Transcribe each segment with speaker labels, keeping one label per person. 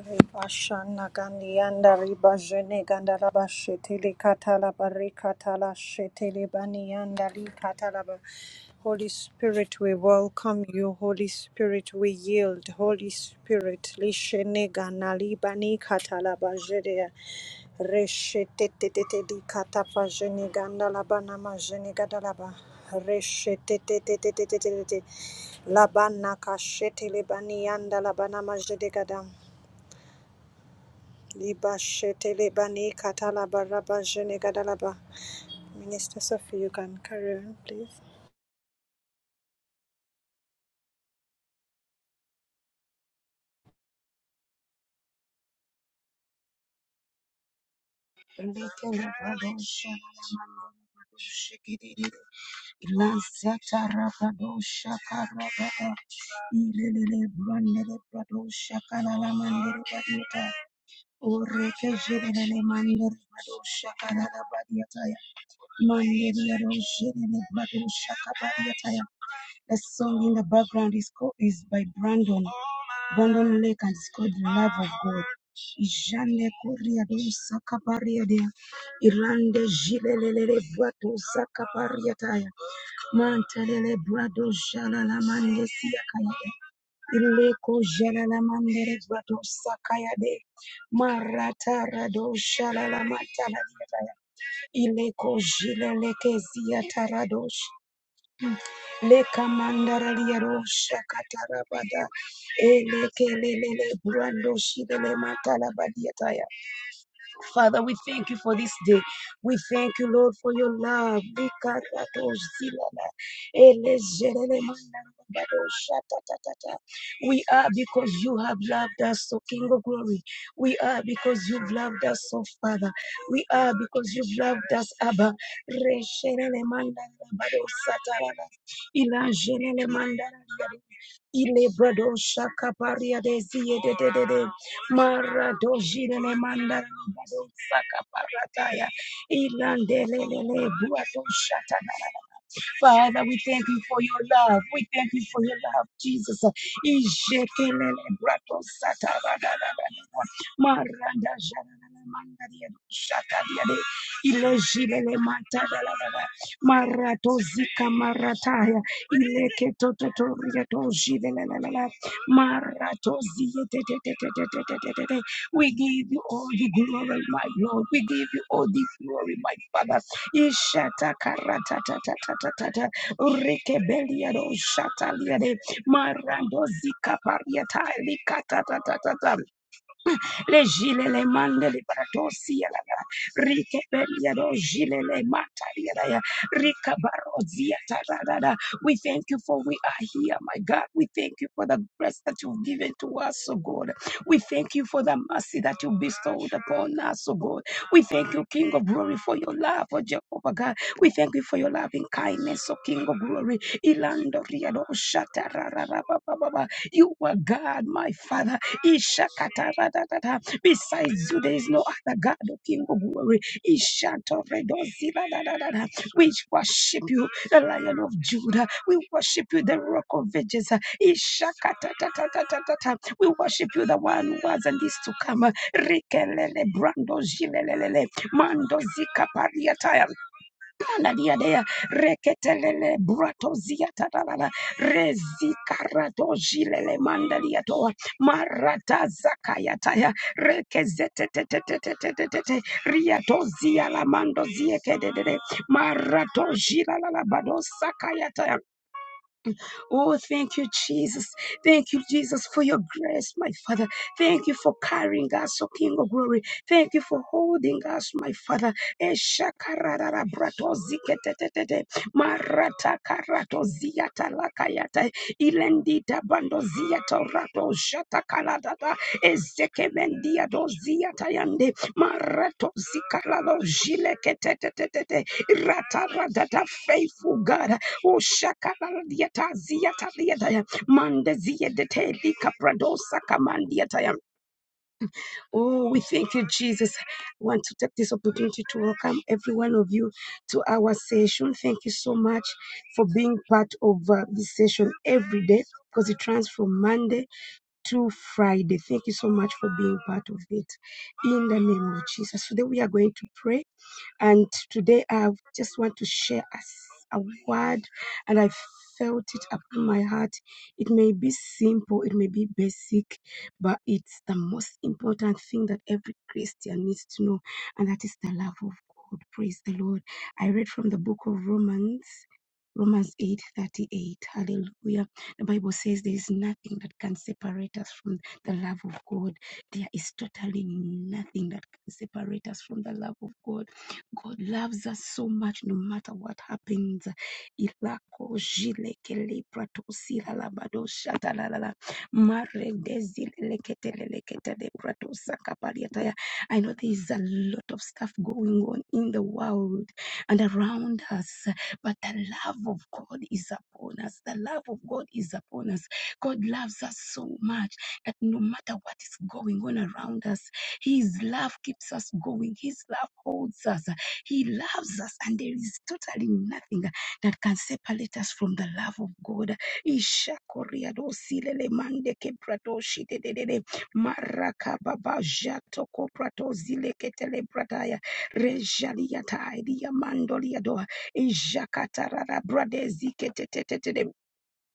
Speaker 1: Ribashana Gandianda Ribajene Gandaraba Shetele Katalaba Rekatala Shetele Banianda Rikatalaba. Holy Spirit, we welcome you. Holy Spirit, we yield. Holy Spirit, Lishene Ganali Bani Katalaba Jedea. Reshetetetete di Katapa Jene Gandalaba Nama Jene Gadalaba. Reshetetetetetetete. Labana Kashetele Banianda Labana Majedegada. Liba shetele bani katala baraba jene gadalaba. Minister Sophie, you can carry on, please.
Speaker 2: The song in the background is called is by Brandon. Bondoleka is called the love of God. Jane Korea do Sakaparia dea. Irande Jilelele Brato Sakaparia taya. Mantelele Brado Jalala Mande Siakaya. Ileko Jalala Mande Brato Sakaya de. Marata Rado Jalala Matala Ileko Jileleke Ziataradosh. Leka mandara liaro shakatara bada. Eleke lelele brando shidele matala badiataya. Father, we thank you for this day. We thank you, Lord, for your love. We are because you have loved us, O King of Glory. We are because you've loved us, O Father. We are because you've loved us, Abba. Resherelemandarabadoshatarala, ilajerelemandarabadoshatatata. Ile brado shaka paria De zie De De de de. Maradojirele mandara bado saka parataya. Ilandelelele buato shatana. Father, we thank you for your love. We thank you for your love, Jesus. We give you all the glory, my Lord. We give you all the glory, my Father. Ishata karatatatatata. Rekebeliado shataliade. Marando zika pariata. likata tata tata le gile le mande le baratosi ya la rike belia do gile le mata ya rika barozi ya ta We thank you for we are here, my God. We thank you for the grace that you've given to us, oh God. We thank you for the mercy that you bestowed upon us, oh God. We thank you, King of Glory, for your love, oh Jehovah God. We thank you for your loving kindness, oh King of Glory. Ilando riado shata ra ra ra ba ba ba ba. You are God, my Father. Ishakatarada. Besides you, there is no other God, O King of glory. Ishatoredozibadadadada. We worship you, the Lion of Judah. We worship you, the Rock of Ages. Ishakatatatatata. We worship you, the one who was and is to come. Rikelele brando jilelelele. Mando zika pariataya. Pana diadea reketelele brato ziatarana rezikarato jilele mandaliatoa marata zakayataya rekezetetetetetetetete riato zialamando ziekedede marato jilalalabado sakayataya Oh, thank you, Jesus. Thank you, Jesus, for your grace, my Father. Thank you for carrying us, O King of Glory. Thank you for holding us, my Father. Eshakararara brato ziketetetete. Marata karato ziyata lakayata. Ilendita bando ziyata rato shata kaladata. Ezekebendia do ziyata yande. Marato zikalado jileketetetete. Rata ratata faithful God. Ushakalaradiata ziataliataya. Mandaziadete likapradosa kamandiataya. Oh, we thank you, Jesus. I want to take this opportunity to welcome every one of you to our session. Thank you so much for being part of uh, this session every day because it runs from Monday to Friday. Thank you so much for being part of it. In the name of Jesus. Today we are going to pray and today I just want to share us a word, and I felt it upon my heart. It may be simple, it may be basic, but it's the most important thing that every Christian needs to know, and that is the love of God. Praise the Lord. I read from the book of Romans. Romans 8:38. Hallelujah. The Bible says there is nothing that can separate us from the love of God. There is totally nothing that can separate us from the love of God God loves us so much no matter what happens. Ilako jile kele prato sila la bado shata la la la. Mare dezile lekete lelekete de prato sakapariataya. I know there is a lot of stuff going on in the world and around us, but the love of God is upon us. The love of God is upon us. God loves us so much that no matter what is going on around us, His love keeps us going. His love holds us. He loves us, and there is totally nothing that can separate us from the love of God.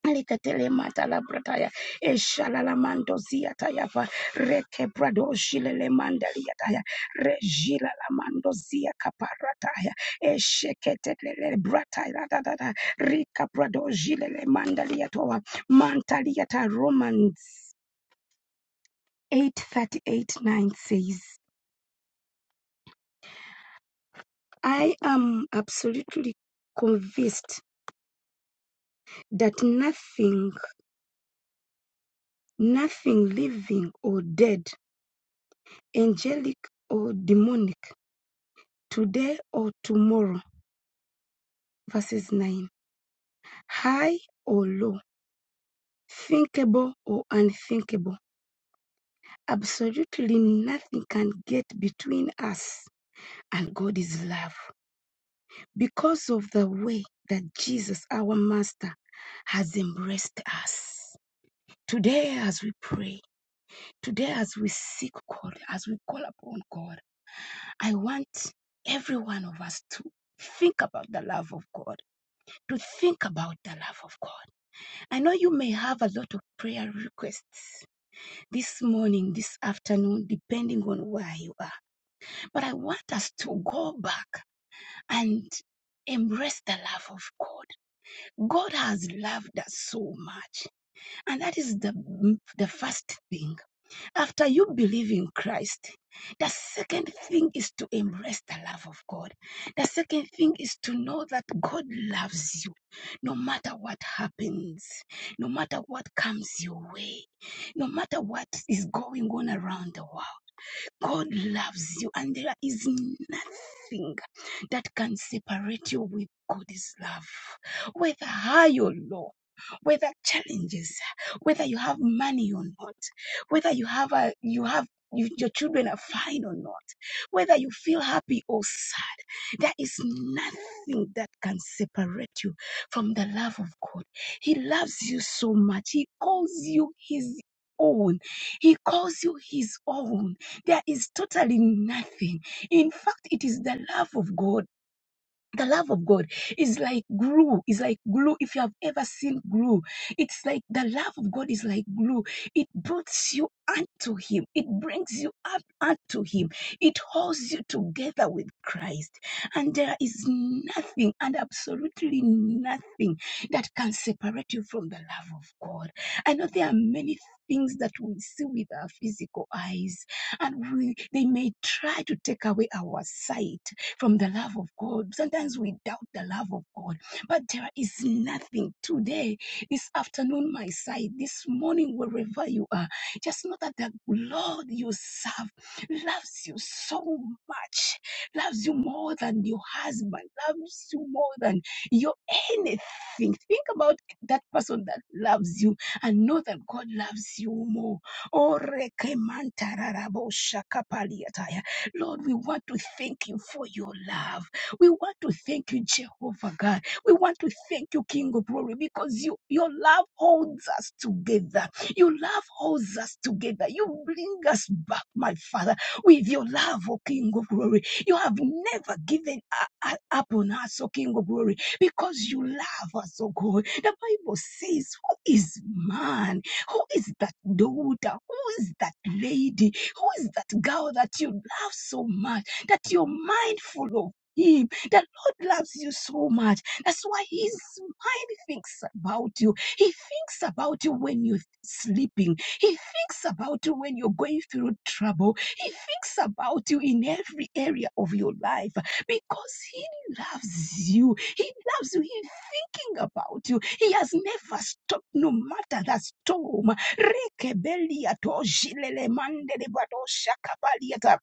Speaker 2: Likatele mata la brataya, eshala la mando ziata yafa, reke brado shile le manda liataya, rejila la mando zia kaparataya, eshekete le brataya da da da, rika brado jile le manda liatoa, manta liata Romans 8:38 9 says, I am absolutely convinced that nothing, nothing living or dead, angelic or demonic, today or tomorrow. Verses 9. High or low, thinkable or unthinkable, absolutely nothing can get between us and God is love. Because of the way that Jesus, our Master, has embraced us. Today, as we pray, today, as we seek God, as we call upon God, I want every one of us to think about the love of God, to think about the love of God. I know you may have a lot of prayer requests this morning, this afternoon, depending on where you are. But I want us to go back and embrace the love of God. God has loved us so much. And that is the, the first thing. After you believe in Christ, the second thing is to embrace the love of God. The second thing is to know that God loves you no matter what happens, no matter what comes your way, no matter what is going on around the world. God loves you, and there is nothing that can separate you with God's love, whether high or low. Whether challenges, whether you have money or not, whether you have a, you have you, your children are fine or not, whether you feel happy or sad, there is nothing that can separate you from the love of God. He loves you so much. He calls you His own. He calls you His own. There is totally nothing. In fact, it is the love of God the love of God is like glue. It's like glue. If you have ever seen glue, it's like the love of God is like glue. It brings you unto Him. It brings you up unto Him. It holds you together with Christ. And there is nothing and absolutely nothing that can separate you from the love of God. I know there are many things that we see with our physical eyes and we, they may try to take away our sight from the love of God. Sometimes we doubt the love of God, but there is nothing today, this afternoon, my side, this morning, wherever you are. Just know that the Lord you serve loves you so much, loves you more than your husband, loves you more than your anything. Think about that person that loves you and know that God loves you more. Oh, rekemantararabo shakapaliataya. Lord, we want to thank you for your love. We want to thank you, Jehovah God. We want to thank you, King of Glory, because you, your love holds us together. Your love holds us together. You bring us back, my Father, with your love, O King of Glory. You have never given u- u- up on us, O King of Glory, because you love us, O God. The Bible says, Who is man? Who is that daughter? Who is that lady? Who is that girl that you love so much, that you're mindful of? Him. The Lord loves you so much. That's why His mind thinks about you. He thinks about you when you're sleeping. He thinks about you when you're going through trouble. He thinks about you in every area of your life because He loves you. He loves you. He thinking about you. He has never stopped, no matter the storm. Rekebelia toshilele mandele bato shakabalia ta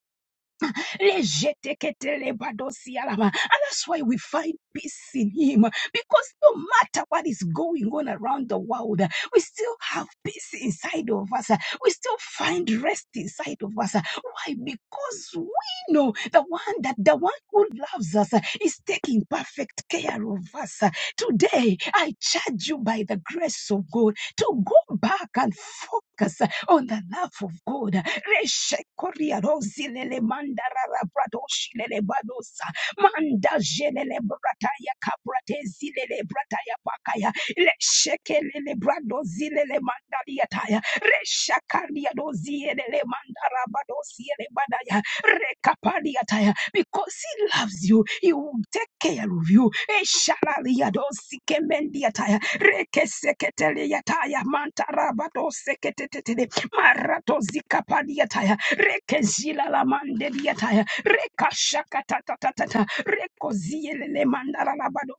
Speaker 2: Lejeteketelebadosialaba. And that's why we find peace in Him. Because no matter what is going on around the world, we still have peace inside of us. We still find rest inside of us. Why? Because we know the one that the one who loves us is taking perfect care of us. Today, I charge you by the grace of God to go back and focus on the love of God. Reshekoriarozilele mandararabradoshlele badosa, mandajelele brataya kapratezilele brataya pakaya, reshekelele bradozilele mandaliataya, reshakariadozielele mandarabadoziele badaya, Rekapadiataya, Because he loves you, he will take care of you. Eshalaliadosikemendiataya, Rekeseketeliataya, Mantarabadoseketetetele, Maratozikapadiataya, Rekezilalamandeliataya, Rekashakatatatata, Rekozielelemandalalabadoseketetetele,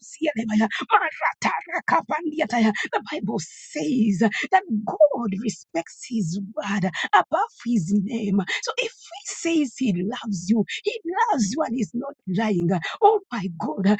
Speaker 2: the Bible says that God respects his word above his name. So if he says he loves you, he loves you and he's not lying. Oh my God.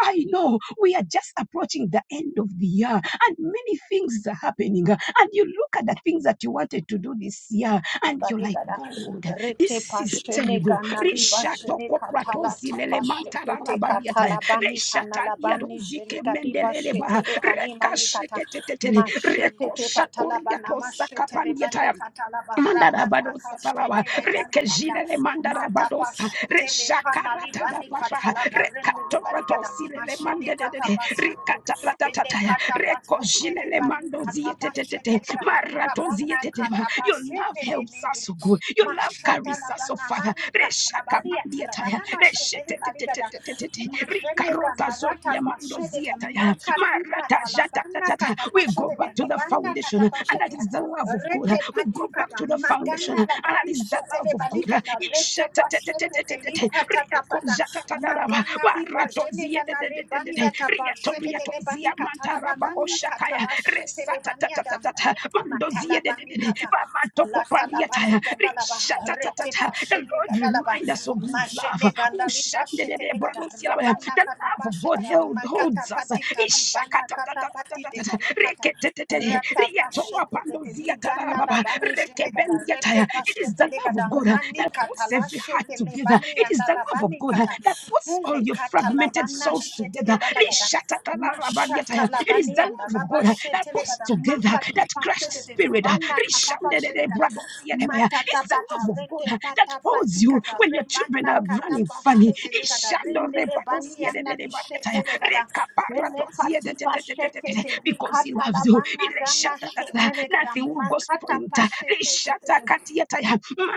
Speaker 2: I know we are just approaching the the end of the year and many things are happening. uh, And you look at the things that you wanted to do this year and you're like,
Speaker 1: Banigada,
Speaker 2: God,
Speaker 1: Rete
Speaker 2: this is
Speaker 1: Pashene
Speaker 2: terrible.
Speaker 1: Ganali
Speaker 2: Rishato
Speaker 1: Bashene
Speaker 2: koprato
Speaker 1: Katalati
Speaker 2: zilele mantara
Speaker 1: Pashete
Speaker 2: rabadiata.
Speaker 1: Katalabani
Speaker 2: Reshata
Speaker 1: Kanalabani
Speaker 2: liadozike
Speaker 1: Shenikadi
Speaker 2: mendeleleba.
Speaker 1: Bashete le Kani mani Manikata
Speaker 2: Rekasheketetele.
Speaker 1: Mashete Patalabana
Speaker 2: Rekoshakoriato
Speaker 1: Mashete Lebani
Speaker 2: sakapandiata.
Speaker 1: Katalaba Rabana
Speaker 2: Mandarabadosa talawa,
Speaker 1: Kashete le bani ana
Speaker 2: rekejile le
Speaker 1: Mata
Speaker 2: mandarabadosa,
Speaker 1: Pashete le Kanali
Speaker 2: reshakarata la
Speaker 1: Bani
Speaker 2: bara,
Speaker 1: Katalaba Rene Banigada
Speaker 2: rekatoradosi le le
Speaker 1: Mashene
Speaker 2: mandedede,
Speaker 1: Katapashete Ine
Speaker 2: rikatatatataya,
Speaker 1: katapasete
Speaker 2: rekojile
Speaker 1: de
Speaker 2: le
Speaker 1: bani
Speaker 2: mandozi
Speaker 1: katapasete
Speaker 2: etetete,
Speaker 1: de gada
Speaker 2: maratozi
Speaker 1: rabana
Speaker 2: etetema. Your love
Speaker 1: katapasete de
Speaker 2: helps
Speaker 1: nede
Speaker 2: us, O God. Your love
Speaker 1: Mashata
Speaker 2: carries
Speaker 1: la
Speaker 2: us, O
Speaker 1: bana
Speaker 2: Father.
Speaker 1: mani katalabalia
Speaker 2: Reshakamandiataya,
Speaker 1: talabana mashetele baligada
Speaker 2: reshetetetetetetete,
Speaker 1: majene ganarata
Speaker 2: rikarotazolia
Speaker 1: pashede
Speaker 2: mandozi
Speaker 1: de
Speaker 2: etaya,
Speaker 1: makati
Speaker 2: marata
Speaker 1: patalabana
Speaker 2: scattered. We go
Speaker 1: katapashede de
Speaker 2: back to the
Speaker 1: libana
Speaker 2: foundation, and that
Speaker 1: katapashede
Speaker 2: is the love of God.
Speaker 1: rete
Speaker 2: We
Speaker 1: pati
Speaker 2: go back
Speaker 1: kata
Speaker 2: to the foundation,
Speaker 1: magana
Speaker 2: and
Speaker 1: la
Speaker 2: that
Speaker 1: bani
Speaker 2: is the love
Speaker 1: shetele
Speaker 2: of God.
Speaker 1: balikata rete pashete teli
Speaker 2: Ishatatatatatatatata,
Speaker 1: katatapata
Speaker 2: riakonjatatadarawa,
Speaker 1: magana liba jene gana rebani
Speaker 2: baratoziededededede,
Speaker 1: atapashede tele bani katalabanani
Speaker 2: riatoriatonziamantarabagoshakaya,
Speaker 1: katalashetele bani
Speaker 2: resatatatatata,
Speaker 1: Matalabani
Speaker 2: mandoziedededede,
Speaker 1: kata,
Speaker 2: bamatokopaliataya,
Speaker 1: latalabani gadalaba, rete
Speaker 2: rishatatata. The
Speaker 1: pashene
Speaker 2: Lord
Speaker 1: gadalaba,
Speaker 2: remind us of His
Speaker 1: mashene
Speaker 2: love.
Speaker 1: gandali bashete
Speaker 2: Ushandedede,
Speaker 1: legada,
Speaker 2: bradosiela, the
Speaker 1: rabana kata
Speaker 2: love of God
Speaker 1: pashete,
Speaker 2: held,
Speaker 1: makata
Speaker 2: holds us.
Speaker 1: patita libana kata patite telekata, rata pashete tete ligana labani jene gada, rete
Speaker 2: It is the
Speaker 1: pashete
Speaker 2: love of
Speaker 1: legada,
Speaker 2: God uh,
Speaker 1: mani
Speaker 2: that
Speaker 1: kata
Speaker 2: puts every heart
Speaker 1: lashete
Speaker 2: together.
Speaker 1: lebani
Speaker 2: It is the love of
Speaker 1: andalabani
Speaker 2: God uh,
Speaker 1: kata,
Speaker 2: that puts all
Speaker 1: ele
Speaker 2: your
Speaker 1: kata
Speaker 2: fragmented
Speaker 1: labana
Speaker 2: souls
Speaker 1: shete
Speaker 2: together.
Speaker 1: lebalagada, Mashata
Speaker 2: It is the
Speaker 1: labanianda
Speaker 2: love of God uh,
Speaker 1: Labashe
Speaker 2: that puts
Speaker 1: telegada
Speaker 2: together
Speaker 1: makati
Speaker 2: that crushed
Speaker 1: Pashede de pashete
Speaker 2: spirit. uh,
Speaker 1: libana katapashetegada matata
Speaker 2: It's the love
Speaker 1: pata
Speaker 2: of
Speaker 1: rete
Speaker 2: God that
Speaker 1: pata
Speaker 2: holds you
Speaker 1: patikata
Speaker 2: when your children
Speaker 1: rebana
Speaker 2: are running
Speaker 1: Katapashe
Speaker 2: funny.
Speaker 1: telegada rindele banianda lishetelegada rene kati pashete
Speaker 2: Because he
Speaker 1: likata
Speaker 2: loves you.
Speaker 1: labana gana shetelegada
Speaker 2: Nothing will go
Speaker 1: makata
Speaker 2: spoiled.
Speaker 1: pashete de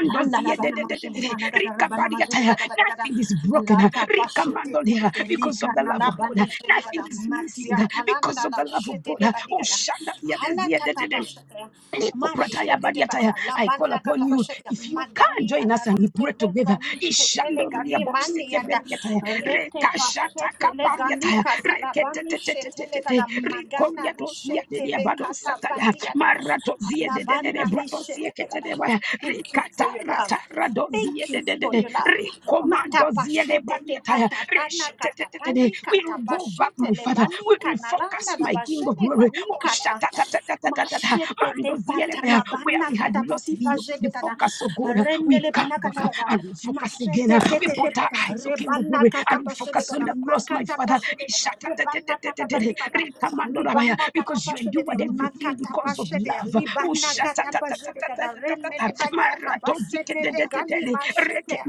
Speaker 1: Landa la bana majele bana gada la bana majele bada bada gada
Speaker 2: Nothing is broken.
Speaker 1: halata bashe te te te te
Speaker 2: Because
Speaker 1: liga
Speaker 2: of the
Speaker 1: na
Speaker 2: love
Speaker 1: la
Speaker 2: of
Speaker 1: bani
Speaker 2: God.
Speaker 1: jene gada
Speaker 2: Nothing is missing
Speaker 1: matia
Speaker 2: because
Speaker 1: talanda
Speaker 2: of
Speaker 1: la
Speaker 2: the love of
Speaker 1: shete
Speaker 2: God.
Speaker 1: te badi
Speaker 2: Oh,
Speaker 1: gada halata ta bashe te mashe te te bada la
Speaker 2: I call
Speaker 1: banda gada
Speaker 2: upon you.
Speaker 1: bashe te
Speaker 2: If you can
Speaker 1: magani
Speaker 2: join
Speaker 1: anda
Speaker 2: us and
Speaker 1: li
Speaker 2: we
Speaker 1: te
Speaker 2: pray
Speaker 1: le
Speaker 2: together.
Speaker 1: gani shete le
Speaker 2: Ishandoria
Speaker 1: gani mani
Speaker 2: boseke
Speaker 1: anda
Speaker 2: bediataya.
Speaker 1: rete bashe
Speaker 2: Rekashata
Speaker 1: te le gani
Speaker 2: kapariataya.
Speaker 1: kata la bani shete le
Speaker 2: Reketetetetetete.
Speaker 1: gada magana li
Speaker 2: Rikoriatosia
Speaker 1: shete
Speaker 2: dedia
Speaker 1: le kata
Speaker 2: badosataya.
Speaker 1: patia ta
Speaker 2: Maratozia
Speaker 1: la
Speaker 2: de de de de
Speaker 1: bana li shete le gada
Speaker 2: bratosieketenebaya.
Speaker 1: Thank you for your love.
Speaker 2: Rikataratara dozie
Speaker 1: Thank
Speaker 2: de
Speaker 1: you
Speaker 2: de de
Speaker 1: for
Speaker 2: de.
Speaker 1: your love.
Speaker 2: Rikomando zie de
Speaker 1: Matapashete te
Speaker 2: baliataya.
Speaker 1: patapana
Speaker 2: Reshete de de de de.
Speaker 1: katapani
Speaker 2: We will go back,
Speaker 1: katapashete
Speaker 2: my father.
Speaker 1: lebani
Speaker 2: We will refocus,
Speaker 1: kanalanda
Speaker 2: my king of
Speaker 1: labashene
Speaker 2: glory.
Speaker 1: gani
Speaker 2: Oh,
Speaker 1: kata.
Speaker 2: shata, shatatatatatatatata. Mando
Speaker 1: Mashetete
Speaker 2: zie de where
Speaker 1: patala
Speaker 2: where
Speaker 1: bana
Speaker 2: we had lost
Speaker 1: katapati
Speaker 2: the,
Speaker 1: pajede
Speaker 2: the
Speaker 1: kada
Speaker 2: focus, of God. We
Speaker 1: rendele
Speaker 2: come
Speaker 1: bana
Speaker 2: back
Speaker 1: katalaba
Speaker 2: and refocus again.
Speaker 1: mashetete
Speaker 2: We
Speaker 1: tete
Speaker 2: put our
Speaker 1: pata
Speaker 2: eyes, O King of
Speaker 1: rebana
Speaker 2: glory, and we
Speaker 1: katapashede
Speaker 2: focus on
Speaker 1: kada
Speaker 2: the cross, my
Speaker 1: makata
Speaker 2: Father.
Speaker 1: pashede kada rebana katapati
Speaker 2: Ishatatetetetetete,
Speaker 1: pata
Speaker 2: rikamandoramaya,
Speaker 1: libana
Speaker 2: Because you
Speaker 1: katapashede de
Speaker 2: endured everything
Speaker 1: makata
Speaker 2: because of
Speaker 1: pashede
Speaker 2: love. Oh,
Speaker 1: libana katapashede kada rendele
Speaker 2: shatatatatatatatata,
Speaker 1: bani atapashete le kani
Speaker 2: maratoziketetetele,
Speaker 1: mashete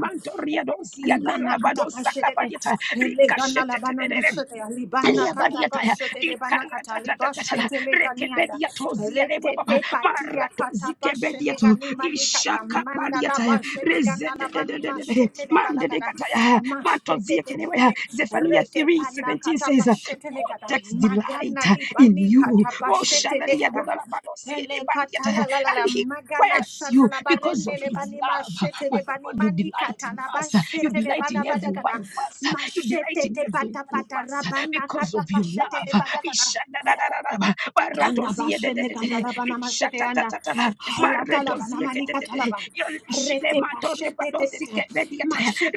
Speaker 1: Libana kata pashete legana labana
Speaker 2: rikashetetetetele.
Speaker 1: mashete libana kata
Speaker 2: Liabadiataya,
Speaker 1: pashete lebana kata
Speaker 2: ikaratatatatatala,
Speaker 1: libashete leganianda
Speaker 2: rekebediatoziereba
Speaker 1: rete
Speaker 2: baba,
Speaker 1: te patia kata pashene
Speaker 2: maratozikebediato,
Speaker 1: gani mani kata manda
Speaker 2: ishakapadiataya,
Speaker 1: labashene gana labani
Speaker 2: rezededededede,
Speaker 1: mashete lebalagara
Speaker 2: mandedekataya,
Speaker 1: mashete te te te
Speaker 2: mantoziekenewaya.
Speaker 1: te
Speaker 2: Zephaniah
Speaker 1: rete pana
Speaker 2: 3:17
Speaker 1: kata
Speaker 2: says, uh,
Speaker 1: pashete legada
Speaker 2: takes delight
Speaker 1: magana
Speaker 2: in
Speaker 1: libani
Speaker 2: you.
Speaker 1: kata
Speaker 2: Oh,
Speaker 1: pashete legada
Speaker 2: shaladiadodalabanosiede
Speaker 1: Hele katala
Speaker 2: bandiataya,
Speaker 1: la la
Speaker 2: and
Speaker 1: la
Speaker 2: he
Speaker 1: magana
Speaker 2: quiets
Speaker 1: shata
Speaker 2: you
Speaker 1: la
Speaker 2: because
Speaker 1: barende
Speaker 2: of
Speaker 1: le
Speaker 2: his
Speaker 1: bani
Speaker 2: love.
Speaker 1: mashete
Speaker 2: My
Speaker 1: le bani
Speaker 2: God, you
Speaker 1: mani
Speaker 2: delight in
Speaker 1: katala
Speaker 2: us. You
Speaker 1: bashete le
Speaker 2: delight
Speaker 1: bala
Speaker 2: in every
Speaker 1: badagana
Speaker 2: one of us. You delight
Speaker 1: mashete
Speaker 2: in
Speaker 1: te
Speaker 2: every
Speaker 1: pata
Speaker 2: one of
Speaker 1: pata
Speaker 2: us
Speaker 1: rabana
Speaker 2: because
Speaker 1: kata
Speaker 2: of your
Speaker 1: pashete le
Speaker 2: love.
Speaker 1: badagana
Speaker 2: Ishadadadadadaba,
Speaker 1: Randa bashe ganda
Speaker 2: baratoziedededede,
Speaker 1: labana mashete anda.
Speaker 2: ishatatatata,
Speaker 1: Halata labana manika
Speaker 2: maretoziedededede,
Speaker 1: talaba. katalaba. Rete
Speaker 2: yolishilemato
Speaker 1: pashe te te te
Speaker 2: rebadosike
Speaker 1: mashete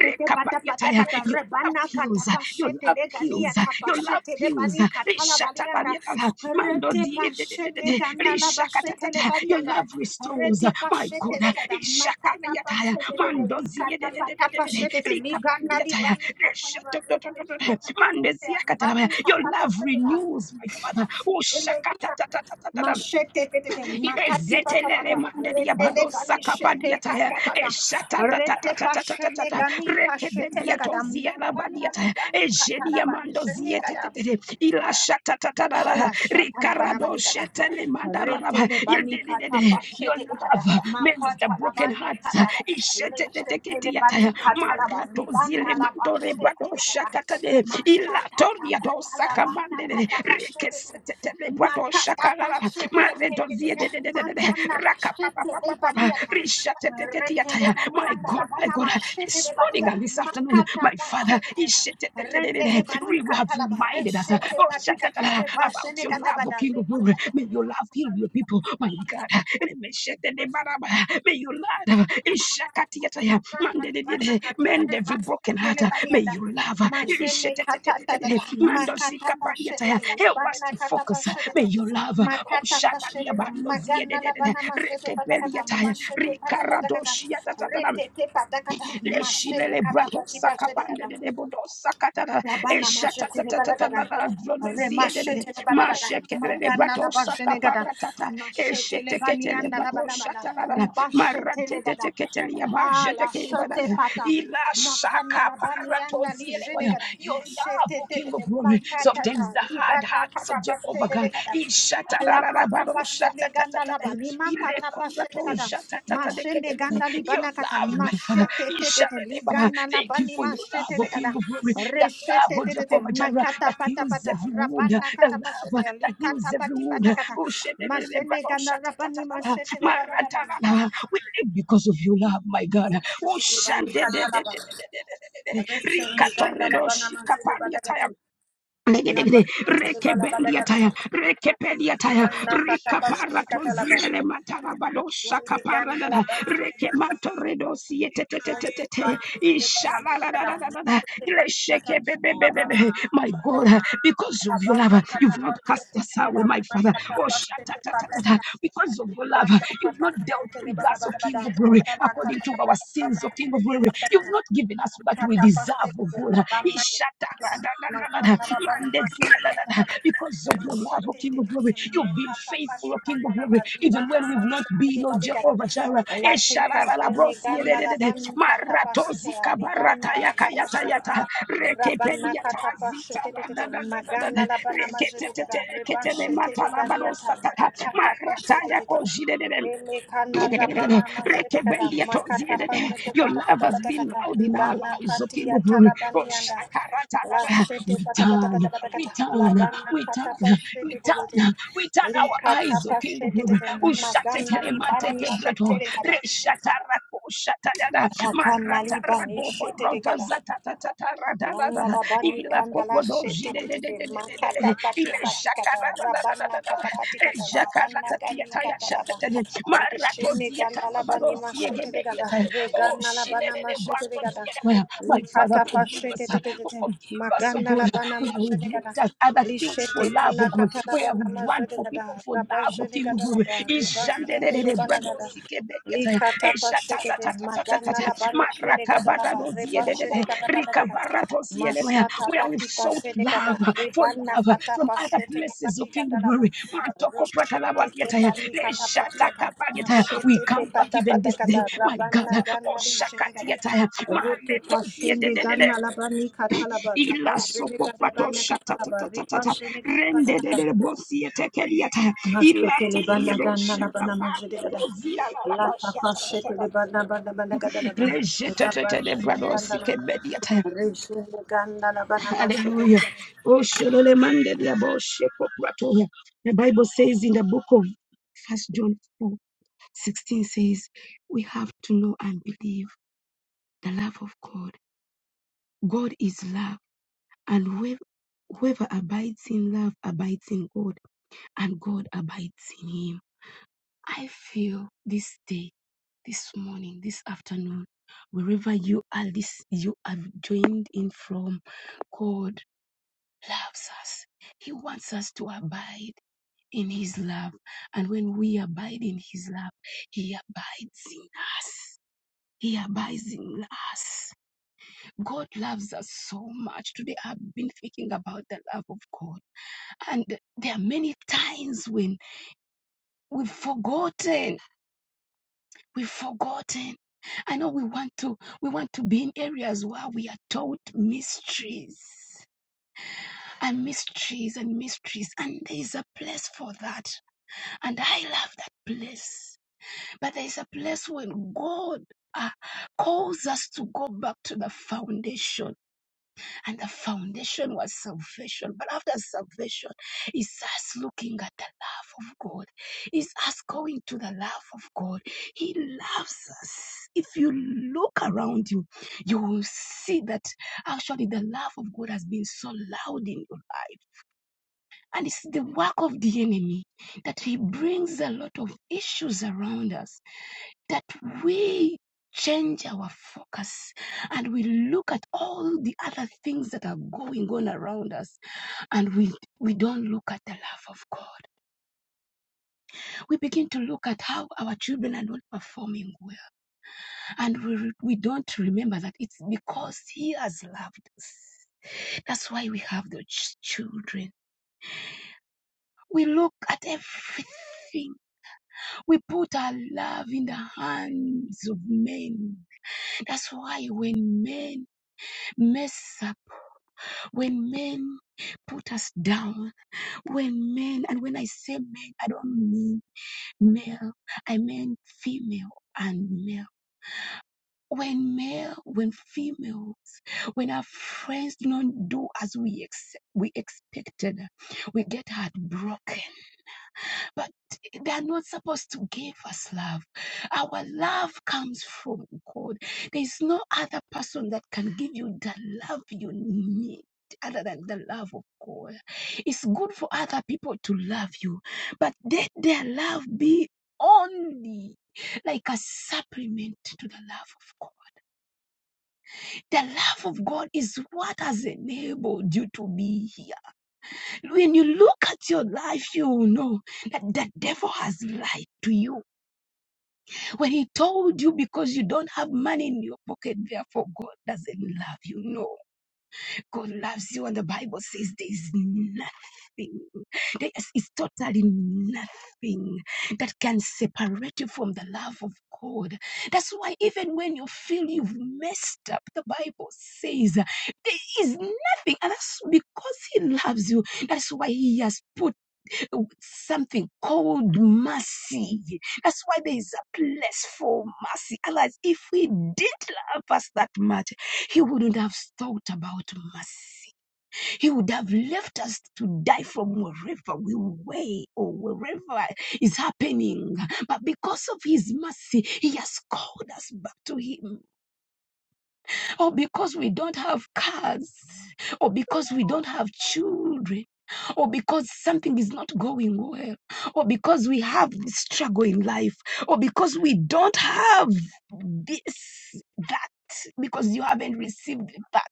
Speaker 1: te pata pata kata
Speaker 2: Your love love
Speaker 1: rebana kata
Speaker 2: heals. Your
Speaker 1: pashe te
Speaker 2: love
Speaker 1: le gani
Speaker 2: heals.
Speaker 1: ata
Speaker 2: Your
Speaker 1: pashe
Speaker 2: love
Speaker 1: le
Speaker 2: heals.
Speaker 1: bani katala bali anda.
Speaker 2: Rishatabaliyatala, mando
Speaker 1: Rete
Speaker 2: di- di-
Speaker 1: pashe
Speaker 2: di- di-
Speaker 1: ne
Speaker 2: di,
Speaker 1: ganda la bashe le
Speaker 2: rishakatatata.
Speaker 1: bani
Speaker 2: Your
Speaker 1: anda.
Speaker 2: love restores.
Speaker 1: Rete
Speaker 2: My
Speaker 1: pashe te
Speaker 2: God.
Speaker 1: le ganda makata pashe
Speaker 2: Ishakaliyataya,
Speaker 1: te le
Speaker 2: mando
Speaker 1: de li
Speaker 2: zi- di-
Speaker 1: kata
Speaker 2: di- di-
Speaker 1: pata
Speaker 2: di- di-
Speaker 1: pashe
Speaker 2: di,
Speaker 1: te te li ganda li
Speaker 2: rikapandiyataya,
Speaker 1: bani katala
Speaker 2: rishatatatata, mande ziyakatalabaya. Your love renews, my Father.
Speaker 1: bali.
Speaker 2: Oh,
Speaker 1: Machete tete
Speaker 2: Ile
Speaker 1: makati patakata
Speaker 2: mandelia
Speaker 1: rendele
Speaker 2: bado
Speaker 1: gani
Speaker 2: sakabadia
Speaker 1: shete
Speaker 2: taya.
Speaker 1: patakata
Speaker 2: E shata ta ta ta
Speaker 1: rete
Speaker 2: ta
Speaker 1: pashene gani pashete
Speaker 2: Rekebendia
Speaker 1: legada
Speaker 2: tozia la
Speaker 1: makana
Speaker 2: badia
Speaker 1: li
Speaker 2: taya.
Speaker 1: gani
Speaker 2: E
Speaker 1: katala bali
Speaker 2: mando
Speaker 1: shene
Speaker 2: zie te te
Speaker 1: gada
Speaker 2: Ila shata ta ta
Speaker 1: Ala shatala bana
Speaker 2: Ricardo
Speaker 1: manikata.
Speaker 2: shetele mandara la ba.
Speaker 1: Retele bani kata
Speaker 2: Your
Speaker 1: pashete nikata.
Speaker 2: love mends the
Speaker 1: Makata la
Speaker 2: broken
Speaker 1: bani
Speaker 2: hearts.
Speaker 1: kata.
Speaker 2: E shete keti
Speaker 1: Leshetele
Speaker 2: ya taya.
Speaker 1: bani kata la ba.
Speaker 2: Marato
Speaker 1: Libana la
Speaker 2: mandore
Speaker 1: pashete
Speaker 2: bado
Speaker 1: nikata.
Speaker 2: shakata de. Mandele,
Speaker 1: Mashata
Speaker 2: Ilatoria do
Speaker 1: tapata la
Speaker 2: Saka
Speaker 1: bana
Speaker 2: Mandele,
Speaker 1: kata pashete.
Speaker 2: Rikesetele Brato
Speaker 1: Makata pashete
Speaker 2: Maredozie
Speaker 1: nikata.
Speaker 2: de de de de de de,
Speaker 1: Magana la
Speaker 2: Raka Papa
Speaker 1: shete le
Speaker 2: Papa Papa,
Speaker 1: baniata. Retele
Speaker 2: Rishatetetiataya.
Speaker 1: bani
Speaker 2: My
Speaker 1: anda la
Speaker 2: God, my
Speaker 1: bana
Speaker 2: God,
Speaker 1: mashete
Speaker 2: this
Speaker 1: le bani
Speaker 2: morning
Speaker 1: kata.
Speaker 2: and this afternoon,
Speaker 1: Makata
Speaker 2: my Father,
Speaker 1: pashete. Rendele
Speaker 2: Ishetetetetete,
Speaker 1: bani
Speaker 2: we have
Speaker 1: katala ba
Speaker 2: reminded us
Speaker 1: reshe
Speaker 2: uh,
Speaker 1: te
Speaker 2: oh,
Speaker 1: pati kata
Speaker 2: shatatala,
Speaker 1: re bashe
Speaker 2: about your
Speaker 1: kada
Speaker 2: love, O
Speaker 1: bada
Speaker 2: King
Speaker 1: re
Speaker 2: of Glory.
Speaker 1: bashe
Speaker 2: May
Speaker 1: te ne
Speaker 2: your love
Speaker 1: bani
Speaker 2: Fill
Speaker 1: kata
Speaker 2: your people, my God. May you, Lord, Ishakatiataya, mandedede, mend every broken heart. May you love. Ilishetetetetetete, mandosikapaniataya. Help us to
Speaker 1: re kata
Speaker 2: focus. May
Speaker 1: bashe
Speaker 2: you love. Oh,
Speaker 1: Makata pashete
Speaker 2: Shadalia
Speaker 1: de
Speaker 2: Bandos,
Speaker 1: magana la bana mazete patakata
Speaker 2: Rekebeliata,
Speaker 1: mashete pata patakata
Speaker 2: Ricaradoshia,
Speaker 1: rete te patakata mashele
Speaker 2: Leshilele
Speaker 1: kata
Speaker 2: brato
Speaker 1: pati pashete
Speaker 2: sakapande
Speaker 1: kata
Speaker 2: de debodo sakatara.
Speaker 1: Labana mashetele
Speaker 2: Eshatatatatata
Speaker 1: balagada.
Speaker 2: baradrobezie de de.
Speaker 1: Remashetele balabada.
Speaker 2: Mashekele
Speaker 1: Magana la
Speaker 2: brato
Speaker 1: bajenegada.
Speaker 2: sakaparatata.
Speaker 1: machete le
Speaker 2: Esheteketele
Speaker 1: banianda la
Speaker 2: brato
Speaker 1: banabada. le
Speaker 2: shatarara.
Speaker 1: gada.
Speaker 2: Marateteketele
Speaker 1: Ha la
Speaker 2: yabajeteke
Speaker 1: shete
Speaker 2: yabadara.
Speaker 1: pata.
Speaker 2: Ila
Speaker 1: Makana la banianda li
Speaker 2: shakaparatoziele waya.
Speaker 1: jenegada.
Speaker 2: Your love,
Speaker 1: Mashete
Speaker 2: O King of Glory, softens
Speaker 1: makata.
Speaker 2: the hard
Speaker 1: Libana
Speaker 2: hearts of
Speaker 1: kata
Speaker 2: Jehovah God.
Speaker 1: bashetele
Speaker 2: Ishatarara
Speaker 1: Alakata
Speaker 2: bado
Speaker 1: pashende
Speaker 2: shatata.
Speaker 1: ganda laba lima kata pashende ganda mashende ganda
Speaker 2: Your
Speaker 1: libana kata
Speaker 2: love, my Father,
Speaker 1: mashete te te te
Speaker 2: Ishadene, Baba.
Speaker 1: ligana
Speaker 2: Thank
Speaker 1: laba
Speaker 2: you
Speaker 1: ni
Speaker 2: for your
Speaker 1: mashete
Speaker 2: love, O
Speaker 1: te ganda
Speaker 2: King of Glory. That
Speaker 1: reshete
Speaker 2: love, O
Speaker 1: te te te
Speaker 2: Jehovah Jireh,
Speaker 1: makata
Speaker 2: that
Speaker 1: pata
Speaker 2: heals
Speaker 1: pata
Speaker 2: every wound. The
Speaker 1: rabana kata pashete
Speaker 2: love that heals
Speaker 1: likata
Speaker 2: every
Speaker 1: pati
Speaker 2: wound.
Speaker 1: pata kata
Speaker 2: Oh, Shadene,
Speaker 1: mashende
Speaker 2: Brado,
Speaker 1: ganda rabani
Speaker 2: Shatatata,
Speaker 1: mashete le bana ganda
Speaker 2: Maratana. We live because of your love, my God. Oh,
Speaker 1: mashete le bani
Speaker 2: Shandene,
Speaker 1: kata laba reshende ganda
Speaker 2: Rikatoredo,
Speaker 1: labana mashete bada ganda
Speaker 2: Shikapani,
Speaker 1: laba
Speaker 2: Legedegede,
Speaker 1: shete le bala bada ganda
Speaker 2: rekebeliataya, rekepeliataya,
Speaker 1: ibana kata pashete
Speaker 2: rikaparato
Speaker 1: kata laba
Speaker 2: zilele matarabado shakaparadada, rekemanto redosi etetetetetete, ishalalalalalala, ileshekebebebebebe. My God, because of your love, you've not cast us away, my Father. Oh, shatatatata.
Speaker 1: Banana
Speaker 2: because of your love, you've not dealt with us, O King of Glory, according to our sins, O King of Glory. You've You've not given us what we deserve, oh God.
Speaker 1: Rabana
Speaker 2: Because of your love, oh King of glory, you've been faithful, oh King of glory, even when we've not been, oh Jehovah Jireh. Esharalabrosiyedededede, maratozikabaratayakayatayata,
Speaker 1: katapashetete
Speaker 2: rekepediatazitaradadadadadada,
Speaker 1: magana labana majedada rebashete legaliata
Speaker 2: reketeteteketenematarabarosatata,
Speaker 1: makata pashetete
Speaker 2: maratayakojidedede.
Speaker 1: Ele kana rabana mazete kata
Speaker 2: Rekebelia
Speaker 1: makata
Speaker 2: toziedede.
Speaker 1: pazete
Speaker 2: Your
Speaker 1: pata
Speaker 2: love
Speaker 1: pata
Speaker 2: has
Speaker 1: pata
Speaker 2: been
Speaker 1: kata
Speaker 2: loud in our
Speaker 1: libana
Speaker 2: lives, O
Speaker 1: kati
Speaker 2: King
Speaker 1: ya
Speaker 2: of Glory. Oh,
Speaker 1: talabani yanda la shete
Speaker 2: We
Speaker 1: pata pata
Speaker 2: turn,
Speaker 1: pata pata
Speaker 2: we
Speaker 1: kata
Speaker 2: turn,
Speaker 1: labana
Speaker 2: we turn,
Speaker 1: kata pazete
Speaker 2: we
Speaker 1: tete
Speaker 2: turn, we turn
Speaker 1: li
Speaker 2: our
Speaker 1: kata
Speaker 2: eyes, O King of
Speaker 1: pazete
Speaker 2: Glory.
Speaker 1: tete
Speaker 2: Oh,
Speaker 1: magana libani
Speaker 2: shatetelematete
Speaker 1: shete kata
Speaker 2: reshatarako shatalada
Speaker 1: makana libani
Speaker 2: maratarago
Speaker 1: shete
Speaker 2: barota
Speaker 1: kata Nana
Speaker 2: zatatatatatara
Speaker 1: bani
Speaker 2: ila
Speaker 1: kana la
Speaker 2: kopodo
Speaker 1: shete te te te makata
Speaker 2: jidedededededede
Speaker 1: pati
Speaker 2: ile
Speaker 1: pati kata
Speaker 2: shakara
Speaker 1: rabana kata pati kata libana gani kata la ba reshini gana la bani mashete te kata
Speaker 2: Oh,
Speaker 1: regana la bana mashete te kata
Speaker 2: my Father,
Speaker 1: likata pa
Speaker 2: forgive
Speaker 1: shete
Speaker 2: us. uh,
Speaker 1: te te te
Speaker 2: Oh,
Speaker 1: te
Speaker 2: Forgive us, oh
Speaker 1: magana la
Speaker 2: God.
Speaker 1: bana
Speaker 2: we've
Speaker 1: mashete kata
Speaker 2: looked at other things for
Speaker 1: lishete
Speaker 2: love, oh
Speaker 1: pana
Speaker 2: God.
Speaker 1: kata la bana
Speaker 2: we've run
Speaker 1: mashete
Speaker 2: for people
Speaker 1: kata
Speaker 2: for love, oh
Speaker 1: rabashete
Speaker 2: King. oh
Speaker 1: kata la
Speaker 2: God.
Speaker 1: ba ribashete te
Speaker 2: Ishandenene
Speaker 1: bana kata
Speaker 2: bradosikebe.
Speaker 1: likata pa shete te magana la
Speaker 2: Eshatatatatatatatata.
Speaker 1: bani shene kata la ba
Speaker 2: Marakabaradoziedede.
Speaker 1: rebashene kata kata kata
Speaker 2: Rikabaratosienewe.
Speaker 1: Masata
Speaker 2: Where
Speaker 1: pati
Speaker 2: we've sought
Speaker 1: pasete kata
Speaker 2: love for
Speaker 1: rebana
Speaker 2: love
Speaker 1: kata
Speaker 2: from other
Speaker 1: pasete
Speaker 2: places of
Speaker 1: lepani
Speaker 2: King
Speaker 1: kata lapa
Speaker 2: Glory.
Speaker 1: reshete te pani kata pati kata
Speaker 2: We
Speaker 1: mashete te
Speaker 2: come back
Speaker 1: pata
Speaker 2: even
Speaker 1: pata
Speaker 2: this day,
Speaker 1: kata
Speaker 2: my God.
Speaker 1: rabana
Speaker 2: Oh,
Speaker 1: gana rijene kata
Speaker 2: Shakatiataya.
Speaker 1: rete pasende
Speaker 2: Manetoziedede.
Speaker 1: gana labani kata laba riba jene kata bana kata laba riba
Speaker 2: Ilasokopratoshatatatata.
Speaker 1: jene kata pata kata
Speaker 2: Rendededebosiatekeliataya. Ilata-
Speaker 1: Mashekele bana gana
Speaker 2: Yadosha
Speaker 1: la bana
Speaker 2: Kapa,
Speaker 1: majede gada.
Speaker 2: Yadosia
Speaker 1: La
Speaker 2: Lalaba
Speaker 1: tapa
Speaker 2: Shata
Speaker 1: shekele bana bana bana gada la ba. Raba
Speaker 2: Rejetetetete
Speaker 1: shini ganda la
Speaker 2: bradosike
Speaker 1: ba.
Speaker 2: mediate.
Speaker 1: Rishini ganda la bana majede
Speaker 2: Hallelujah.
Speaker 1: gada.
Speaker 2: Oh, shalole mande diabo sheko bratoya. The Bible says in the book of First John 4:16 says, We have to know and believe the love of God. God is love, and whoever, whoever abides in love abides in God, and God abides in him. I feel this day, this morning, this afternoon, wherever you are, this you have joined in from, God loves us. He wants us to abide in His love. And when we abide in His love, He abides in us. He abides in us. God loves us so much. Today I've been thinking about the love of God. And there are many times when we've forgotten We've forgotten. I know we want to we want to be in areas where we are taught mysteries and mysteries and mysteries and there is a place for that and I love that place but there is a place when God uh, calls us to go back to the foundation and the foundation was salvation. But after salvation, it's us looking at the love of God. It's us going to the love of God. He loves us. If you look around you, you will see that actually the love of God has been so loud in your life. And it's the work of the enemy that he brings a lot of issues around us that we change our focus and we look at all the other things that are going on around us and we we don't look at the love of God. We begin to look at how our children are not performing well, and we we don't remember that it's because He has loved us. That's why we have the ch- children. We look at everything We put our love in the hands of men. That's why when men mess up, when men put us down, when men, and when I say men, I don't mean male, I mean female and male. When male, when females, when our friends do not do as we, ex- we expected, we get heartbroken But they are not supposed to give us love. Our love comes from God. There is no other person that can give you the love you need. Other than the love of God, it's good for other people to love you, but let their love be only like a supplement to the love of God. The love of God is what has enabled you to be here. When you look at your life, you will know that the devil has lied to you When he told you because you don't have money in your pocket, therefore God doesn't love you. No, God loves you, and the Bible says there is nothing, there is is totally nothing that can separate you from the love of God. That's why even when you feel you've messed up, the Bible says there is nothing, and that's because He loves you. That's why He has put something called mercy. That's why there is a place for mercy. Otherwise, if he did love us that much, he wouldn't have thought about mercy. He would have left us to die from wherever we were or wherever is happening. But because of his mercy, he has called us back to him or because we don't have cars, or because we don't have children, or because something is not going well, or because we have this struggle in life, or because we don't have this, that, because you haven't received that,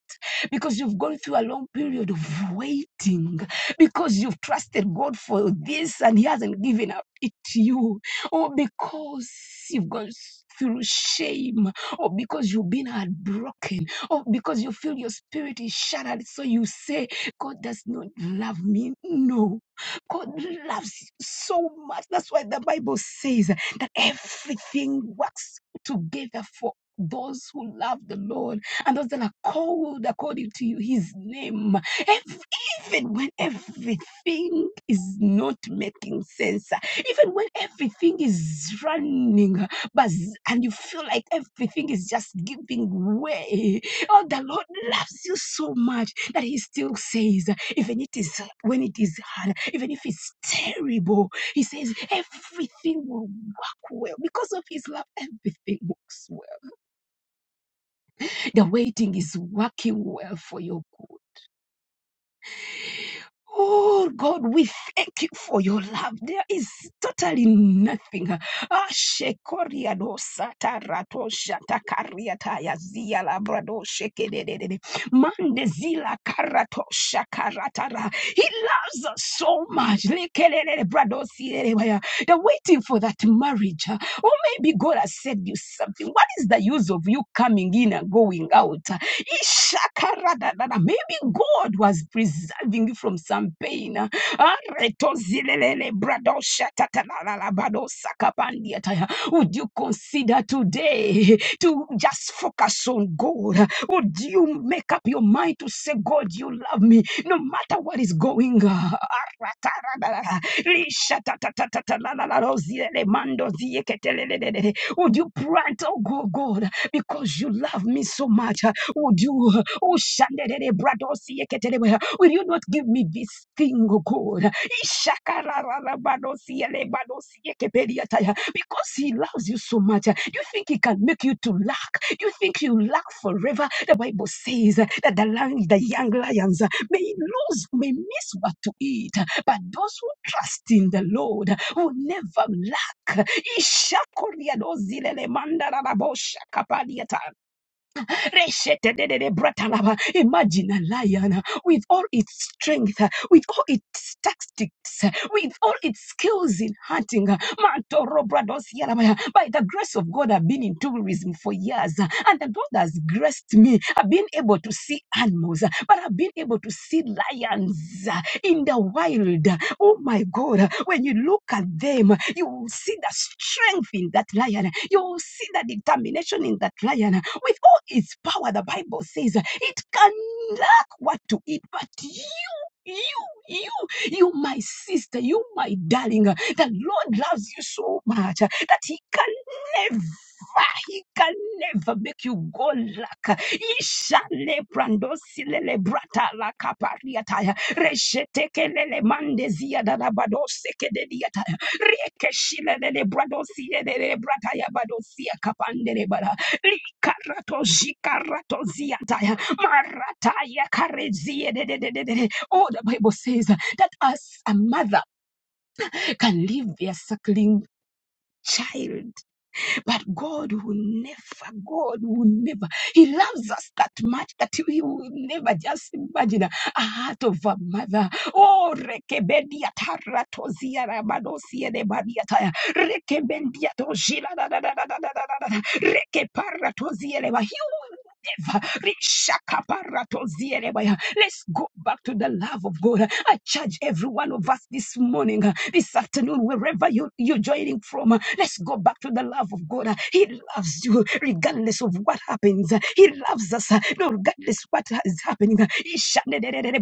Speaker 2: because you've gone through a long period of waiting, because you've trusted God for this and He hasn't given up it to you, or because you've gone through shame or because you've been heartbroken, or because you feel your spirit is shattered. So you say, God does not love me. No, God loves you so much. That's why the Bible says that everything works together for those who love the Lord and those that are called according to you, his name. Ev- Even when everything is not making sense, even when everything is running but and you feel like everything is just giving way. Oh, the Lord loves you so much that He still says, even it is when it is hard, even if it's terrible, He says everything will work well because of His love. Everything works well. The waiting is working well for your good. Oh God, we thank you for your love. There is totally nothing. Ashekoriado satarato shatakariata yazia labrado sheke Mandezila karato shakaratara. He loves us so much. Lekelele bradosirelewaya. They're waiting for that marriage. huh? Or maybe God has said you something. What is the use of you coming in and going out? Ishakaradadada. Maybe God was preserving you from some pain. huh? Aretozilelele bradoshatatala badosakapandiataya. Would you consider today to just focus on God? Would you? you make up your mind to say, God, you love me, no matter what is going on. Would you plant, oh God, God, because you love me so much? Would you, oh Shandere Bradosi Eketelebe, will you not give me this thing, oh God? Ishakararabadosi Elebadosi Ekepediataya, Because he loves you so much. Do you think he can make you to lack? Do you think you lack forever? The Bible says that the, lion, the young lions may lose, may miss what to eat, but those who trust in the Lord will never lack. Imagine a lion uh, with all its strength, uh, with all its tactics, uh, with all its skills in hunting. uh, Mantoro brados By the grace of God, I've been in tourism for years, uh, and the God has graced me. I've been able to see animals, uh, but I've been able to see see lions uh, in the wild. Oh my God, when you look at them, you will see the strength in that lion. You will see the determination in that lion. With all its power, the Bible says it can lack what to eat, but you. You, you, you, my sister, you, my darling, the Lord loves you so much that He can never, he can never make you go lack. Ishale brandosi lele brata la kapariataya. Resheteke lele mandezia dadabadose kedediataya. Riekeshile lele bradosi lele brataya badosia kapandere bara. Likarato jikarato ziataya. Marataya karezie dedededede. Oh, the Bible says that us, a mother, can leave their suckling child but God will never, God will never. He loves us that much that He will never just imagine a a heart of a mother. Oh, rekebendia taratozia rabanosia de badiataya. Rekebendia tojila da da da da da da da da. Rekeparatozia leva. He Let's go back to the love of God. I charge every one of us this morning, uh, this afternoon, wherever you, you're joining from. uh, Let's go back to the love of God. He loves you regardless of what happens. He loves us uh, no, regardless what is happening. Ishanederere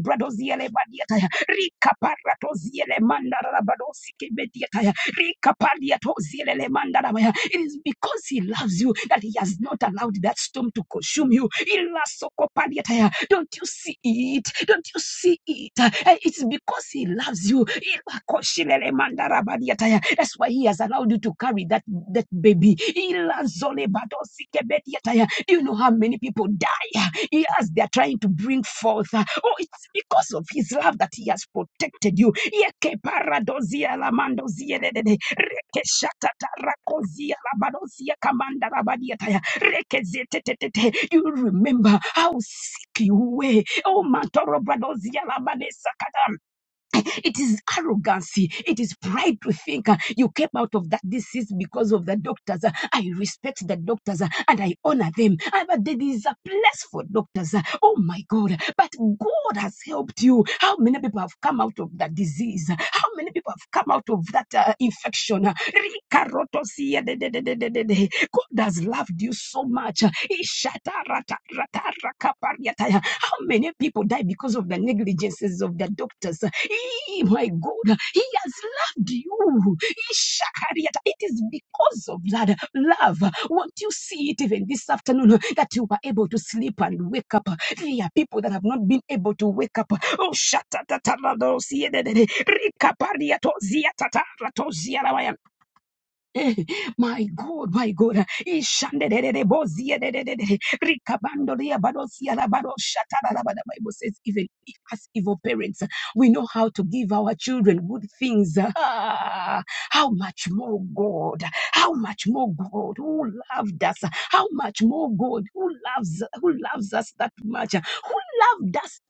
Speaker 2: mandara badosi kebedia rika palia tozilele mandara baya. It is because he loves you that he has not allowed that storm to consume you. Ila soko taya. Don't you see it? Don't you see it? Eh, It's because he loves you. Ila mandara badia taya. That's why he has allowed you to carry that that baby. Ila zole badosi kebe do you know how many people die? Yes, they are trying to bring forth. uh, Oh, it's because of his love that he has protected you. Yeke You remember how sick you were. Oh, mantoro bradozia labadesa it is arrogancy. It is pride to think uh, you came out of that disease because of the doctors. Uh, I respect the doctors uh, and I honor them. Uh, But there is a place for doctors. Uh, Oh my God. But God has helped you. How many people have come out of that disease? How many people have come out of that uh, infection? Uh, God has loved you so much. Uh, how many people die because of the negligences of the doctors? Eh, my God, He has loved you. Eh, Shakariata. It is because of that love. Won't you see it even this afternoon that you were able to sleep and wake up? There are people that have not been able to wake up. Oh, shut Eh, My God, my God. Ishandedededeboziyedededede. Rikabandoriabadosiyarabadoshatarabada. Bible says, even if as evil parents, we know how to give our children good things. Ah, how much more God? How much more God who loved us? How much more God who loves who loves us that much? Who loved us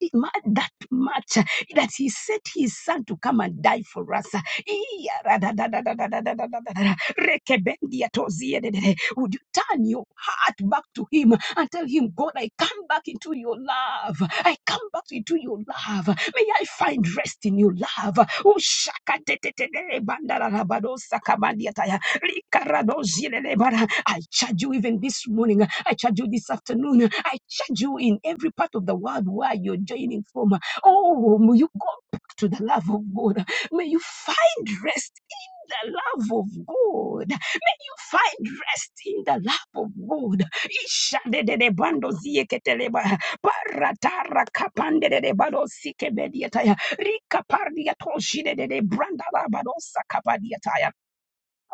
Speaker 2: that much that He sent His Son to come and die for us? Iya, ra, da, da, da, da, da, da, da, da, da, da. Rekebendia toziedede. Would you turn your heart back to Him and tell Him, God, I come back into your love. I come back into your love. May I find rest in your love. Ushakatetetele bandararabadosa kabandiataya. Rikaradozielele bara. I charge you even this morning. I charge you this afternoon. I charge you in every part of the world where you're joining from. Oh, may you go back to the love of God. May you find rest the love of God. You find rest in the love of God. Ishadedebando zieketeleba. Baratara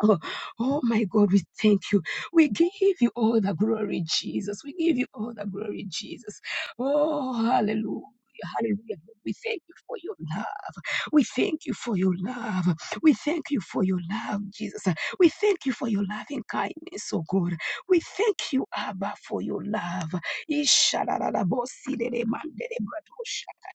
Speaker 2: Oh, oh my God, we thank you. We give you all the glory, Jesus. We give you all the glory, Jesus. Oh, hallelujah. Hallelujah. We thank you for your love. We thank you for your love. We thank you for your love, Jesus. We thank you for your loving kindness, oh God. We thank you, Abba, for your love. Ishalalalabosi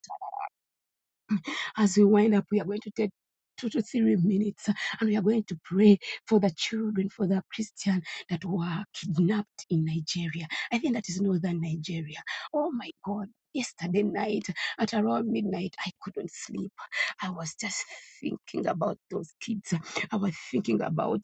Speaker 2: as we wind up, we are going to take two to three minutes uh, and we are going to pray for the children, for the Christian that were kidnapped in Nigeria. I think that is northern Nigeria. Oh my God. Yesterday night at around midnight, I couldn't sleep. I was just thinking about those kids. I was thinking about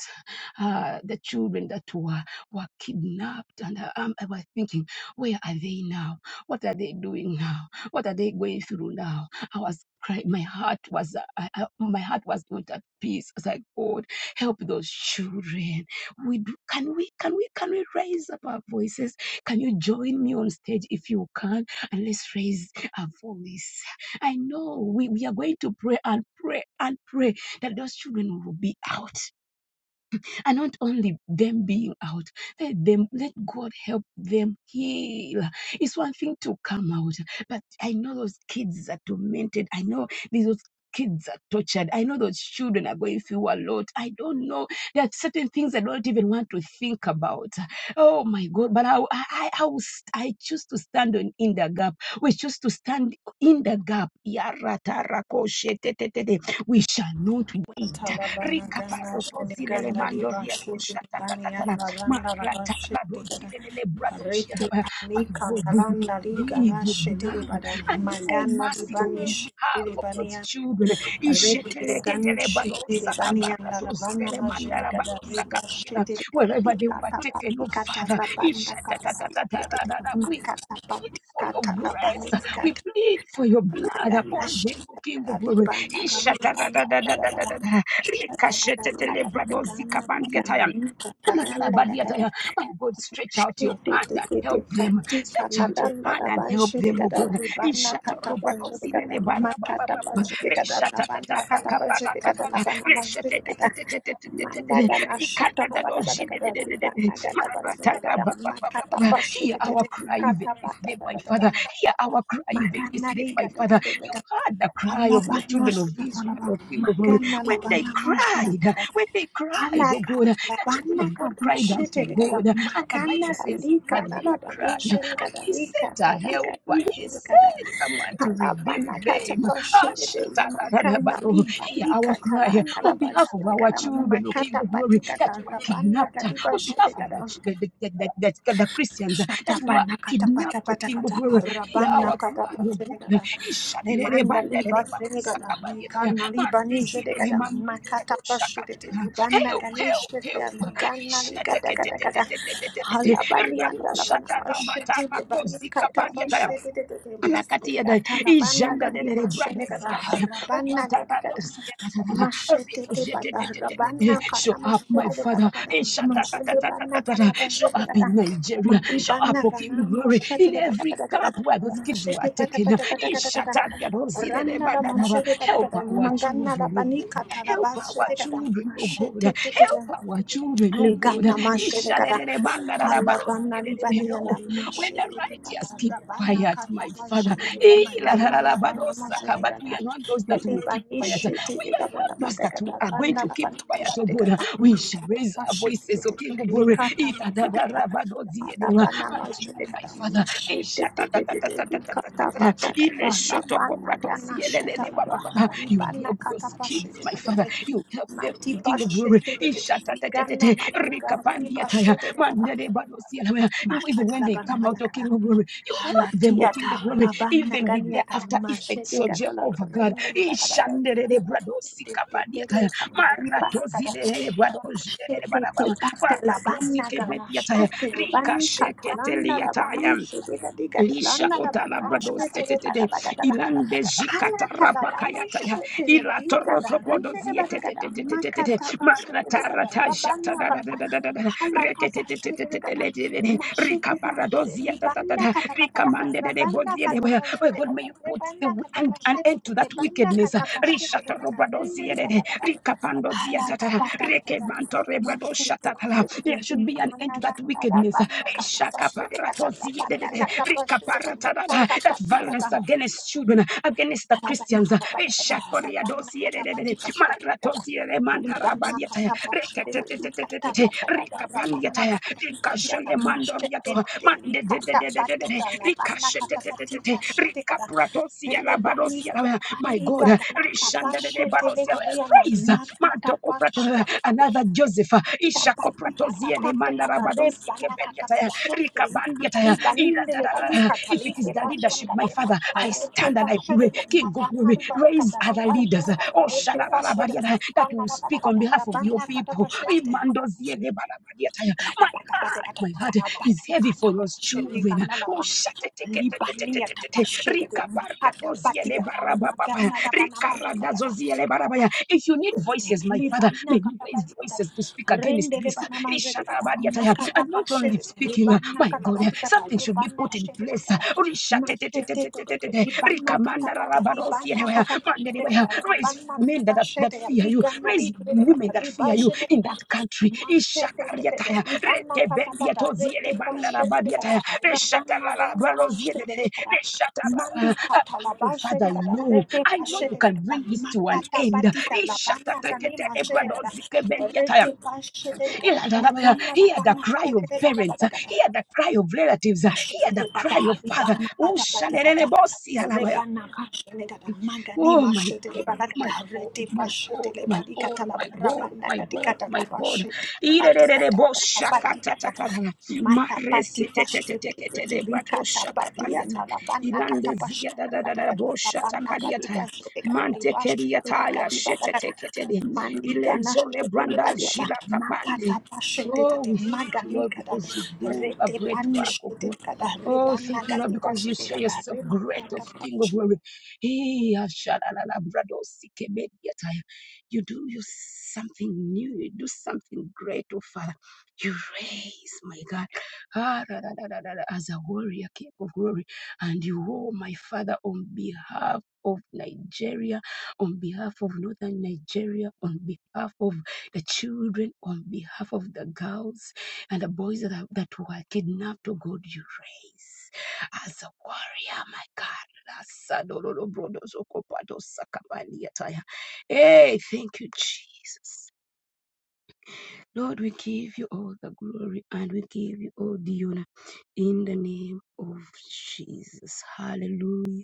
Speaker 2: uh, the children that were, were kidnapped. And uh, um, I was thinking, where are they now? What are they doing now? What are they going through now? I was crying. My heart was, uh, I, I- my heart was not at peace. I was like, God, help those children. We do, can we, can we, can we raise up our voices? Can you join me on stage if you can? And let's raise our voice. I know we, we are going to pray and pray and pray that those children will be out. And not only them being out, let them let God help them heal. It's one thing to come out, but I know those kids are tormented. I know these those kids are tortured. I know those children are going through a lot. I don't know. There are certain things I don't even want to think about. Oh my God! But I I I, I, will st- I choose to stand on in the gap. We choose to stand in the gap. Yaratarako shetetetete. We shall not wait.
Speaker 1: Atala bana gana shini
Speaker 2: Rikaparotozile le
Speaker 1: ganda li
Speaker 2: mando
Speaker 1: ba shini
Speaker 2: riadosha
Speaker 1: bani
Speaker 2: tatatatana.
Speaker 1: yana randa la ba shini gada.
Speaker 2: Marataladozile le lebradoshia.
Speaker 1: Riti
Speaker 2: My
Speaker 1: panika
Speaker 2: God, we
Speaker 1: nalanda li
Speaker 2: plead
Speaker 1: gana
Speaker 2: your
Speaker 1: shini
Speaker 2: blood
Speaker 1: bada.
Speaker 2: and your
Speaker 1: Magana li
Speaker 2: mercy on
Speaker 1: bani
Speaker 2: behalf of
Speaker 1: shini
Speaker 2: those children.
Speaker 1: Redere gani
Speaker 2: Isheteleketele
Speaker 1: shetere
Speaker 2: badosa
Speaker 1: bani yandara
Speaker 2: kaparato
Speaker 1: bana
Speaker 2: zile le kaparatozile
Speaker 1: majene kada
Speaker 2: mandalabarosa
Speaker 1: reba
Speaker 2: kaparia.
Speaker 1: shetere kada
Speaker 2: Wherever they were
Speaker 1: bikata
Speaker 2: taken,
Speaker 1: pati
Speaker 2: oh
Speaker 1: kata
Speaker 2: Father,
Speaker 1: labanda kata pati shetere
Speaker 2: ishatatatatataradada. we
Speaker 1: makata pati
Speaker 2: plead for your
Speaker 1: kata labani
Speaker 2: grace. We
Speaker 1: kata
Speaker 2: plead for your blood
Speaker 1: lagana
Speaker 2: upon them, O King
Speaker 1: shetere
Speaker 2: of glory.
Speaker 1: libana gana gana gana
Speaker 2: Ishatadadadadadadada.
Speaker 1: gana gana gana
Speaker 2: Rekashete
Speaker 1: gana gana gana
Speaker 2: telebrado zika bandia taya.
Speaker 1: gana gana gana gana
Speaker 2: Matarabadiataya. My God, stretch out
Speaker 1: Makana
Speaker 2: your hand and help them. Stretch out your hand and help them, oh God. Ishatarobatosilenebarabababa. Reshatatatarakaparatanana. Reshatetetetetetetetete. Rikatadadozidedededede. Maratarabababababa. Hear our cry even this day, my Father. Hear our cry even this day, my Father. You heard the cry of the children of Israel, of people when they cried, when they cried, oh God.
Speaker 1: Alakatala
Speaker 2: The children of God cried unto
Speaker 1: Banakadishikada
Speaker 2: God, and the
Speaker 1: Makana
Speaker 2: Bible says, He
Speaker 1: Lika
Speaker 2: heard their cry. And
Speaker 1: Nabadishikada
Speaker 2: He
Speaker 1: Lika
Speaker 2: sent a
Speaker 1: Taraka
Speaker 2: helper. He
Speaker 1: Ishikada
Speaker 2: sent someone to redeem
Speaker 1: Alabanakata
Speaker 2: them. Ah,
Speaker 1: Shikada Makana
Speaker 2: shatarabaro.
Speaker 1: Liba
Speaker 2: Hear
Speaker 1: Lika
Speaker 2: our cry
Speaker 1: Talana
Speaker 2: on behalf of our
Speaker 1: Labashikada
Speaker 2: children, O King
Speaker 1: Makata
Speaker 2: of Glory, that
Speaker 1: Patikada
Speaker 2: were
Speaker 1: Rabana
Speaker 2: kidnapped,
Speaker 1: Kadiba
Speaker 2: on behalf of the,
Speaker 1: Shikada
Speaker 2: ch- the, the, the, the, the, the Christians that
Speaker 1: Shata
Speaker 2: were
Speaker 1: Banakata Pata
Speaker 2: kidnapped, O King of
Speaker 1: Patakata
Speaker 2: Glory. Hear our
Speaker 1: Rabana Kata
Speaker 2: cry, O God.
Speaker 1: Shikada Mandali Basregada,
Speaker 2: Ishadererebandererebasakabadietaya.
Speaker 1: Nikanali Banija de Gada, Makata Bashit,
Speaker 2: Mandezireremandoriadoshakatia.
Speaker 1: Libana
Speaker 2: Help,
Speaker 1: Ganish,
Speaker 2: help, help.
Speaker 1: Ganali
Speaker 2: Ishete
Speaker 1: Gada
Speaker 2: kete
Speaker 1: Gada
Speaker 2: te te
Speaker 1: Gada,
Speaker 2: te te te te te.
Speaker 1: Halabani and
Speaker 2: Rakosata
Speaker 1: Alabana
Speaker 2: la
Speaker 1: Bashit,
Speaker 2: mata
Speaker 1: Libani Katabashit,
Speaker 2: Lakatiada,
Speaker 1: Katana Bana
Speaker 2: Ijanda de
Speaker 1: Gandhi
Speaker 2: de
Speaker 1: Mashenegada,
Speaker 2: Bradozia,
Speaker 1: Rabana Gadigada.
Speaker 2: Omatarozia,
Speaker 1: Machete de
Speaker 2: Ricochet,
Speaker 1: bata rabana
Speaker 2: show
Speaker 1: kata
Speaker 2: up, my
Speaker 1: machete de bata
Speaker 2: father,
Speaker 1: kata machete de bana
Speaker 2: Ishatatatatatatata,
Speaker 1: kata
Speaker 2: show
Speaker 1: machete de
Speaker 2: up
Speaker 1: bata
Speaker 2: in Nigeria,
Speaker 1: mati
Speaker 2: show up,
Speaker 1: bana
Speaker 2: O King
Speaker 1: kana
Speaker 2: of Glory,
Speaker 1: machete
Speaker 2: in
Speaker 1: de bata
Speaker 2: every
Speaker 1: kata kata
Speaker 2: camp where those kids were
Speaker 1: machete bata
Speaker 2: taken,
Speaker 1: bata bata kata kata
Speaker 2: Ishatatarozia,
Speaker 1: ranna la machete bata
Speaker 2: help
Speaker 1: kata
Speaker 2: our
Speaker 1: mangana la
Speaker 2: children, oh
Speaker 1: bani
Speaker 2: God,
Speaker 1: kata la
Speaker 2: help our
Speaker 1: machete kata
Speaker 2: children, oh God,
Speaker 1: machete de de
Speaker 2: help our children, oh God,
Speaker 1: Ligana mashirikada.
Speaker 2: Ishatatarozia,
Speaker 1: Halabana libania la
Speaker 2: when the
Speaker 1: mashirikada.
Speaker 2: righteous keep
Speaker 1: Rabana
Speaker 2: quiet,
Speaker 1: kata
Speaker 2: my Father,
Speaker 1: mashirikada.
Speaker 2: eh, la, la, la,
Speaker 1: Magana
Speaker 2: la, but oh,
Speaker 1: labana
Speaker 2: but we
Speaker 1: mashirikada.
Speaker 2: are not those that will keep
Speaker 1: Libani
Speaker 2: quiet. We are
Speaker 1: shirikada
Speaker 2: not
Speaker 1: la
Speaker 2: those that who
Speaker 1: badagada.
Speaker 2: are going
Speaker 1: Banda
Speaker 2: to keep
Speaker 1: labana
Speaker 2: quiet, oh God.
Speaker 1: mashirikada.
Speaker 2: We shall
Speaker 1: Makata
Speaker 2: raise our voices, O
Speaker 1: mashirikada.
Speaker 2: King of Glory,
Speaker 1: Likata
Speaker 2: eh, la, la, la,
Speaker 1: mashirikada.
Speaker 2: la, but oh,
Speaker 1: Alabana
Speaker 2: unto you, my
Speaker 1: mashirikada.
Speaker 2: Father. Eh, shata, ta, ta, ta,
Speaker 1: Mashirikada.
Speaker 2: ta, ta, ta, ta,
Speaker 1: Likata
Speaker 2: ta, ta. Ile
Speaker 1: badagada.
Speaker 2: shoto
Speaker 1: Labana
Speaker 2: koprato
Speaker 1: gana
Speaker 2: sielelele, ba, ba,
Speaker 1: shatalaba.
Speaker 2: ba, ba. You
Speaker 1: Libana
Speaker 2: help those
Speaker 1: kata
Speaker 2: kids, my Father.
Speaker 1: mashirikada.
Speaker 2: You help them
Speaker 1: Mati
Speaker 2: King of
Speaker 1: bashe
Speaker 2: glory.
Speaker 1: de de de gana
Speaker 2: Ishatatatete,
Speaker 1: mani ganda mi
Speaker 2: rikapandiataya,
Speaker 1: bashe de de gana
Speaker 2: mandele even
Speaker 1: mashata
Speaker 2: when
Speaker 1: la
Speaker 2: they
Speaker 1: bana
Speaker 2: come
Speaker 1: mana
Speaker 2: out, O
Speaker 1: gana
Speaker 2: King of Glory, you help
Speaker 1: hala
Speaker 2: them, O King of
Speaker 1: tiata
Speaker 2: Glory,
Speaker 1: la bana
Speaker 2: even with their
Speaker 1: ganiata
Speaker 2: after
Speaker 1: mashe
Speaker 2: effects,
Speaker 1: de
Speaker 2: O
Speaker 1: gada la
Speaker 2: Jehovah God.
Speaker 1: rende le bada bada de
Speaker 2: Ishanderere
Speaker 1: te pa
Speaker 2: bradosi
Speaker 1: de te te le
Speaker 2: kabadiataya.
Speaker 1: kana li bana gada
Speaker 2: Maratoziderere
Speaker 1: te
Speaker 2: bradoziderere
Speaker 1: de de
Speaker 2: barabara.
Speaker 1: pata la bana
Speaker 2: Maratozike
Speaker 1: gana she
Speaker 2: bediataya.
Speaker 1: de de bani katalanda la
Speaker 2: Rikasheketeliataya.
Speaker 1: bani she de
Speaker 2: Lisha kota labrado setetete
Speaker 1: gada
Speaker 2: ilande jikata
Speaker 1: la bani
Speaker 2: rabakayata ya ilato roto
Speaker 1: shende le bana gada
Speaker 2: zietetetetetetete marata jata da da da
Speaker 1: makata
Speaker 2: da da da da
Speaker 1: kapashata
Speaker 2: reketetetetetetetetete
Speaker 1: mashe
Speaker 2: rika
Speaker 1: de de
Speaker 2: parado zieta de de bozie de boya oh God may you put the wi- an, an end to that wickedness risha to
Speaker 1: gada
Speaker 2: robado
Speaker 1: rende le
Speaker 2: ziede
Speaker 1: bada
Speaker 2: de
Speaker 1: gada
Speaker 2: rika pando zieta there
Speaker 1: hala
Speaker 2: should be an end to that wickedness
Speaker 1: Ada
Speaker 2: wickedness, uh,
Speaker 1: banana kata posede ada banana kata posede kata
Speaker 2: that
Speaker 1: bati
Speaker 2: violence
Speaker 1: kata
Speaker 2: against children, uh, against the
Speaker 1: ada banana
Speaker 2: Christians, uh,
Speaker 1: mana pada pada ada banana kata
Speaker 2: Ishakoriadosiedede,
Speaker 1: bati posede kata
Speaker 2: maratoziere
Speaker 1: libana
Speaker 2: mantarabadiataya,
Speaker 1: kata posede liba kata
Speaker 2: reketetetetetete,
Speaker 1: kata ada banana kata bati posede kata libana kata posede liba kata kata ada banana kata
Speaker 2: my God, uh, Rishandadedebadosia,
Speaker 1: bati
Speaker 2: raise uh, Matokoprato,
Speaker 1: posede
Speaker 2: uh,
Speaker 1: liba
Speaker 2: another Joseph, uh, Ishakopratoziene Mandarabadosi Kebediataya, Rikabandiataya, Iradadada. If it is the leadership, my Father, I stand and I pray, King of glory, raise other leaders, uh, oh Shalalabadiata, that will speak on behalf of your people. Imandoziene Balabadiataya, my heart is heavy for those children. Oh,
Speaker 1: Libania tapashede de makata batia ta magana la bana manjele gada
Speaker 2: If you need voices, my Father, may
Speaker 1: Libana
Speaker 2: you raise
Speaker 1: katapatikata.
Speaker 2: voices to speak against
Speaker 1: Rende
Speaker 2: this.
Speaker 1: lebana majedekata. Makata
Speaker 2: And not only
Speaker 1: pashete.
Speaker 2: speaking, uh,
Speaker 1: Libana
Speaker 2: My God, uh,
Speaker 1: katapatikata.
Speaker 2: something should be
Speaker 1: Libana
Speaker 2: put in place. uh,
Speaker 1: shetekata. Mashete tete.
Speaker 2: Rishatetetetetetetete,
Speaker 1: Libana katapata.
Speaker 2: rikamandararabarosi,
Speaker 1: Libana
Speaker 2: anyway, uh, man, anyway, uh,
Speaker 1: katapajedekata.
Speaker 2: Raise
Speaker 1: Rabana
Speaker 2: men that, that
Speaker 1: kipashete.
Speaker 2: fear you.
Speaker 1: Ligana
Speaker 2: Raise women
Speaker 1: dikredekata.
Speaker 2: that fear you in that
Speaker 1: Ribashedekata.
Speaker 2: country.
Speaker 1: Mashete tete. Libana katapata. Rete pashetekata. Rabana gani mashetekata. Mandi
Speaker 2: Oh, Father, I
Speaker 1: katalabashetekata.
Speaker 2: know. I know you can bring this to an end. Iladarabaya. Hear the cry of parents. Hear the cry of relatives. Hear the cry of father.
Speaker 1: Reta
Speaker 2: Oh my God, my God, my God, my God, my God, my God,
Speaker 1: tikate.
Speaker 2: my God. Irerererebo shakatatatata.
Speaker 1: Matapati pashete
Speaker 2: Mareseteteteteketelebrato
Speaker 1: kelika tapati
Speaker 2: shakapadiata.
Speaker 1: yana labana
Speaker 2: Ilandezia
Speaker 1: katapashete badika
Speaker 2: dadadadabo
Speaker 1: labana kadiba
Speaker 2: shatakadiata.
Speaker 1: shete kada liba shete lika
Speaker 2: Mantekeriataya
Speaker 1: diba kada
Speaker 2: sheteteketele.
Speaker 1: mandi gana shete liba
Speaker 2: Ilezolebranda
Speaker 1: diba
Speaker 2: jila
Speaker 1: makata
Speaker 2: kapande.
Speaker 1: pashete
Speaker 2: Oh,
Speaker 1: tete
Speaker 2: we thank you,
Speaker 1: magali
Speaker 2: Lord,
Speaker 1: kada
Speaker 2: because you do a
Speaker 1: rete
Speaker 2: great
Speaker 1: pani
Speaker 2: work, oh
Speaker 1: shete
Speaker 2: God.
Speaker 1: kada
Speaker 2: Oh,
Speaker 1: rebana
Speaker 2: thank you, Lord,
Speaker 1: kadiba
Speaker 2: because you
Speaker 1: shete
Speaker 2: show
Speaker 1: kada
Speaker 2: yourself great,
Speaker 1: remakata
Speaker 2: of King of
Speaker 1: pashete.
Speaker 2: glory. Hey, ashalalala, brado, sike, mediataya. You do you something new. You do something great, oh Father. You raise, my God, ah, da, da, da, da, da, da, as a warrior, King of glory. And you, oh, my Father, on behalf of Nigeria, on behalf of Northern Nigeria, on behalf of the children, on behalf of the girls and the boys that, are, that were kidnapped, oh God, you raise as a warrior, my God. Hey, thank you, Jesus. Lord, we give you all the glory and we give you all the honor in the name of Jesus. Hallelujah.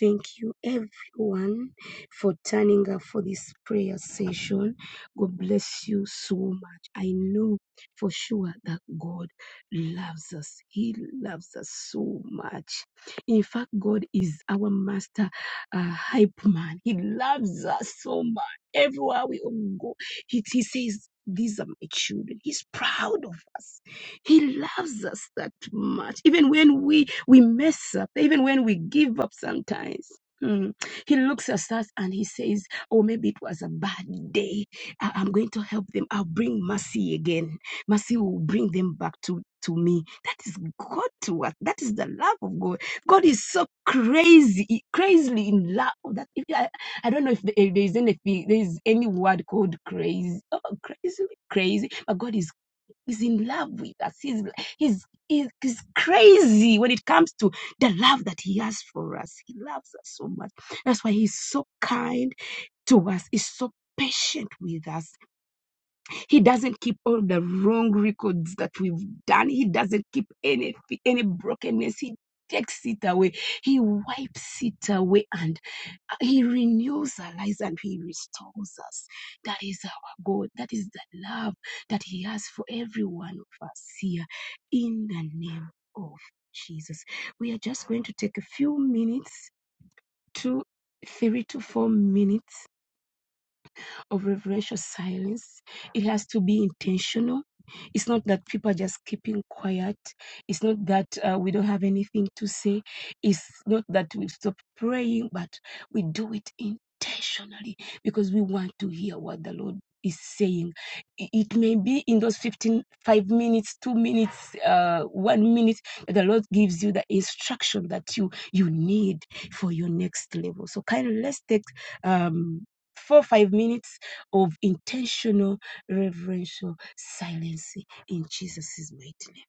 Speaker 2: Thank you, everyone, for turning up for this prayer session. God bless you so much. I know for sure that God loves us, He loves us so much. In fact, God is our master uh, hype man, He loves us so much. Everywhere we go, he, he says, These are my children. He's proud of us. He loves us that much. Even when we, we mess up, even when we give up sometimes. mm, He looks at us and he says, Oh, maybe it was a bad day. I- I'm going to help them. I'll bring mercy again. Mercy will bring them back to, to me. That is God to us. That is the love of God. God is so crazy, crazily in love that. if uh, I don't know if there is any if there is any word called crazy. Oh, crazy, crazy! But God is is in love with us. he's, he's, he's crazy when it comes to the love that he has for us. He loves us so much. That's why he's so kind to us. He's so patient with us. He doesn't keep all the wrong records that we've done. He doesn't keep any any brokenness. He takes it away. He wipes it away and he renews our lives and He restores us. That is our God. That is the love that He has for every one of us here in the name of Jesus. We are just going to take a few minutes, two, three to four minutes of reverential silence. It has to be intentional. It's not that people are just keeping quiet. It's not that uh, we don't have anything to say. It's not that we stop praying, but we do it intentionally because we want to hear what the Lord is saying. I- It may be in those fifteen, five minutes, two minutes, uh, one minute that the Lord gives you the instruction that you you need for your next level. So kind of let's take um four five minutes of intentional reverential silence in Jesus' mighty name.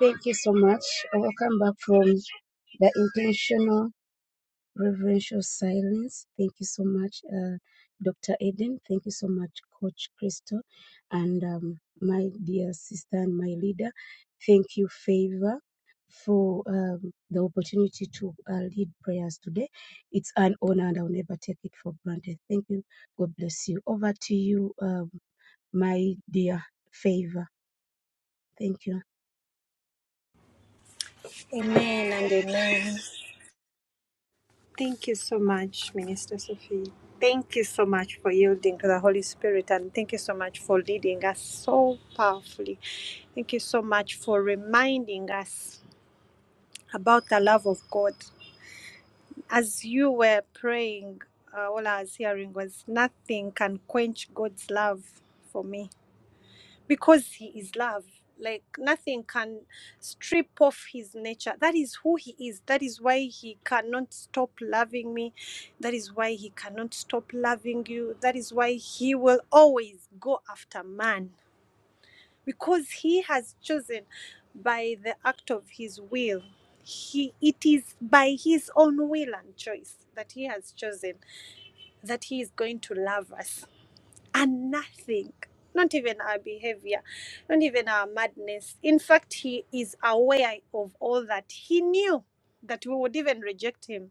Speaker 2: Thank you so much. I Welcome back from the intentional reverential silence. Thank you so much, uh, Dr. Eden. Thank you so much, Coach Crystal, and um, my dear sister and my leader. Thank you, Favor, for um, the opportunity to uh, lead prayers today. It's an honor, and I'll never take it for granted. Thank you. God bless you. Over to you, um, my dear Favor. Thank you.
Speaker 1: Amen and amen. Thank you so much, Minister Sophie. Thank you so much for yielding to the Holy Spirit and thank you so much for leading us so powerfully. Thank you so much for reminding us about the love of God. As you were praying, uh, all I was hearing was nothing can quench God's love for me because he is love like nothing can strip off his nature that is who he is that is why he cannot stop loving me that is why he cannot stop loving you that is why he will always go after man because he has chosen by the act of his will he it is by his own will and choice that he has chosen that he is going to love us and nothing. Not even our behavior, not even our madness. In fact, he is aware of all that. He knew that we would even reject him,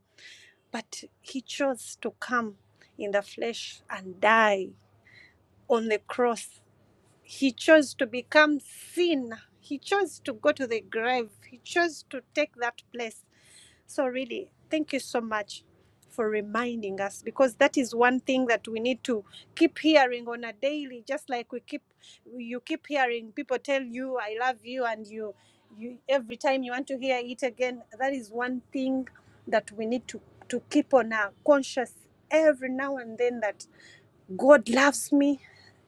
Speaker 1: but he chose to come in the flesh and die on the cross. He chose to become sin. He chose to go to the grave. He chose to take that place so, really, thank you so much for reminding us because that is one thing that we need to keep hearing on a daily, just like we keep you keep hearing people tell you, I love you, and you you every time you want to hear it again. That is one thing that we need to, to keep on our conscious every now and then that God loves me,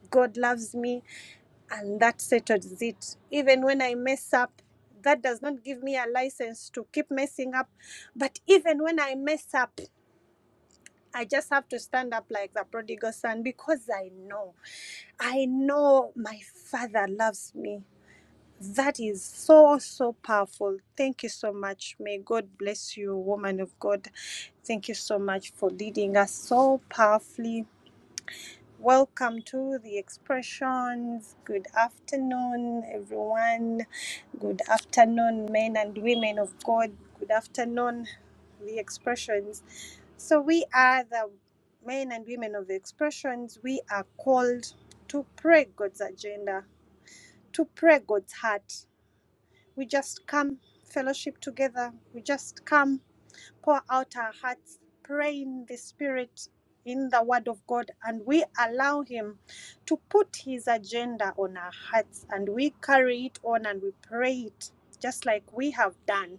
Speaker 1: God loves me, and that settles it. Even when I mess up, that does not give me a license to keep messing up. But even when I mess up, I just have to stand up like the prodigal son because I know, I know my father loves me. That is so, so powerful. Thank you so much. May God bless you, woman of God. Thank you so much for leading us so powerfully Welcome to the expressions. Good afternoon, everyone. Good afternoon, men and women of God. Good afternoon, the expressions. So, we are the men and women of the expressions. We are called to pray God's agenda, to pray God's heart. We just come fellowship together. We just come pour out our hearts, praying the Spirit in the Word of God, and we allow Him to put His agenda on our hearts, and we carry it on and we pray it just like we have done.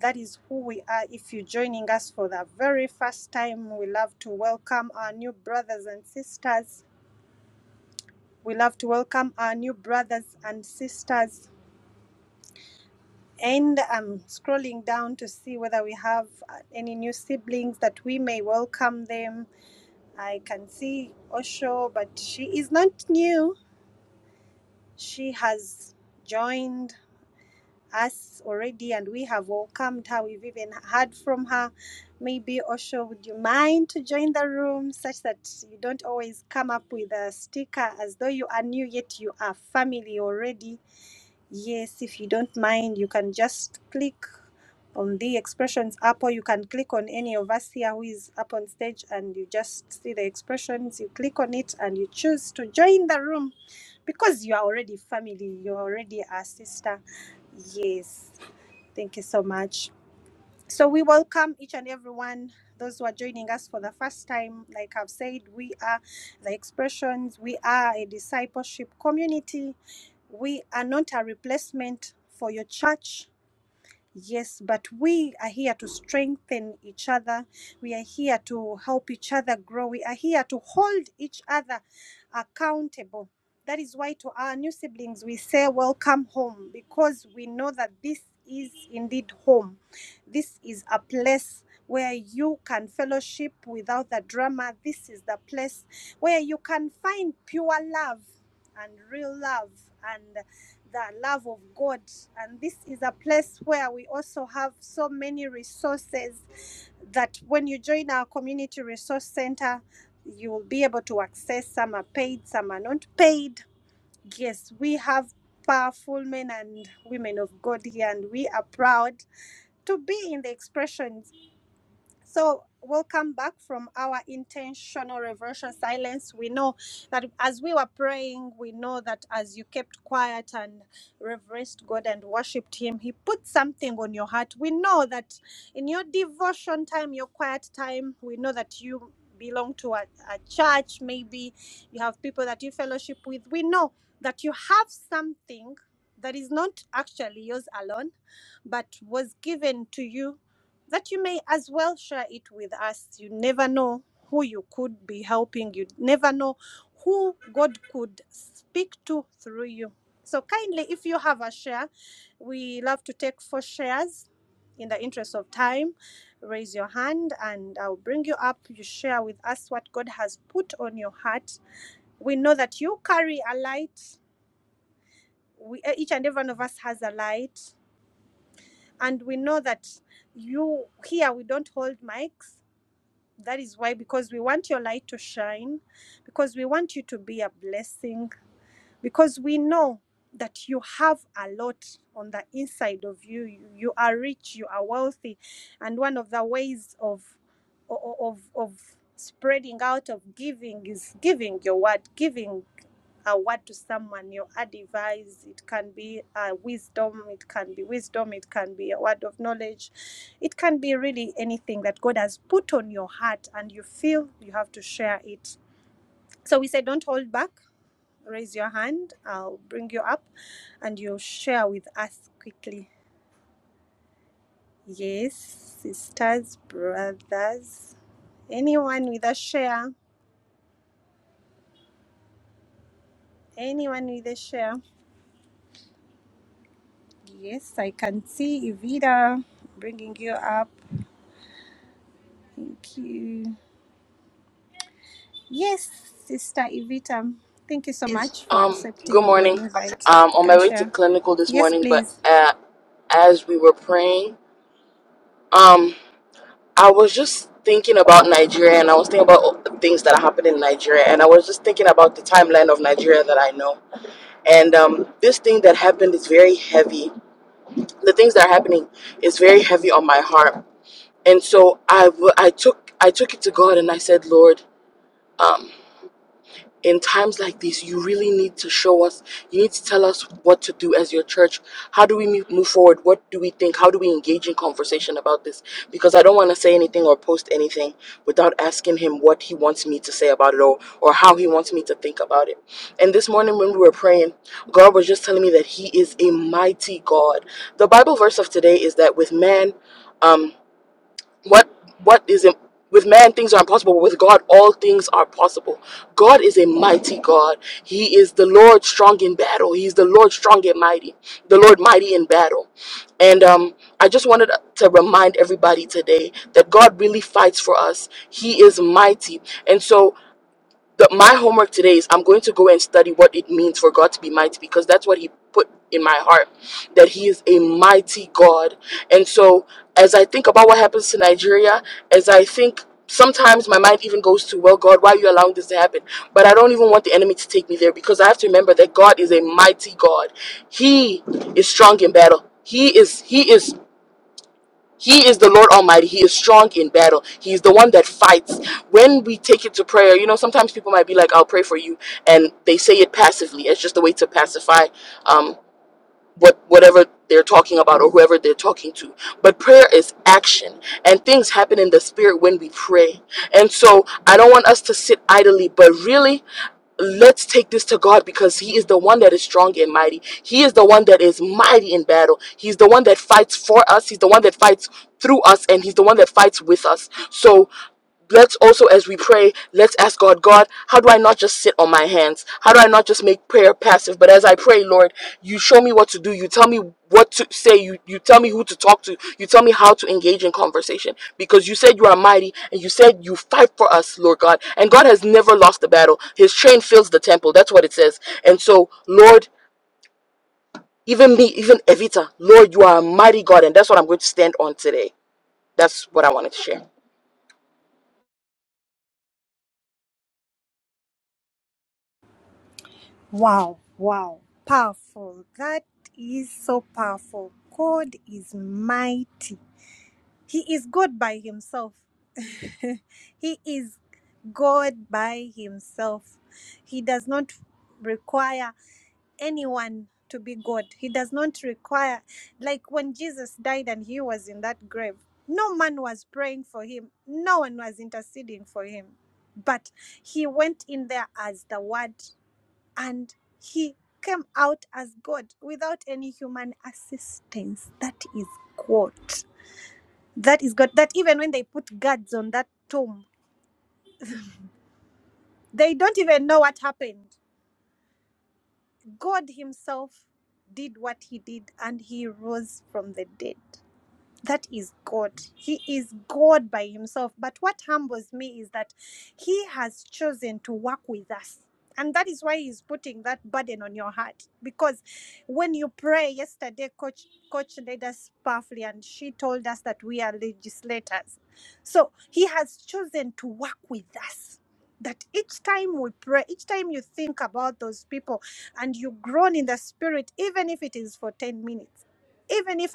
Speaker 1: That is who we are. If you're joining us for the very first time, we love to welcome our new brothers and sisters. We love to welcome our new brothers and sisters. And I'm scrolling down to see whether we have uh, any new siblings that we may welcome them I can see Osho, but she is not new. She has joined us already and we have welcomed her. We've even heard from her. Maybe Osho, would you mind to join the room such that you don't always come up with a sticker as though you are new, yet you are family already? Yes, if you don't mind, you can just click on the expressions app, or you can click on any of us here who is up on stage, and you just see the expressions. You click on it and you choose to join the room because you are already family, you're already a sister. Yes, thank you so much. So we welcome each and everyone, those who are joining us for the first time. Like I've said, we are the expressions, we are a discipleship community. We are not a replacement for your church. Yes, but we are here to strengthen each other. We are here to help each other grow. We are here to hold each other accountable. That is why to our new siblings we say welcome home because we know that this is indeed home this is a place where you can fellowship without the drama. This is the place where you can find pure love and real love and the love of God. And this is a place where we also have so many resources that when you join our community resource center, you will be able to access. Some are paid, some are not paid. Yes, we have powerful men and women of God here, and we are proud to be in the expressions. So we'll come back from our intentional reverential silence. We know that as we were praying, we know that as you kept quiet and reverenced God and worshipped Him, He put something on your heart. We know that in your devotion time, your quiet time, we know that you belong to a, a church, maybe you have people that you fellowship with. We know that you have something that is not actually yours alone but was given to you that you may as well share it with us. You never know who you could be helping, you never know who God could speak to through you. So, kindly, if you have a share, we love to take four shares in the interest of time. Raise your hand and I'll bring you up. You share with us what God has put on your heart. We know that you carry a light. We, eh, each and every one of us has a light. And we know that you here, we don't hold mics That is why, because we want your light to shine, because we want you to be a blessing, because we know that you have a lot on the inside of you you are rich you are wealthy and one of the ways of of of spreading out of giving is giving your word giving a word to someone your advice it can be a wisdom it can be wisdom it can be a word of knowledge it can be really anything that god has put on your heart and you feel you have to share it so we say don't hold back raise your hand. I'll bring you up and you'll share with us quickly. Yes, sisters, brothers, anyone with a share, anyone with a share. Yes, I can see Evita bringing you up. Thank you. Yes, Sister Evita, thank you so much for
Speaker 3: Um, good
Speaker 1: accepting the
Speaker 3: morning.
Speaker 1: invite.
Speaker 3: Um,
Speaker 1: You
Speaker 3: on my
Speaker 1: can
Speaker 3: way to
Speaker 1: share.
Speaker 3: clinical this
Speaker 1: Yes,
Speaker 3: morning, but
Speaker 1: please.
Speaker 3: uh, as we were praying, um, I was just thinking about Nigeria and I was thinking about all the things that happened in Nigeria and I was just thinking about the timeline of Nigeria that I know. And um, this thing that happened is very heavy. The things that are happening is very heavy on my heart. And so I, w- I took I took it to God and I said, Lord, um. in times like this, you really need to show us, you need to tell us what to do as your church. How do we mo- move forward? What do we think? How do we engage in conversation about this? Because I don't want to say anything or post anything without asking him what he wants me to say about it or, or how he wants me to think about it. And this morning when we were praying, God was just telling me that he is a mighty God. The Bible verse of today is that with man, um what what is im- with man things are impossible but with god all things are possible god is a mighty god he is the lord strong in battle he's the lord strong and mighty the lord mighty in battle and um i just wanted to remind everybody today that god really fights for us he is mighty and so the, my homework today is I'm going to go and study what it means for God to be mighty because that's what He put in my heart that He is a mighty God. And so, as I think about what happens to Nigeria, as I think sometimes my mind even goes to, Well, God, why are you allowing this to happen? But I don't even want the enemy to take me there because I have to remember that God is a mighty God, He is strong in battle. He is he is he is the Lord Almighty. He is strong in battle. He is the one that fights. When we take it to prayer, you know, sometimes people might be like, I'll pray for you. And they say it passively. It's just a way to pacify. um, what whatever they're talking about or whoever they're talking to. But prayer is action and things happen in the spirit when we pray. And so I don't want us to sit idly, but really let's take this to God because He is the one that is strong and mighty. He is the one that is mighty in battle. He's the one that fights for us. He's the one that fights through us, and He's the one that fights with us. So let's also as we pray let's ask god god how do i not just sit on my hands how do i not just make prayer passive but as i pray lord you show me what to do you tell me what to say you you tell me who to talk to you tell me how to engage in conversation because you said you are mighty and you said you fight for us lord god and god has never lost the battle his train fills the temple that's what it says and so lord even me even evita lord you are a mighty god and that's what i'm going to stand on today that's what i wanted to share
Speaker 1: Powerful. That is so powerful. God is mighty. He is God by himself. he is God by himself. He does not require anyone to be God. He does not require, like when Jesus died and he was in that grave, no man was praying for him, no one was interceding for him. But he went in there as the Word and he came out as God without any human assistance. That is God. That is God. That even when they put guards on that tomb, they don't even know what happened. God Himself did what He did and He rose from the dead. that is God. He is God by himself. But what humbles me is that he has chosen to work with us. And that is why he's putting that burden on your heart. Because when you pray, yesterday, Coach, Coach led us powerfully, and she told us that we are legislators. So he has chosen to work with us. That each time we pray, each time you think about those people and you groan in the spirit, even if it is for 10 minutes even if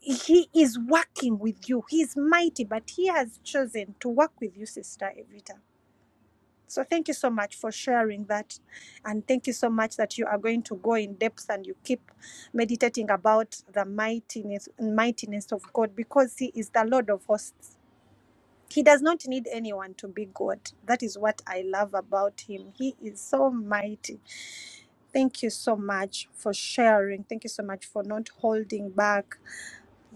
Speaker 1: he is working with you he is mighty but he has chosen to work with you sister evita so thank you so much for sharing that and thank you so much that you are going to go in depth and you keep meditating about the mightiness mightiness of god because he is the lord of hosts he does not need anyone to be god that is what i love about him he is so mighty thank you so much for sharing thank you so much for not holding back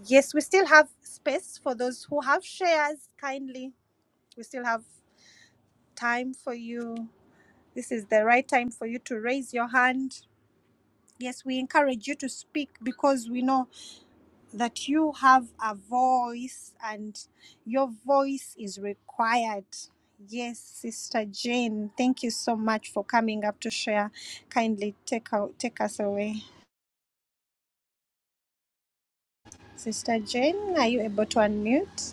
Speaker 1: Yes, we still have space for those who have shares. Kindly, we still have time for you. This is the right time for you to raise your hand. Yes, we encourage you to speak because we know that you have a voice and your voice is required. Yes, Sister Jane, thank you so much for coming up to share. Kindly take out, take us away. Sister Jane, are you able to unmute?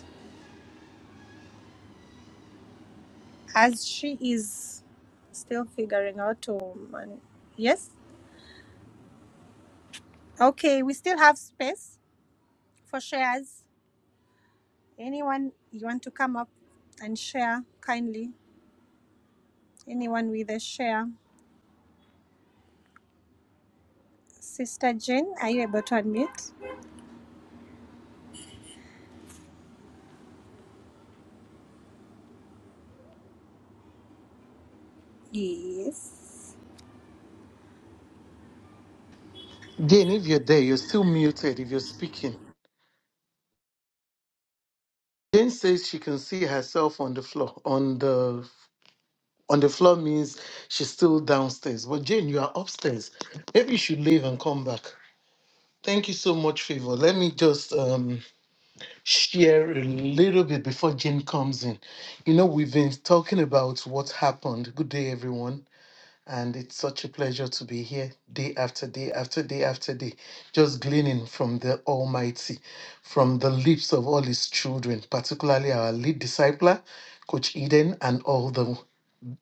Speaker 1: as she is still figuring out to man- yes okay we still have space for shares anyone you want to come up and share kindly anyone with a share sister jane are you able to unmute yes
Speaker 4: Jane, if you're there, you're still muted if you're speaking. Jane says she can see herself on the floor. On the on the floor means she's still downstairs. But Jane, you are upstairs. Maybe you should leave and come back. Thank you so much, Favor. Let me just um, share a little bit before Jane comes in. You know, we've been talking about what happened. Good day, everyone. And it's such a pleasure to be here day after day after day after day, just gleaning from the Almighty, from the lips of all His children, particularly our lead discipler, Coach Eden, and all the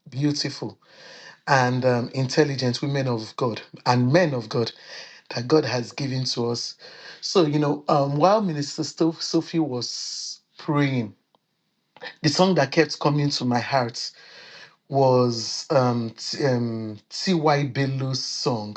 Speaker 4: beautiful and um, intelligent women of God and men of God that God has given to us. So, you know, um, while Minister Sto- Sophie was praying, the song that kept coming to my heart was um, T- um, T.Y. Belu's song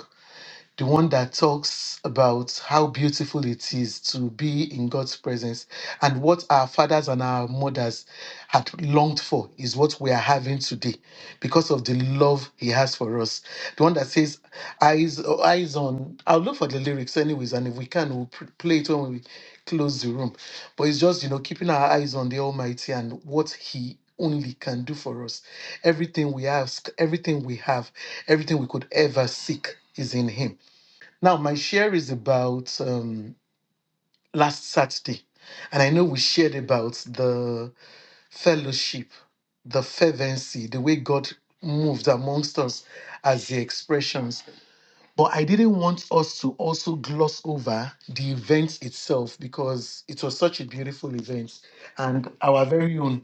Speaker 4: the one that talks about how beautiful it is to be in God's presence and what our fathers and our mothers had longed for is what we are having today because of the love he has for us. The one that says eyes eyes on I'll look for the lyrics anyways and if we can we'll pr- play it when we close the room. But it's just, you know, keeping our eyes on the Almighty and what he only can do for us. Everything we ask, everything we have, everything we could ever seek is in him. Now, my share is about um, last Saturday, and I know we shared about the fellowship, the fervency, the way God moved amongst us as the expressions. But I didn't want us to also gloss over the event itself because it was such a beautiful event. And our very own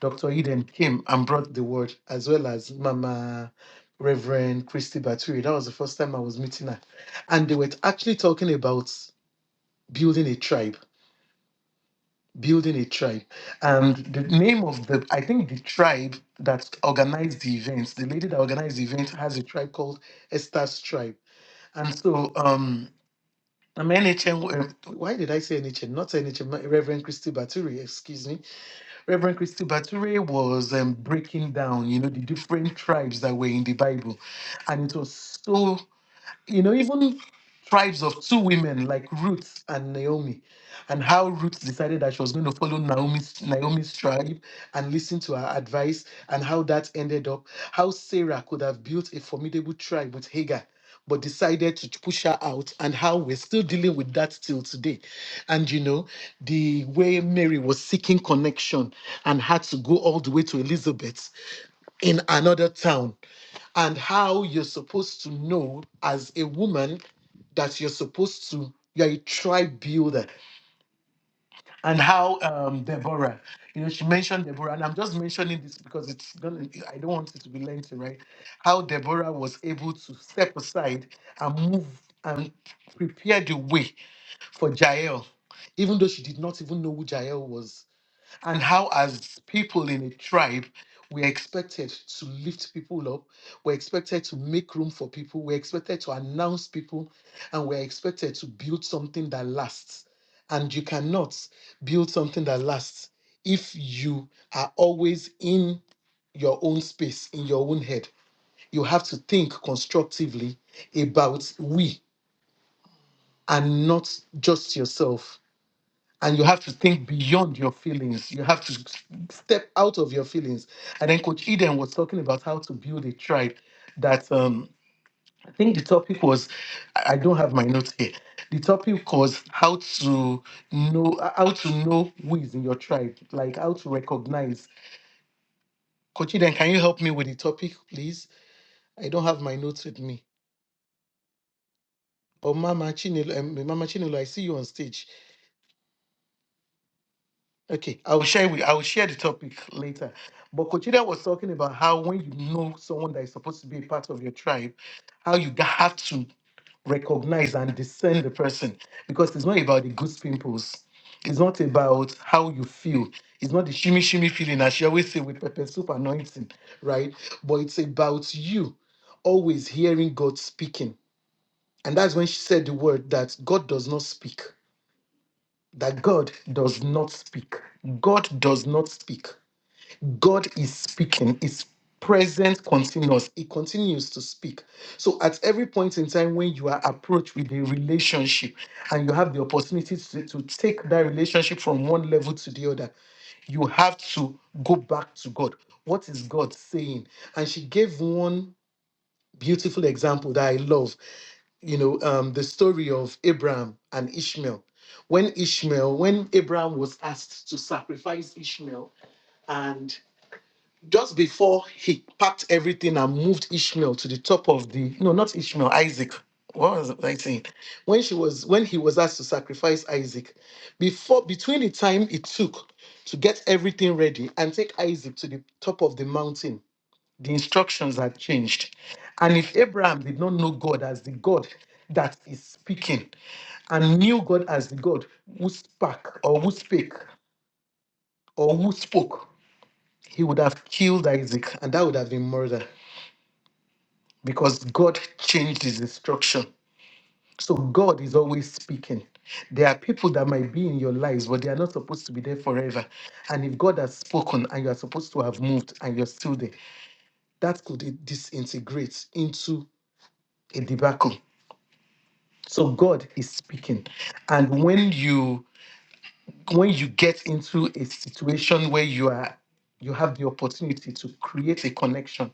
Speaker 4: Dr. Eden came and brought the word, as well as Mama Reverend Christy Baturi. That was the first time I was meeting her. And they were actually talking about building a tribe. Building a tribe. And the name of the, I think the tribe that organized the event, the lady that organized the event has a tribe called Esther's Tribe. And so, um, I mean, NHN, why did I say NHN? Not NHN, my- Reverend Christy Baturi, excuse me. Reverend Christy Baturi was um, breaking down, you know, the different tribes that were in the Bible. And it was so you know, even tribes of two women like Ruth and Naomi, and how Ruth decided that she was going to follow Naomi's Naomi's tribe and listen to her advice, and how that ended up, how Sarah could have built a formidable tribe with Hagar. But decided to push her out, and how we're still dealing with that till today. And you know, the way Mary was seeking connection and had to go all the way to Elizabeth in another town and how you're supposed to know as a woman that you're supposed to you're a tribe builder and how um deborah you know she mentioned deborah and i'm just mentioning this because it's gonna i don't want it to be lengthy right how deborah was able to step aside and move and prepare the way for jael even though she did not even know who jael was and how as people in a tribe we're expected to lift people up we're expected to make room for people we're expected to announce people and we're expected to build something that lasts and you cannot build something that lasts if you are always in your own space in your own head you have to think constructively about we and not just yourself and you have to think beyond your feelings. You have to s- step out of your feelings. And then Coach Eden was talking about how to build a tribe. That um, I think the topic was, I I don't have my notes here. The topic was how to know how to know who is in your tribe, like how to recognize. Coach Eden, can you help me with the topic, please? I don't have my notes with me. Oh, Mama Chinelo, um, Mama Chinelo, I see you on stage. Okay, I will share with I will share the topic later. But Kochida was talking about how when you know someone that is supposed to be a part of your tribe, how you ga- have to recognize and discern the person because it's not about the good pimples. It's not about how you feel. It's not the shimmy shimmy feeling as she always say with pepper soup anointing, right? But it's about you always hearing God speaking. And that's when she said the word that God does not speak that God does not speak. God does not speak. God is speaking. It's present continuous. It continues to speak. So at every point in time when you are approached with a relationship and you have the opportunity to, to take that relationship from one level to the other, you have to go back to God. What is God saying? And she gave one beautiful example that I love you know, um, the story of Abraham and Ishmael. When Ishmael, when Abraham was asked to sacrifice Ishmael, and just before he packed everything and moved Ishmael to the top of the no, not Ishmael, Isaac. What was I saying? When she was when he was asked to sacrifice Isaac, before between the time it took to get everything ready and take Isaac to the top of the mountain the instructions had changed. And if Abraham did not know God as the God that is speaking and knew God as the God who spake or who spake or who spoke, he would have killed Isaac and that would have been murder because God changed his instruction. So God is always speaking. There are people that might be in your lives, but they are not supposed to be there forever. And if God has spoken and you are supposed to have moved and you're still there, that could disintegrate into a debacle. So God is speaking. And when you when you get into a situation where you are you have the opportunity to create a connection,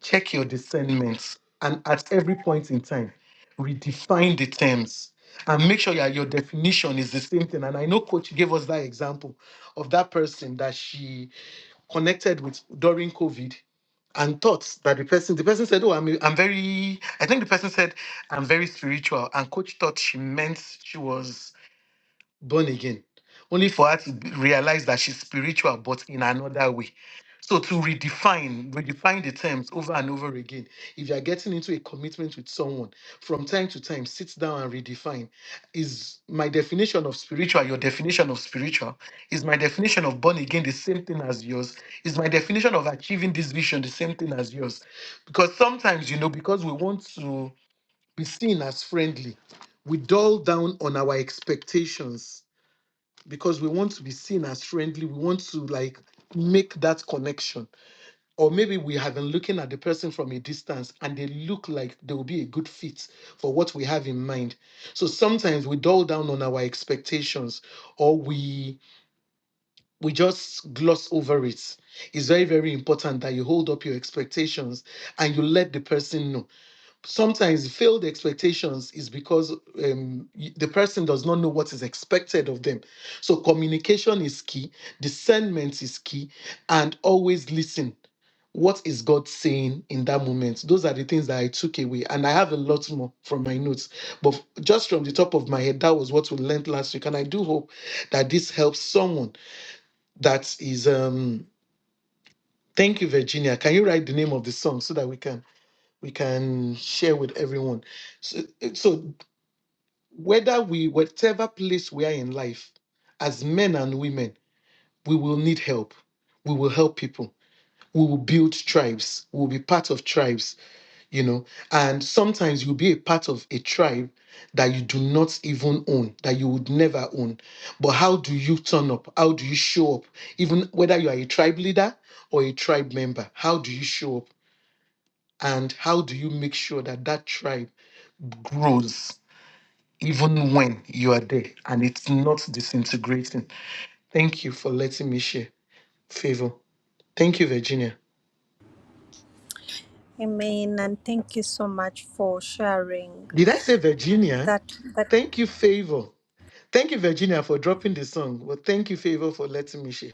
Speaker 4: check your discernment and at every point in time redefine the terms and make sure that your definition is the same thing. And I know coach gave us that example of that person that she connected with during COVID and thought that the person the person said oh i'm i'm very i think the person said i'm very spiritual and coach thought she meant she was born again, only for her to be- realize that she's spiritual, but in another way. So to redefine, redefine the terms over and over again. If you are getting into a commitment with someone, from time to time, sit down and redefine. Is my definition of spiritual your definition of spiritual? Is my definition of born again the same thing as yours? Is my definition of achieving this vision the same thing as yours? Because sometimes, you know, because we want to be seen as friendly, we dull down on our expectations because we want to be seen as friendly. We want to like make that connection. Or maybe we have been looking at the person from a distance and they look like they will be a good fit for what we have in mind. So sometimes we dull down on our expectations or we we just gloss over it. It's very, very important that you hold up your expectations and you let the person know sometimes failed expectations is because um, y- the person does not know what is expected of them. So communication is key, discernment is key, and always listen. What is God saying in that moment? Those are the things that I took away, and I have a lot more from my notes. But f- just from the top of my head, that was what we learned last week, and I do hope that this helps someone. That is, um, thank you, Virginia. Can you write the name of the song so that we can? we can share with everyone. So, eh, so whether we, whatever place we are in life, as men and women, we will need help. We will help people. We will build tribes. We will be part of tribes, you know. And sometimes you'll be a part of a tribe that you do not even own, that you would never own. But how do you turn up? How do you show up? Even whether you are a tribe leader or a tribe member, how do you show up? And how do you make sure that that tribe? grows even when you are there and it's not disintegrating. Thank you for letting me share. Favor. Thank you, Virginia.
Speaker 1: amen and thank you so much for sharing
Speaker 4: Did I say Virginia?
Speaker 1: that that
Speaker 4: Thank you, Favor. Thank you, Virginia, for dropping the song. Well, thank you, Favor, for letting me share.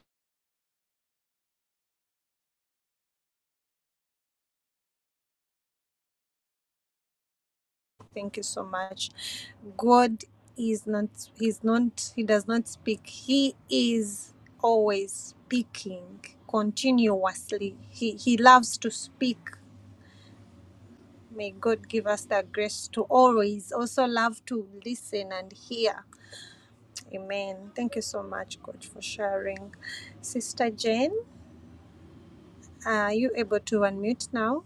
Speaker 1: Thank you so much. God is not, He's not, He does not speak. He is always speaking continuously. He, he loves to speak. May God give us the grace to always also love to listen and hear. Amen. Thank you so much, God, for sharing. Sister Jane, are you able to unmute now?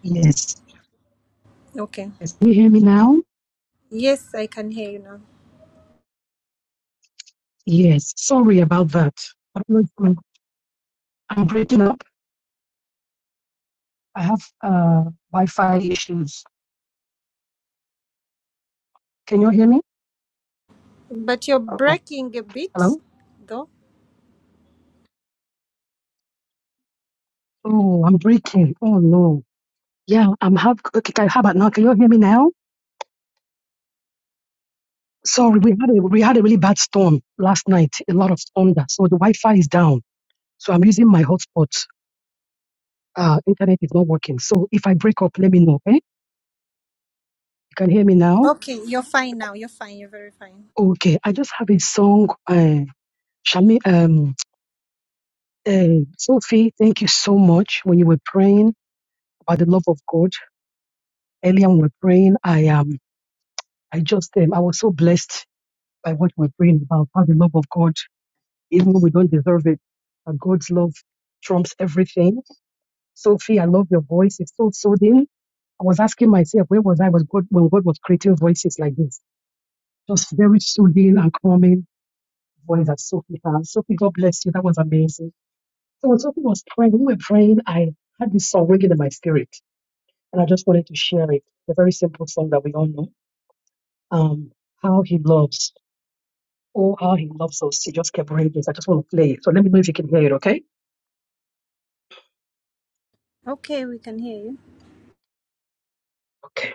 Speaker 5: Yes.
Speaker 1: Okay.
Speaker 5: Yes. Can you hear me now?
Speaker 1: Yes, I can hear you now.
Speaker 5: Yes. Sorry about that. I don't know if I'm I'm breaking up. I have uh, Wi-Fi issues. Can you hear me?
Speaker 1: But you're
Speaker 5: Uh-oh.
Speaker 1: breaking a bit,
Speaker 5: Hello?
Speaker 1: though.
Speaker 5: Oh, I'm breaking. Oh no. Yeah, I'm have okay, can- how about now? Can you hear me now? Sorry, we had a we had a really bad storm last night, a lot of thunder. So the Wi-Fi is down. So I'm using my hotspot. Uh internet is not working. So if I break up, let me know, okay? You can hear me now?
Speaker 1: Okay, you're fine now. You're fine. You're very fine.
Speaker 5: Okay. I just have a song uh Shami um Uh, Sophie, thank you so much. When you were praying about the love of God earlier, when we were praying, I um, I just um, I was so blessed by what we we're praying about how the love of God, even when we don't deserve it, but God's love trumps everything. Sophie, I love your voice. It's so soothing. I was asking myself, where was I was God when God was creating voices like this? Just very soothing and calming voice that Sophie has. Sophie, God bless you. That was amazing. So when Sophie was praying, when we were praying, I had this song ringing in my spirit. and I just wanted to share it. A very simple song that we all know. Um, how he loves. Oh, how he loves us. He just kept reading this. I just want to play it. So let me know if you can hear it, okay?
Speaker 1: Okay, we can hear you.
Speaker 5: Okay.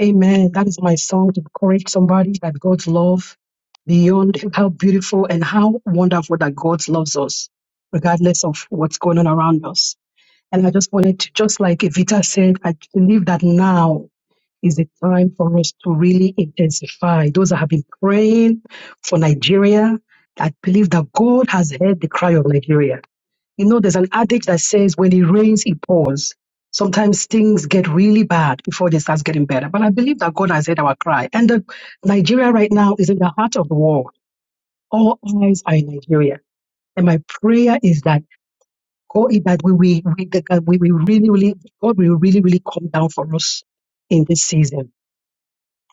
Speaker 5: Amen. That is my song to encourage somebody that God's love beyond how beautiful and how wonderful that God loves us, regardless of what's going on around us. And I just wanted to, just like Evita said, I believe that now is a time for us to really intensify. Those that have been praying for Nigeria, I believe that God has heard the cry of Nigeria. You know, there's an adage that says, when it rains, it pours. Sometimes things get really bad before they start getting better. But I believe that God has heard our cry. And that Nigeria right now is in the heart of the war. All eyes are in Nigeria. And my prayer is that God, that we, we, we, that we, we really, really, God will really, really come down for us in this season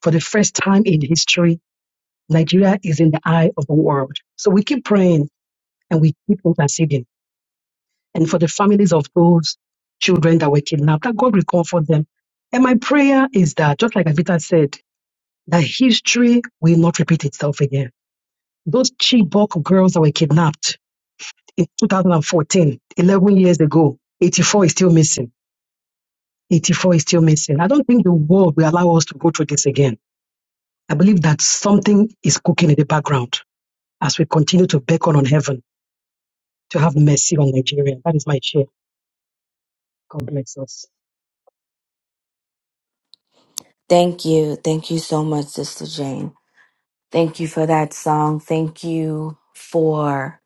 Speaker 5: for the first time in history, Nigeria is in the eye of the world. So we keep praying and we keep interceding. And for the families of those children that were kidnapped, that God will comfort them. And my prayer is that, just like Avita said, that history will not repeat itself again. Those Chibok girls that were kidnapped in 2014, 11 years ago, 84 is still missing. 84 is still missing. I don't think the world will allow us to go through this again. I believe that something is cooking in the background as we continue to beckon on heaven to have mercy on Nigeria. That is my share. God bless us.
Speaker 6: Thank you. Thank you so much, Sister Jane. Thank you for that song. Thank you for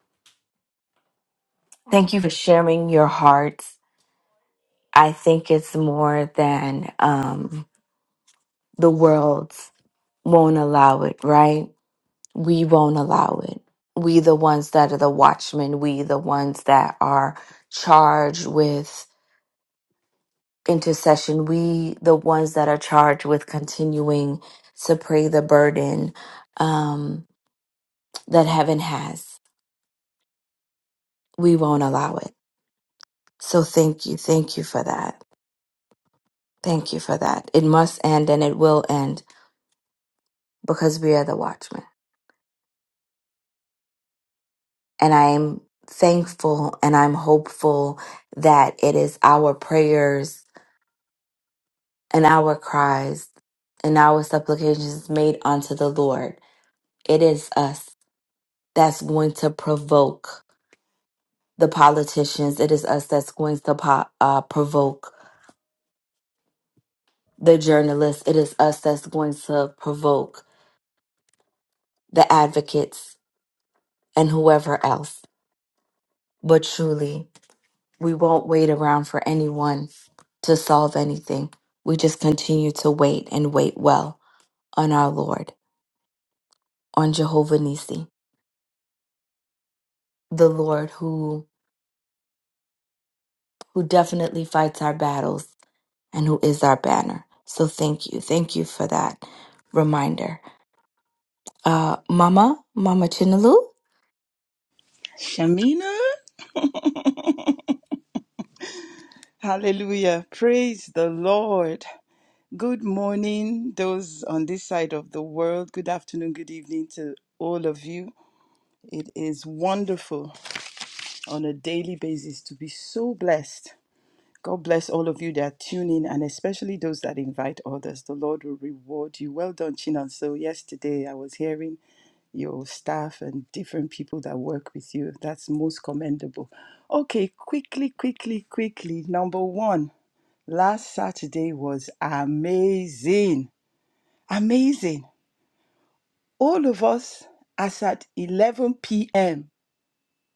Speaker 6: thank you for sharing your heart. I think it's more than um the world won't allow it, right? We won't allow it. We the ones that are the watchmen, we the ones that are charged with intercession, we the ones that are charged with continuing to pray the burden um that heaven has. we won't allow it. So thank you. Thank you for that. Thank you for that. It must end and it will end because we are the watchmen. And I'm thankful and I'm hopeful that it is our prayers and our cries and our supplications made unto the Lord. It is us that's going to provoke the politicians. It is us that's going to po- uh, provoke the journalists. It is us that's going to provoke the advocates and whoever else. But truly, we won't wait around for anyone to solve anything. We just continue to wait and wait well on our Lord, on Jehovah Nisi, the Lord who who definitely fights our battles and who is our banner. So thank you. Thank you for that reminder. Uh Mama, Mama Chinalu?
Speaker 7: Shamina, hallelujah. Praise the Lord. Good morning, those on this side of the world. Good afternoon, good evening to all of you. It is wonderful on a daily basis to be so blessed. God bless all of you that are tuning and especially those that invite others. The Lord will reward you. Well done, Chinan. So, yesterday I was hearing your staff and different people that work with you. That's most commendable. Okay, quickly, quickly, quickly. Number one. Last Saturday was amazing. Amazing. All of us, as at 11 p.m.,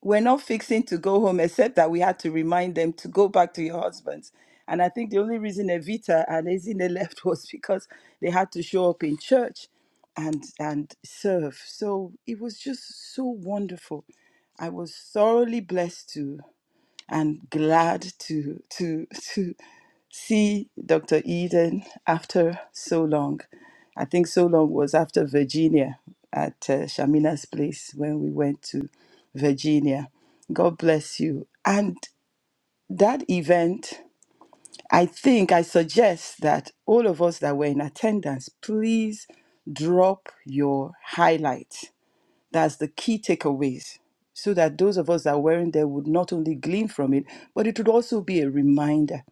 Speaker 7: we're not fixing to go home, except that we had to remind them to go back to your husbands. And I think the only reason Evita and Ezine left was because they had to show up in church and and serve. So it was just so wonderful. I was thoroughly blessed too and glad to to to see Dr. Eden after so long. I think so long was after Virginia at uh, Shamina's place when we went to Virginia. God bless you. And that event, I think I suggest that all of us that were in attendance, please drop your highlight that's the key takeaways, so that those of us that weren't there would not only glean from it, but it would also be a reminder.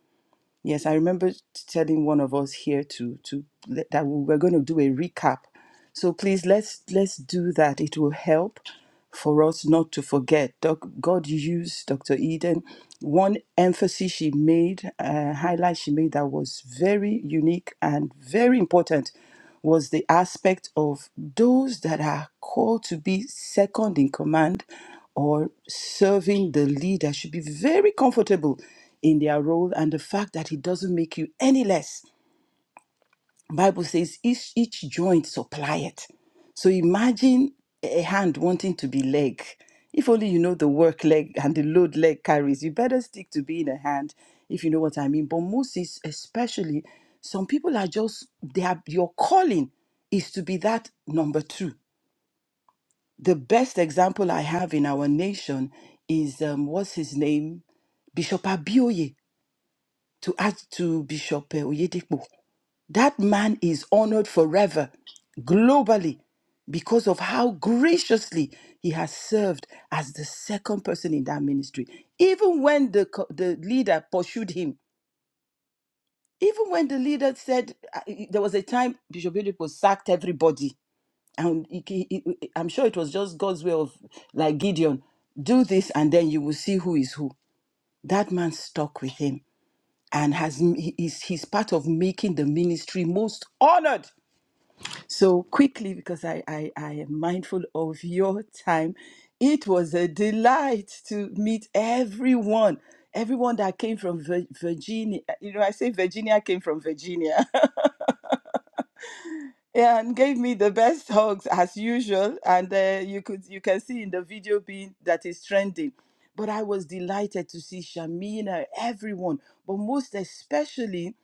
Speaker 7: Yes, I remember telling one of us here to to that we were going to do a recap. So please let's let's do that. It will help for us not to forget. Doc, God used Dr. Eden. One emphasis she made, uh, highlight she made that was very unique and very important was the aspect of those that are called to be second in command or serving the leader should be very comfortable in their role and the fact that it doesn't make you any less Bible says each each joint supply it. So imagine a hand wanting to be leg. If only you know the work leg and the load leg carries, you better stick to being a hand, if you know what I mean. But Moses, especially, some people are just they are your calling is to be that number two. The best example I have in our nation is um, what's his name? Bishop Abioye to add to Bishop eh, Oyedepo. That man is honored forever, globally, because of how graciously he has served as the second person in that ministry. Even when the, co- the leader pursued him, even when the leader said, uh, there was a time Bishop Oyedepo sacked everybody. And he- he- he- I'm sure it was just God's way of, like Gideon, do this and then you will see who is who. That man stuck with him and has he- he's, he's part of making the ministry most honored So quickly, because I, I, I am mindful of your time, it was a delight to meet everyone, everyone that came from Vir- Virginia. uh, You know, I say Virginia came from Virginia. yeah, and gave me the best hugs as usual and uh, you could you can see in the video being that is trending but i was delighted to see shamina everyone but most especially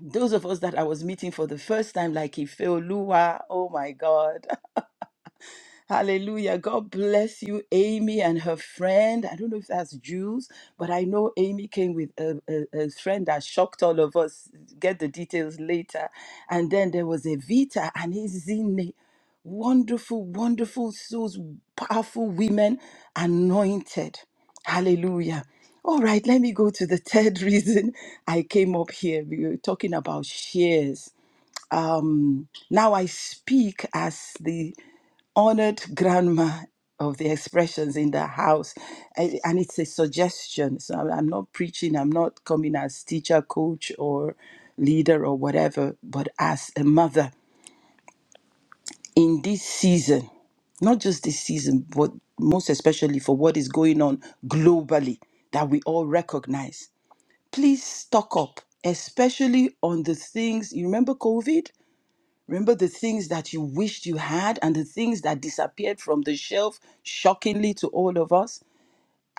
Speaker 7: those of us that i was meeting for the first time like ifeoluwa oh my god Hallelujah. God bless you, Amy and her friend. I don't know if that's Jules, but I know Amy came with a, a, a friend that shocked all of us. Get the details later. And then there was Evita and Izine. Wonderful, wonderful souls, powerful women, anointed. Hallelujah. All right, let me go to the third reason I came up here. We were talking about shares. Now I speak as the honored grandma of the expressions in the house. And and it's a suggestion. So I'm I'm not preaching, I'm not coming as teacher, coach, or leader, or whatever, but as a mother in this season, not just this season, but most especially for what is going on globally that we all recognize. Please stock up, especially on the things. You remember COVID? Remember the things that you wished you had and the things that disappeared from the shelf shockingly to all of us?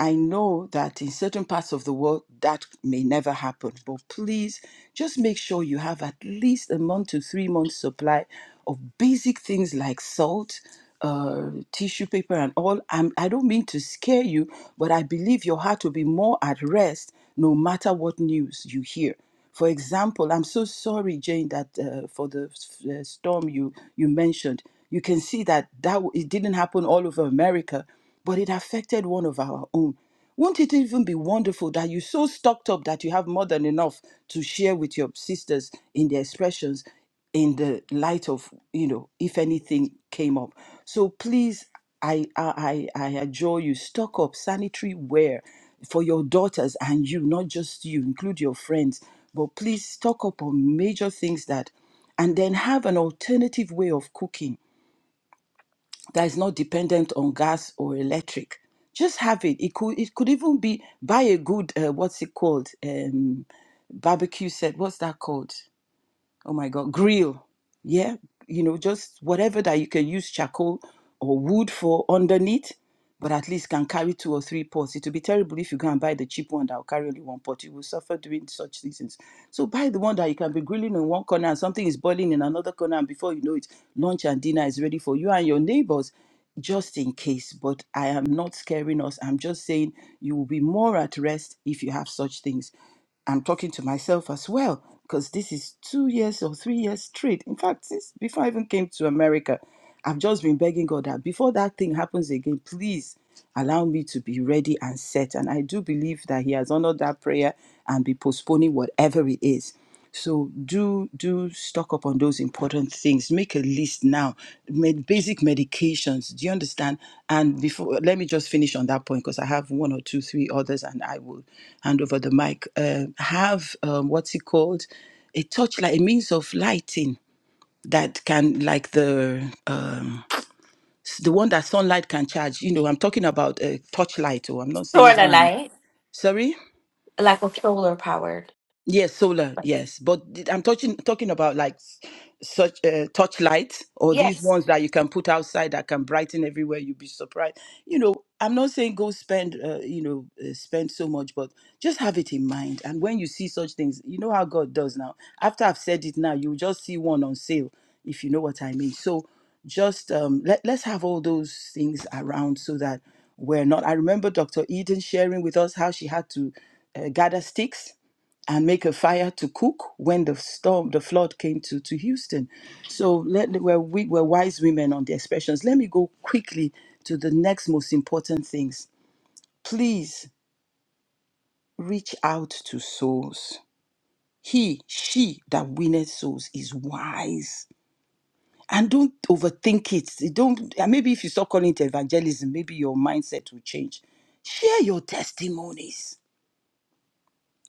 Speaker 7: I know that in certain parts of the world that may never happen, but please just make sure you have at least a month to three months supply of basic things like salt, uh, tissue paper, and all. I'm, I don't mean to scare you, but I believe your heart will be more at rest no matter what news you hear. For example, I'm so sorry, Jane, that uh, for the uh, storm you you mentioned, you can see that that w- it didn't happen all over America but it affected one of our own. Won't it even be wonderful that you so stocked up that you have more than enough to share with your sisters in their expressions in the light of, you know, if anything came up? So please, I I I I adjure you, stock up sanitary wear for your daughters and you, not just you, include your friends. But please stock up on major things that and then have an alternative way of cooking that is not dependent on gas or electric. Just have it. It could it could even be buy a good uh, what's it called um, barbecue set. What's that called? oh my god grill yeah you know just whatever that you can use charcoal or wood for underneath but at least can carry two or three pots it will be terrible if you go and buy the cheap one that will carry only one pot you will suffer during such seasons so buy the one that you can be grilling in one corner and something is boiling in another corner and before you know it lunch and dinner is ready for you and your neighbors just in case but i am not scaring us i'm just saying you will be more at rest if you have such things I'm talking to myself as well because this is two years or three years straight. In fact, since before I even came to America, I've just been begging God that before that thing happens again, please allow me to be ready and set. And I do believe that He has honored that prayer and be postponing whatever it is. So do do stock up on those important things. Make a list now. Med- basic medications. Do you understand? And before, let me just finish on that point because I have one or two, three others, and I will hand over the mic. Uh, have um, what's it called? A torchlight, a means of lighting that can, like the um, s- the one that sunlight can charge. You know, I'm talking about a torchlight. Oh, I'm not saying
Speaker 6: Solar
Speaker 7: grand.
Speaker 6: light.
Speaker 7: Sorry.
Speaker 6: Like a solar powered.
Speaker 7: Yes, solar, yes. But th- I'm talking talking about like s- such uh, touch lights or these ones that you can put outside that can brighten everywhere. You'd be surprised. You know, I'm not saying go spend, uh, you know, uh, spend so much, but just have it in mind. And when you see such things, you know how God does now. After I've said it now, you just see one on sale, if you know what I mean. So just um, let, let's have all those things around so that we're not. I remember Dr. Eden sharing with us how she had to uh, gather sticks and make a fire to cook when the storm, the flood came to, to Houston. So let, we're, we were wise women on the expressions. Let me go quickly to the next most important things. Please reach out to souls. He, she that winneth souls is wise. And don't overthink it. Don't and maybe if you start calling it evangelism, maybe your mindset will change. Share your testimonies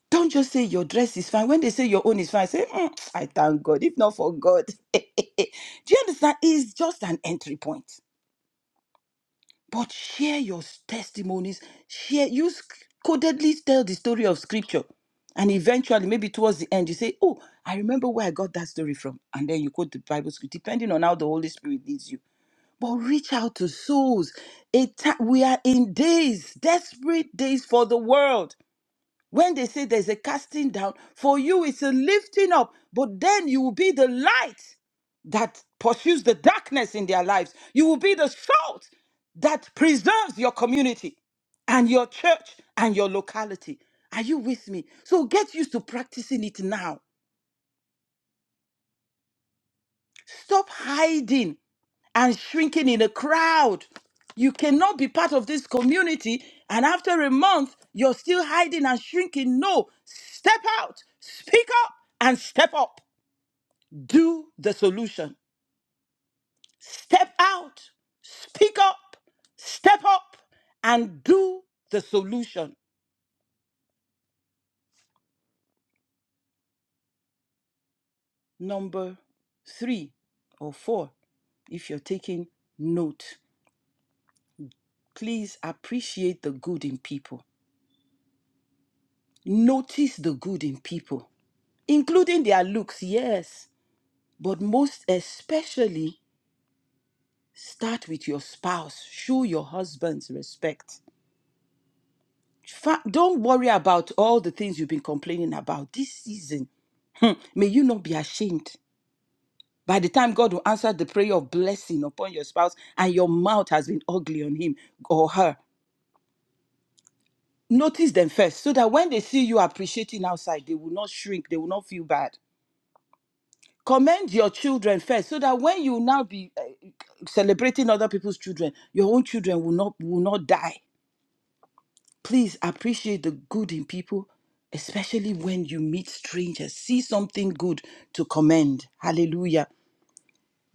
Speaker 7: Don't just say your dress is fine. When they say your own is fine, say, "Mm, I thank God, if not for God. Do you understand? It's just an entry point. But share your s- testimonies. Share, you sc- codedly tell the story of scripture. And eventually, maybe towards the end, you say, Oh, I remember where I got that story from. And then you quote the Bible script, depending on how the Holy Spirit leads you. But reach out to souls. A ti- we are in days, desperate days for the world. When they say there's a casting down, for you it's a lifting up, but then you will be the light that pursues the darkness in their lives. You will be the salt that preserves your community and your church and your locality. Are you with me? So get used to practicing it now. Stop hiding and shrinking in a crowd. You cannot be part of this community, and after a month, you're still hiding and shrinking. No, step out, speak up, and step up. Do the solution. Step out, speak up, step up, and do the solution. Number three or four, if you're taking note, please appreciate the good in people Notice the good in people, including their looks, yes, but most especially start with your spouse. Show your husband's respect. Fa- don't worry about all the things you've been complaining about this season. hmm, May you not be ashamed. By the time God will answer the prayer of blessing upon your spouse and your mouth has been ugly on him or her, notice them first so that when they see you appreciating outside, they will not shrink, they will not feel bad. commend your children first so that when you now be uh, celebrating other people's children your own children will not will not die please appreciate the good in people especially when you meet strangers see something good to commend hallelujah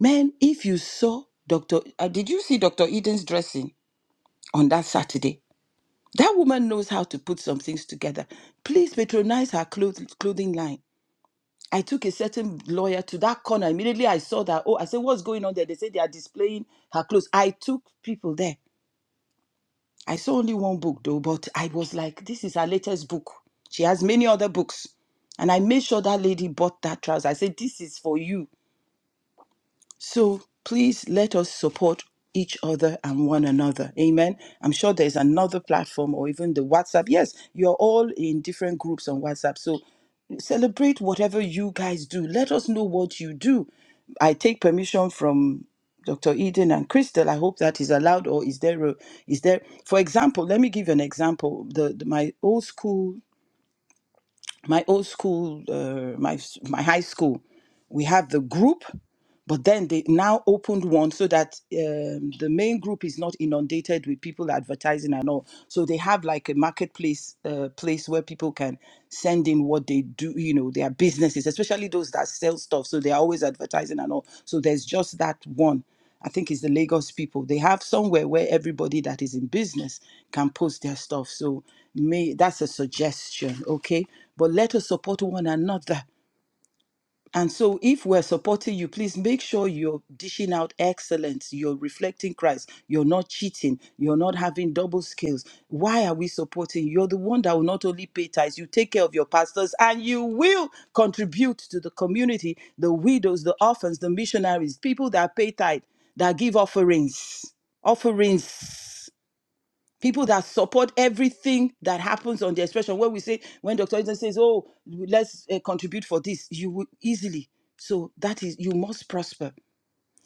Speaker 7: man if you saw dr uh, did you see dr eden's dressing on that saturday that woman knows how to put some things together please patronize her cloth, clothing line I took a certain lawyer to that corner. Immediately I saw that. Oh, I said, what's going on there? They said they are displaying her clothes. I took people there. I saw only one book though, but I was like, this is her latest book. She has many other books. And I made sure that lady bought that trouser. I said, this is for you. So please let us support each other and one another. Amen. I'm sure there's another platform or even the WhatsApp. Yes, you're all in different groups on WhatsApp. So celebrate whatever you guys do. Let us know what you do. I take permission from Dr. Eden and Crystal. I hope that is allowed or is there a, is there for example, let me give you an example. The, the- my old school my old school, uh, my s- my high school, we have the group, but then they now opened one so that um, the main group is not inundated with people advertising and all. So they have like a marketplace uh, place where people can send in what they do, you know, their businesses, especially those that sell stuff. So they are always advertising and all. So there's just that one. I think it's the Lagos people. They have somewhere where everybody that is in business can post their stuff. So may that's a suggestion, okay? But let us support one another. And so, if we're supporting you, please make sure you're dishing out excellence. You're reflecting Christ. You're not cheating. You're not having double scales. Why are we supporting you? You're the one that will not only pay tithes, you take care of your pastors, and you will contribute to the community, the widows, the orphans, the missionaries, people that pay tithe, that give offerings. Offerings people that support everything that happens on the expression when we say when dr Eden says oh let's uh, contribute for this you will easily so that is you must prosper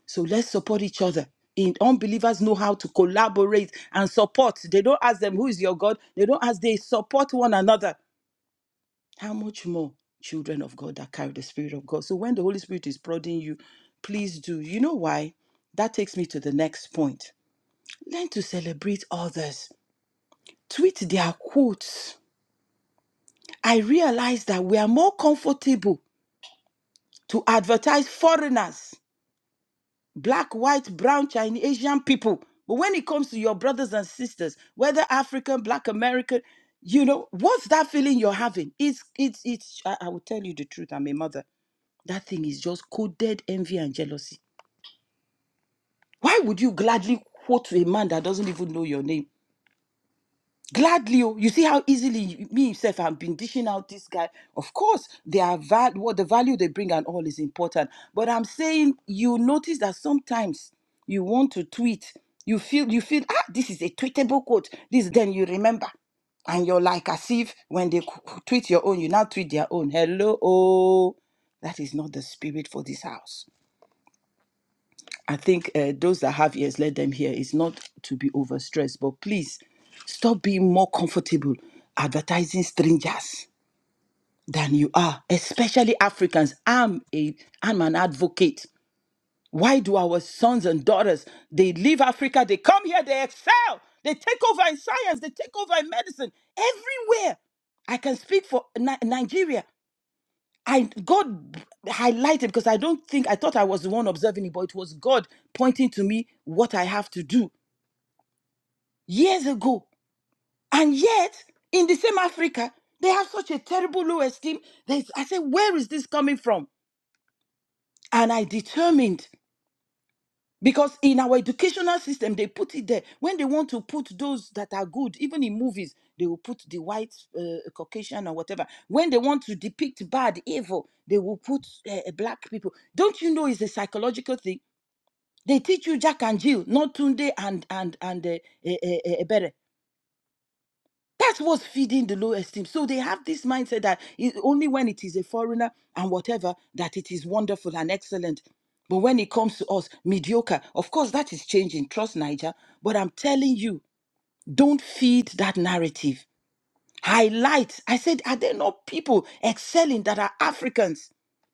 Speaker 7: so let's support each other in unbelievers know how to collaborate and support they don't ask them who is your god they don't ask they support one another how much more children of god that carry the spirit of god so when the holy spirit is prodding you please do you know why that takes me to the next point learn to celebrate others tweet their quotes, I realized that we are more comfortable to advertise foreigners, black, white, brown, Chinese, Asian people. But when it comes to your brothers and sisters, whether African, black, American, you know, what's that feeling you're having? It's, it's, it's, I, I will tell you the truth. I'm a mother. That thing is just coded envy and jealousy. Why would you gladly quote to a man that doesn't even know your name? Gladly, oh, you see how easily you- me himself I've been dishing out this guy. Of course, they are val- what the value they bring and all is important. But I'm saying you notice that sometimes you want to tweet, you feel you feel ah this is a tweetable quote. This then you remember, and you're like as if when they qu- tweet your own, you now tweet their own. Hello, oh, that is not the spirit for this house. I think uh, those that have ears, let them hear. It's not to be overstressed, but please stop being more comfortable advertising strangers than you are, especially Africans. I'm a I'm an advocate. Why do our sons and daughters they leave Africa? They come here, they excel, they take over in science, they take over in medicine, everywhere. I can speak for Ni- Nigeria. I God highlighted because I don't think I thought I was the one observing it, but it was God pointing to me what I have to do years ago. And yet, in the same Africa, they have such a terrible low esteem. There's, I said, where is this coming from? And I determined. Because in our educational system, they put it there. When they want to put those that are good, even in movies, they will put the white uh, Caucasian or whatever. When they want to depict bad, evil, they will put uh, black people. Don't you know it's a psychological thing? They teach you Jack and Jill, not Tunde and and and uh, that's what's feeding the low esteem. So they have this mindset that it- only when it is a foreigner and whatever that it is wonderful and excellent. But when it comes to us, mediocre. Of course, that is changing. Trust Niger. But I'm telling you, don't feed that narrative. Highlight. I said, are there not people excelling that are Africans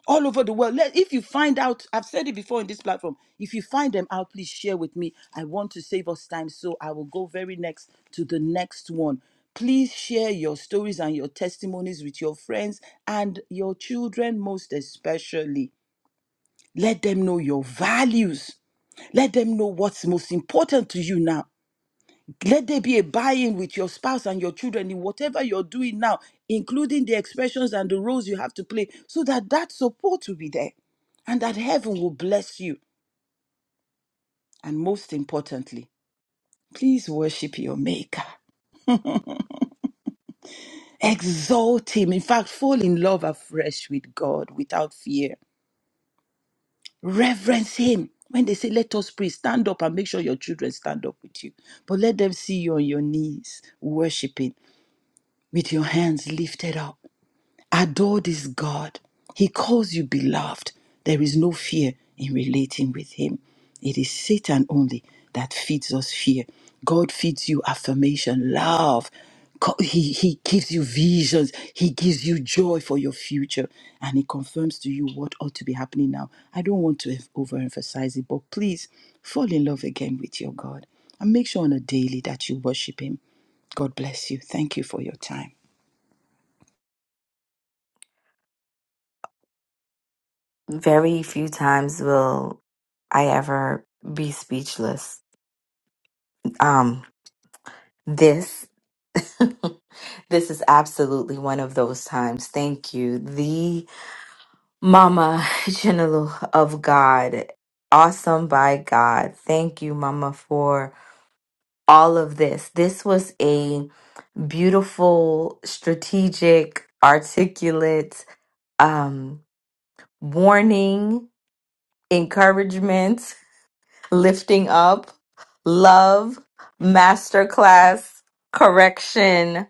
Speaker 7: all over the world? Let, if you find out, I've said it before in this platform, if you find them out, please share with me. I want to save us time, so I will go very next to the next one. Please share your stories and your testimonies with your friends and your children, most especially. Let them know your values. Let them know what's most important to you now let there be a buy-in with your spouse and your children in whatever you're doing now, including the expressions and the roles you have to play, so that that support will be there and that heaven will bless you. And most importantly, please worship your maker. Exalt him. In fact, fall in love afresh with God without fear. Reverence him. When they say, let us pray, stand up and make sure your children stand up with you. But let them see you on your knees, worshiping with your hands lifted up Adore this God. He calls you beloved. There is no fear in relating with Him. It is Satan only that feeds us fear. God feeds you affirmation, love. Co- He, he gives you visions. He gives you joy for your future. And He confirms to you what ought to be happening now. I don't want to overemphasize it, but please fall in love again with your God. And make sure on a daily that you worship Him. God bless you. Thank you for your time.
Speaker 6: Very few times will I ever be speechless Um, this this is absolutely one of those times. Thank you. The Mama General of God. Awesome by God. Thank you, Mama, for all of this. This was a beautiful, strategic, articulate um, warning, encouragement, lifting up, love, masterclass, correction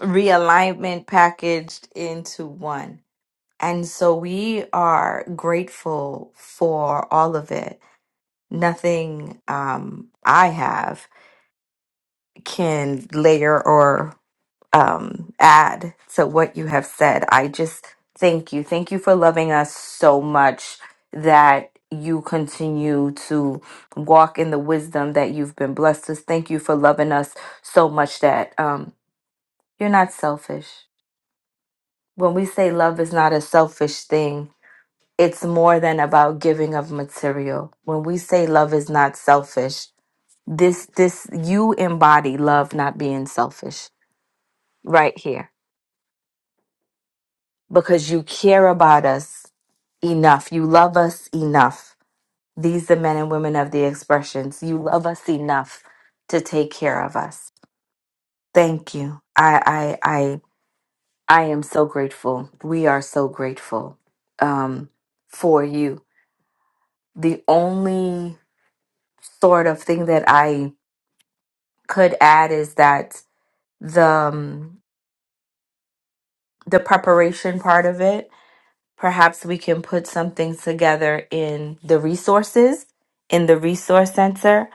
Speaker 6: realignment packaged into one. And so we are grateful for all of it. Nothing um, I have can layer or um, add to what you have said. I just thank you. Thank you for loving us so much that you continue to walk in the wisdom that you've been blessed with. Thank you for loving us so much that um, you're not selfish. when we say love is not a selfish thing, it's more than about giving of material. When we say love is not selfish, this this you embody love not being selfish right here because you care about us enough. You love us enough. These the men and women of the expressions. You love us enough to take care of us. Thank you. I I I I am so grateful. We are so grateful um for you The only sort of thing that I could add is that the um, the preparation part of it, perhaps we can put something together in the resources, in the resource center,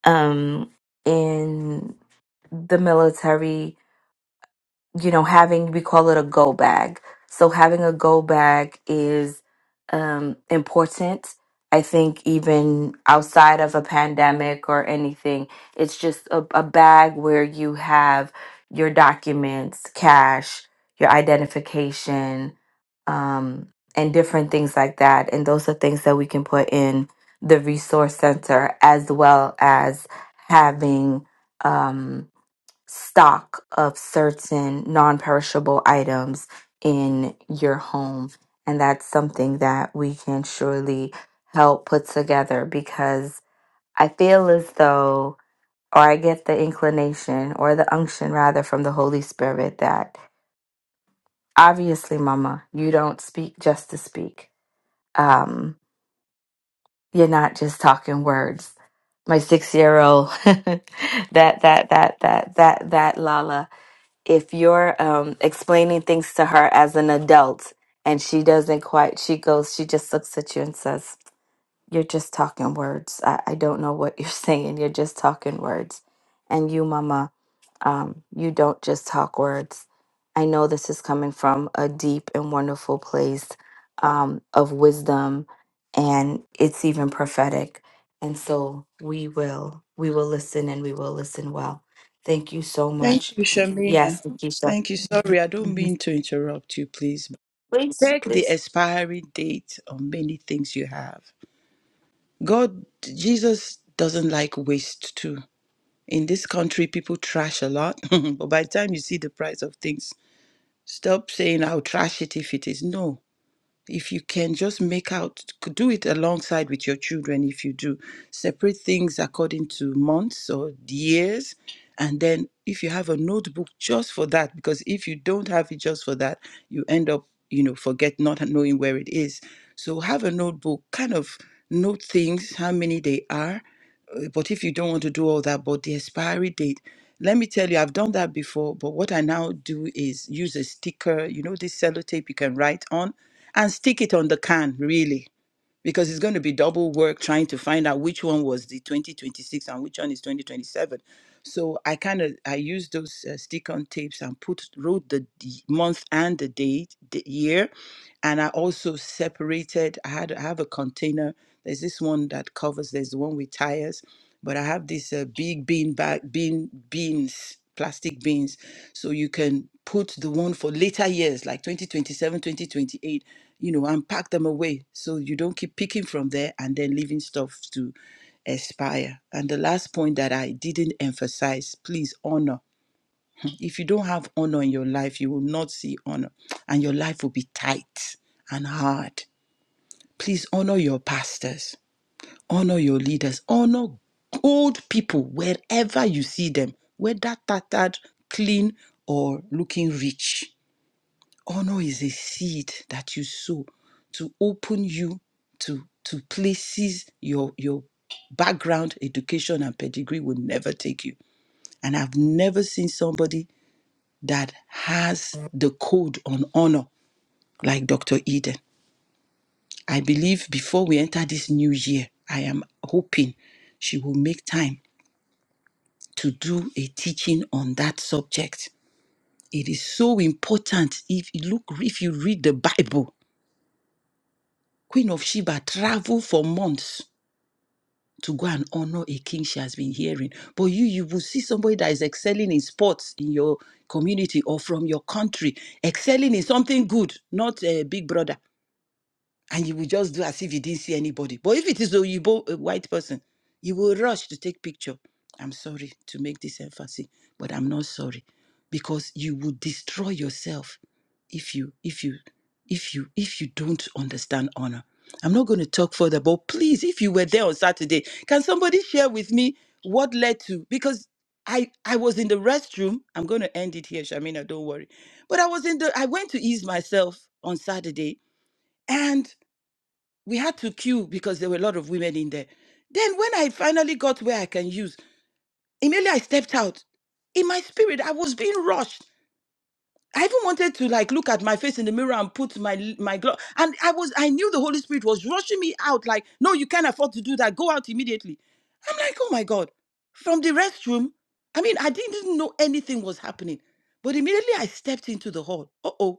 Speaker 6: um, in the military you know, having, we call it a go bag. So having a go bag is um, important. I think even outside of a pandemic or anything, it's just a, a bag where you have your documents, cash, your identification, um, and different things like that. And those are things that we can put in the resource center as well as having. Um, stock of certain non perishable items in your home. And that's something that we can surely help put together because I feel as though, or I get the inclination or the unction rather from the Holy Spirit that obviously, Mama, you don't speak just to speak. Um, you're not just talking words. My six year old, that, that, that, that, that, that, Lala if you're um, explaining things to her as an adult and she doesn't quite, she goes, she just looks at you and says, you're just talking words. I, I don't know what you're saying. You're just talking words. And you, Mama, um, you don't just talk words. I know this is coming from a deep and wonderful place um, of wisdom, and it's even prophetic. And so we will, we will listen, and we will listen well. Thank you so
Speaker 7: Thank
Speaker 6: much.
Speaker 7: you, Shamina.
Speaker 6: Yes, Keisha.
Speaker 7: Thank you. Sorry, I don't
Speaker 6: Mhm.
Speaker 7: mean to interrupt you, please.
Speaker 6: Please,
Speaker 7: Check the
Speaker 6: please.
Speaker 7: expiry date on many things you have. God, Jesus doesn't like waste too. In this country, people trash a lot, but by the time you see the price of things, stop saying I'll trash it if it is. No, if you can just make out do it alongside with your children if you do separate things according to months or years and then if you have a notebook just for that because if you don't have it just for that you end up you know forget not knowing where it is so have a notebook kind of note things how many they are uh, but if you don't want to do all that but the expiry date let me tell you i've done that before but what i now do is use a sticker you know this sellotape you can write on and stick it on the can really because it's going to be double work trying to find out which one was the 2026 and which one is 2027 so i kind of i used those uh, stick on tapes and put wrote the d- month and the date the year and I also separated. I had I have a container. There's this one that covers. There's the one with tires, but I have this uh, big bean bag, bean beans, plastic beans, so you can put the one for later years, like 2027, 2028. You know, and pack them away so you don't keep picking from there and then leaving stuff to expire. And the last point that I didn't emphasize, please honor. If you don't have honor in your life, you will not see honor, and your life will be tight and hard. Please honor your pastors, honor your leaders, honor old people wherever you see them, whether tattered, clean, or looking rich. Honor is a seed that you sow to open you to to places your your background, education, and pedigree will never take you. And I've never seen somebody that has the code on honor, like Dr. Eden. I believe before we enter this new year, I am hoping she will make time to do a teaching on that subject. It is so important. If you look, if you read the Bible, Queen of Sheba traveled for months to go and honor a king she has been hearing. But you, you will see somebody that is excelling in sports in your community or from your country, excelling in something good, not a big brother. and you will just do as if you didn't see anybody. But if it is a Yibo, a white person, you will rush to take picture. I'm sorry to make this emphasis, but I'm not sorry because you will destroy yourself if you if you if you if you don't understand honor. I'm not going to talk further, but please, if you were there on Saturday, can somebody share with me what led to because I I was in the restroom. I'm going to end it here, Shamina. Don't worry. But I was in the I went to ease myself on Saturday, and we had to queue because there were a lot of women in there. Then when I finally got where I can use, immediately I stepped out. In my spirit, I was being rushed. I even wanted to like look at my face in the mirror and put my l- my glove. And I was I knew the Holy Spirit was rushing me out like, no, you can't afford to do that. Go out immediately. I'm like, oh my God. From the restroom, I mean, I didn't know anything was happening. But immediately I stepped into the hall. Uh oh.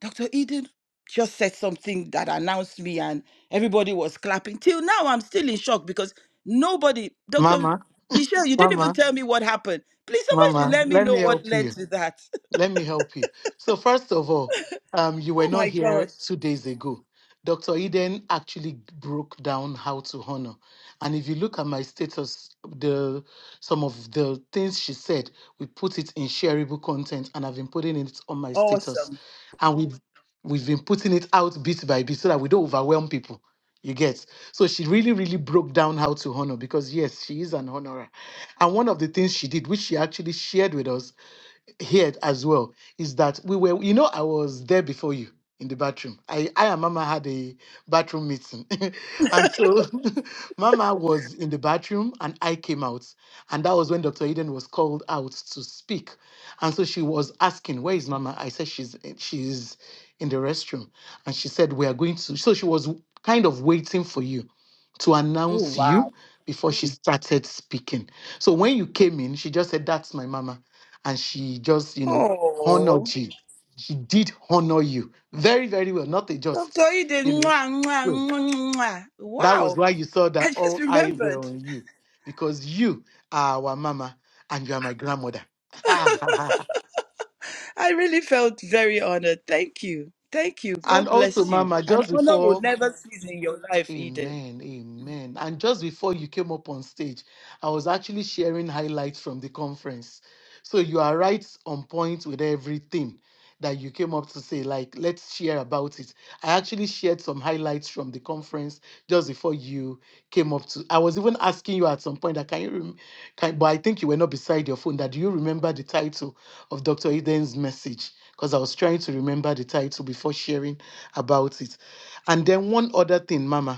Speaker 7: Dr. Eden just said something that announced me, and everybody was clapping. Till now, I'm still in shock because nobody, Dr.
Speaker 4: Mama,
Speaker 7: Michelle, you didn't even
Speaker 4: Mama,
Speaker 7: tell me what happened. Please, somebody should
Speaker 4: Mama,
Speaker 7: let me
Speaker 4: let
Speaker 7: know
Speaker 4: me
Speaker 7: what
Speaker 4: help you.
Speaker 7: led to that.
Speaker 4: Let me help you. So, first of all, um, you were
Speaker 7: Oh
Speaker 4: not
Speaker 7: my
Speaker 4: here
Speaker 7: God.
Speaker 4: two days ago. Dr. Eden actually broke down how to honor. And if you look at my status, the some of the things she said, we put it in shareable content and I've been putting it on my status.
Speaker 7: Awesome.
Speaker 4: And we've we've been putting it out bit by bit so that we don't overwhelm people. You get. So she really, really broke down how to honor because yes, she is an honorer. And one of the things she did, which she actually shared with us, here as well is that we were, you know, I was there before you in the bathroom. I, I and Mama had a bathroom meeting. and so Mama was in the bathroom and I came out. And that was when Dr. Eden was called out to speak. And so she was asking, Where is Mama? I said, She's she's in the restroom. And she said, We are going to. So she was kind of waiting for you to
Speaker 7: Oh,
Speaker 4: announce
Speaker 7: wow.
Speaker 4: you before she Mm. started speaking. So when you came in, she just said, That's my mama and she just you know
Speaker 7: Oh,
Speaker 4: honored you she did honor you very very well not a just
Speaker 7: Dr.
Speaker 4: you
Speaker 7: Eden.
Speaker 4: know
Speaker 7: mwah, mwah,
Speaker 4: so
Speaker 7: mwah, mwah.
Speaker 4: that was
Speaker 7: Wow.
Speaker 4: why you saw
Speaker 7: I
Speaker 4: that
Speaker 7: just
Speaker 4: all eyes
Speaker 7: remembered.
Speaker 4: were on you because you are our mama and you are my grandmother
Speaker 7: I really felt very honored. Thank you. Thank you.
Speaker 4: and
Speaker 7: God
Speaker 4: also
Speaker 7: bless you.
Speaker 4: mama
Speaker 7: And
Speaker 4: just
Speaker 7: honor will
Speaker 4: before
Speaker 7: never cease in your life, Eden.
Speaker 4: Amen, amen. And just before you came up on stage, I was actually sharing highlights from the conference. So you are right on point with everything that you came up to say. Like, let's share about it. I actually shared some highlights from the conference just before you came up to. I was even asking you at some point that can you, rem- can, but I think you were not beside your phone. That do you remember the title of Dr. Eden's message? Because I was trying to remember the title before sharing about it. And then one other thing, Mama.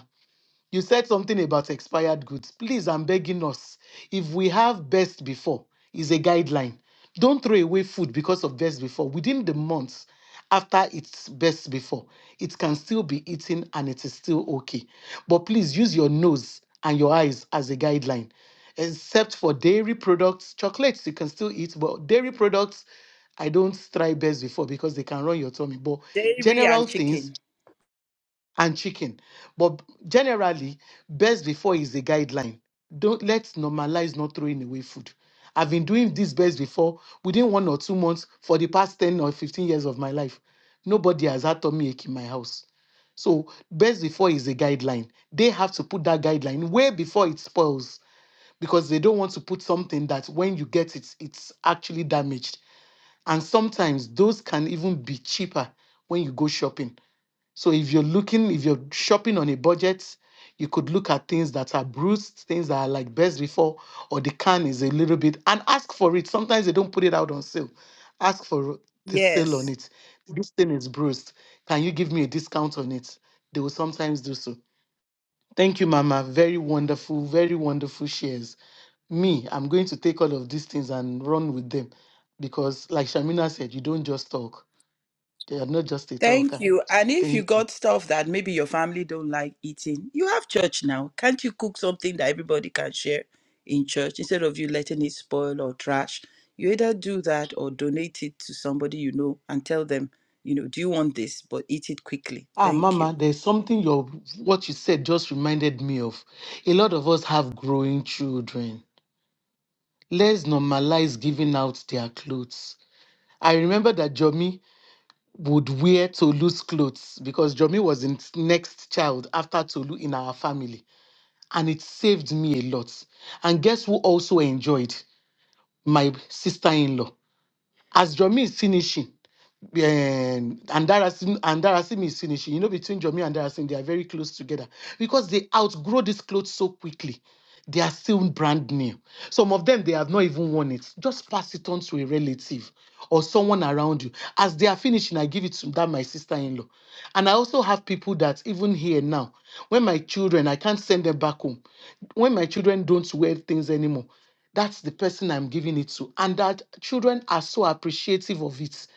Speaker 4: You said something about expired goods. Please, I'm begging us. If we have best before, is a guideline. Don't throw away food because of best before. Within the months after its best before, it can still be eaten and it is still okay. But please use your nose and your eyes as a guideline. Except for dairy products, chocolates you can still eat, but dairy products I don't try best before because they can run your tummy. But
Speaker 7: Dairy
Speaker 4: general
Speaker 7: and chicken.
Speaker 4: things and chicken. But generally, best before is the guideline. Don't let's normalize not throwing away food. I've been doing this best before within one or two months for the past 10 or 15 years of my life. Nobody has had tummy ache in my house. So best before is a guideline. They have to put that guideline way before it spoils because they don't want to put something that when you get it, it's actually damaged. And sometimes those can even be cheaper when you go shopping so if you're looking, if you're shopping on a budget, you could look at things that are bruised, things that are like best before, or the can is a little bit, and ask for it. Sometimes they don't put it out on sale. Ask for the sale on
Speaker 7: Yes.
Speaker 4: it. This thing is bruised. Can you give me a discount on it? They will sometimes do so. Thank you, Mama. Very wonderful, very wonderful shares. Me, I'm going to take all of these things and run with them because, like Shamina said, you don't just talk. You're not just a
Speaker 7: Thank
Speaker 4: talker.
Speaker 7: you. And if
Speaker 4: Thank
Speaker 7: you
Speaker 4: you.
Speaker 7: got stuff that maybe your family don't like eating, you have church now. Can't you cook something that everybody can share in church instead of you letting it spoil or trash? You either do that or donate it to somebody you know and tell them, you know, do you want this? But eat it quickly.
Speaker 4: Ah,
Speaker 7: Thank you.
Speaker 4: Mama, there's something your what you said just reminded me of. A lot of us have growing children. Let's normalize giving out their clothes. I remember that Jomi would wear Tolu's clothes because Jomi was the next child after Tolu in our family. And it saved me a lot. And guess who also enjoyed? My sister in law. As Jomi is finishing, um, and Andarasim, Andarasim is finishing. You know, between Jomi and Andarasim, they are very close together because they outgrow these clothes so quickly. They are still brand new. Some of them, they have not even worn it. Just pass it on to a relative or someone around you. As they are finishing, I give it to that my sister-in-law. And I also have people that even here now, when my children, I can't send them back home. When my children don't wear things anymore, that's the person I'm giving it to. And that children are so appreciative of it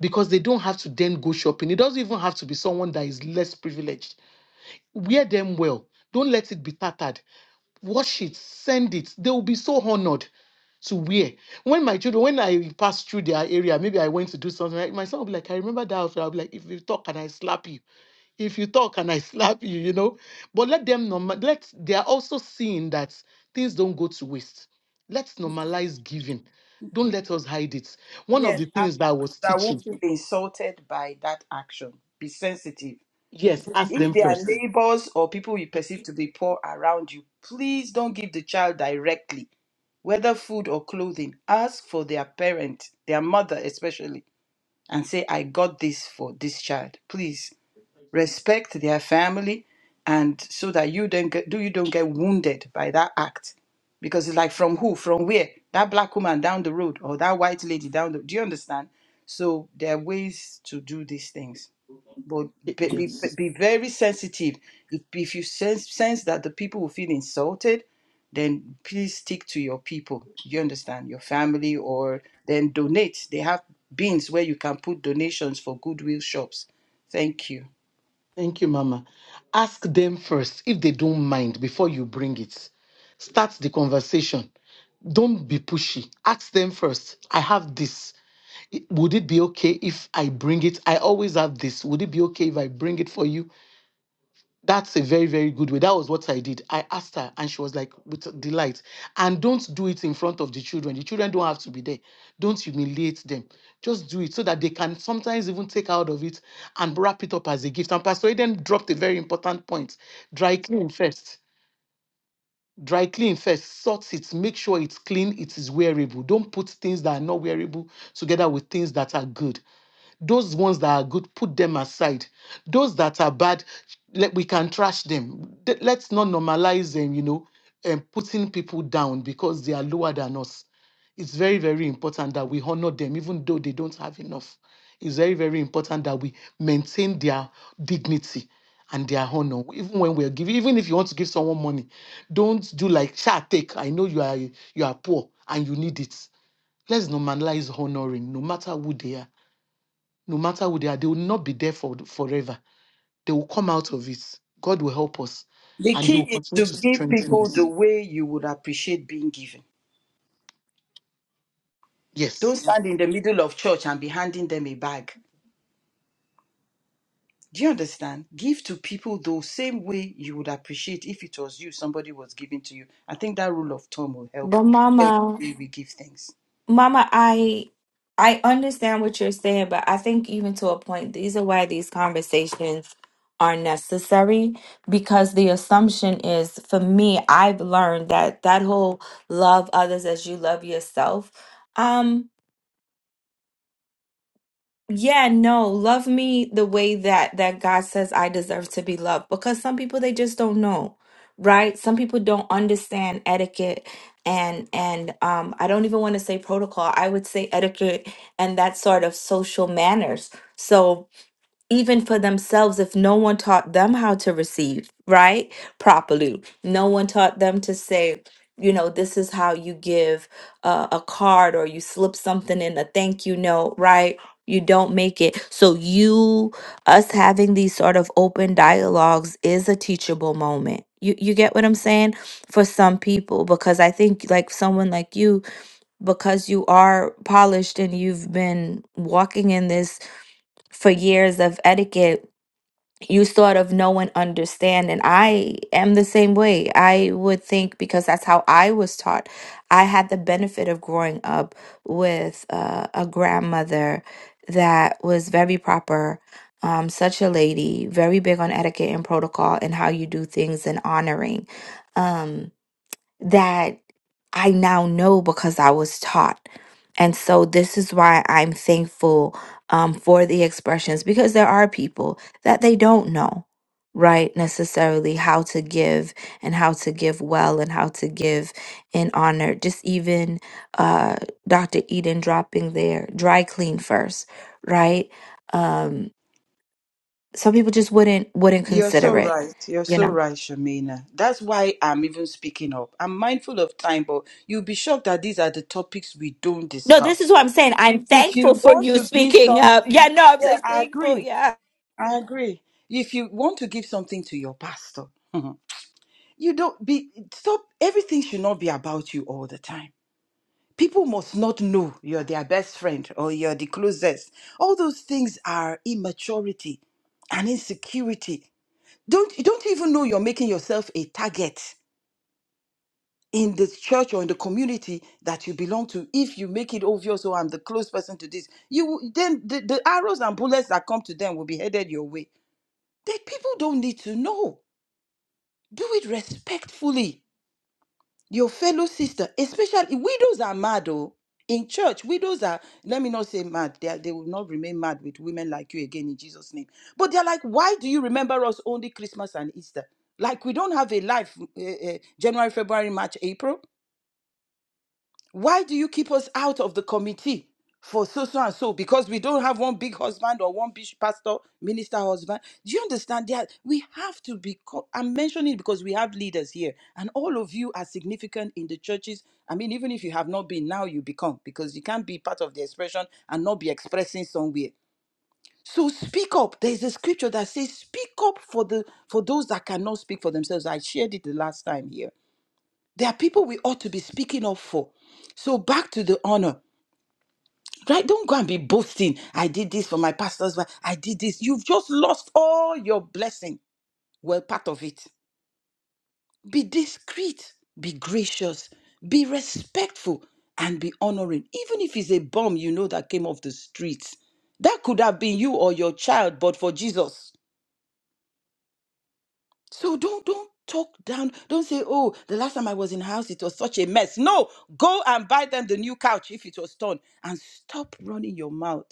Speaker 4: because they don't have to then go shopping. It doesn't even have to be someone that is less privileged. Wear them well. Don't let it be tattered. Wash it, send it. They will be so honored to wear. When my children, when I pass through their area, maybe I went to do something, right? my son will be like, I remember that outfit. I'll be like, if you talk, can I slap you? If you talk, can I slap you? You know? But let them, norma- let, they are also seeing that things don't go to waste. Let's normalize giving. Don't let us hide it. One of
Speaker 7: Yes,
Speaker 4: the
Speaker 7: and
Speaker 4: things that I was
Speaker 7: I won't
Speaker 4: teaching
Speaker 7: feel insulted by that action. Be sensitive.
Speaker 4: Yes, ask
Speaker 7: If
Speaker 4: them
Speaker 7: there are
Speaker 4: first.
Speaker 7: neighbors or people you perceive to be poor around you, please don't give the child directly whether food or clothing, ask for their parent, their mother especially, and say, I got this for this child. Please respect their family and so that you don't get do you don't get wounded by that act. Because it's like from who? From where? That black woman down the road or that white lady down the do you understand? So there are ways to do these things but
Speaker 4: Y-
Speaker 7: be, be,
Speaker 4: Yes.
Speaker 7: be very sensitive. If, if you sense, sense that the people will feel insulted, then please stick to your people. You understand? Your family, or then donate. They have bins where you can put donations for goodwill shops. Thank you.
Speaker 4: Thank you, Mama. Ask them first if they don't mind before you bring it. Start the conversation. Don't be pushy. Ask them first. I have this. I- Would it be okay if I bring it? I always have this. Would it be okay if I bring it for you? That's a very, very good way. That was what I did. I asked her, and she was like, with delight. And don't do it in front of the children. The children don't have to be there. Don't humiliate them. Just do it so that they can sometimes even take out of it and wrap it up as a gift. And Pastor Eden dropped a very important point dry clean first. Dry clean first, sort it, make sure it's clean, it is wearable. Don't put things that are not wearable together with things that are good. Those ones that are good, put them aside. Those that are bad, let, we can trash them. Th- Let's not normalize them, you know, and putting people down because they are lower than us. It's very, very important that we honor them, even though they don't have enough. It's very, very important that we maintain their dignity and their honor. Even when we're giving, even if you want to give someone money, don't do like "Sha, take. I know you are you are poor and you need it. Let's normalize honoring, no matter who they are no matter who they are, they will not be there for forever. They will come out of it. God will help us
Speaker 7: The
Speaker 4: and He
Speaker 7: key
Speaker 4: will
Speaker 7: is
Speaker 4: continue
Speaker 7: to
Speaker 4: to
Speaker 7: give
Speaker 4: strengthen
Speaker 7: people the
Speaker 4: us.
Speaker 7: way you would appreciate being given. Don't
Speaker 4: Yes.
Speaker 7: stand in the middle of church and be handing them a bag. Do you understand? Give to people the same way you would appreciate if it was you, somebody was giving to you. I think that rule of thumb will help
Speaker 6: But
Speaker 7: every
Speaker 6: Mama.
Speaker 7: way we give things.
Speaker 6: Mama, I I understand what you're saying, but I think even to a point, these are why these conversations are necessary because the assumption is for me, I've learned that that whole love others as you love yourself. Um yeah, no, love me the way that that God says I deserve to be loved because some people they just don't know, right? Some people don't understand etiquette and and um I don't even want to say protocol. I would say etiquette and that sort of social manners. So even for themselves if no one taught them how to receive, right? Properly. No one taught them to say, you know, this is how you give uh, a card or you slip something in a thank you note, right? You don't make it. So, you, us having these sort of open dialogues is a teachable moment. You, you get what I'm saying? For some people, because I think like someone like you, because you are polished and you've been walking in this for years of etiquette you sort of know and understand. And I am the same way. I would think because that's how I was taught. I had the benefit of growing up with uh, a grandmother that was very proper, um, such a lady, very big on etiquette and protocol and how you do things and honoring. Um, that I now know because I was taught. And so this is why I'm thankful um, for the expressions because there are people that they don't know, right, necessarily how to give and how to give well and how to give in honor. Just even uh, Dr. Eden dropping there, dry clean first, right? Um, some people just wouldn't wouldn't
Speaker 7: You're so
Speaker 6: consider it,
Speaker 7: right. You're
Speaker 6: you
Speaker 7: so
Speaker 6: know.
Speaker 7: right, Shamina. That's why I'm even speaking up. I'm mindful of time, but you'll be shocked that these are the topics we don't
Speaker 6: No, this is
Speaker 7: discuss.
Speaker 6: what I'm saying. I'm
Speaker 7: If you
Speaker 6: thankful for
Speaker 7: want
Speaker 6: you
Speaker 7: to give
Speaker 6: speaking up.
Speaker 7: something,
Speaker 6: Yeah, no, I'm
Speaker 7: yeah,
Speaker 6: so
Speaker 7: I
Speaker 6: thankful.
Speaker 7: agree.
Speaker 6: Yeah.
Speaker 7: I agree. If you want to give something to your pastor, you don't be stop. Everything should not be about you all the time People must not know you're their best friend or you're the closest. All those things are immaturity and insecurity. Don't you don't even know you're making yourself a target in the church or in the community that you belong to. If you make it obvious, oh, I'm the close person to this, you will- then the, the arrows and bullets that come to them will be headed your way. That people don't need to know. Do it respectfully. your fellow sister, especially widows are mad, oh. In church, widows are, let me not say mad, they, are, they will not remain mad with women like you again in Jesus' name. But they're like, why do you remember us only Christmas and Easter? Like, we don't have a life, uh, uh, January, February, March, April. Why do you keep us out of the committee for so, so, and so? Because we don't have one big husband or one big pastor, minister husband. Do you understand that? We have to be, co- I'm mentioning it because we have leaders here, and all of you are significant in the churches. I mean, even if you have not been, now you become, because you can't be part of the expression and not be expressing somewhere. So speak up. There is a scripture that says, "Speak up for the for those that cannot speak for themselves." I shared it the last time here. There are people we ought to be speaking up for. So back to the honor. Right? Don't go and be boasting. I did this for my pastor's wife. I did this. You've just lost all your blessing. Well, part of it. Be discreet, be gracious, be respectful, and be honoring. Even if it's a bum, you know that came off the streets. That could have been you or your child, but for Jesus. So don't don't talk down. Don't say, "Oh, the last time I was in house, it was such a mess." No, go and buy them the new couch if it was torn, and stop running your mouth.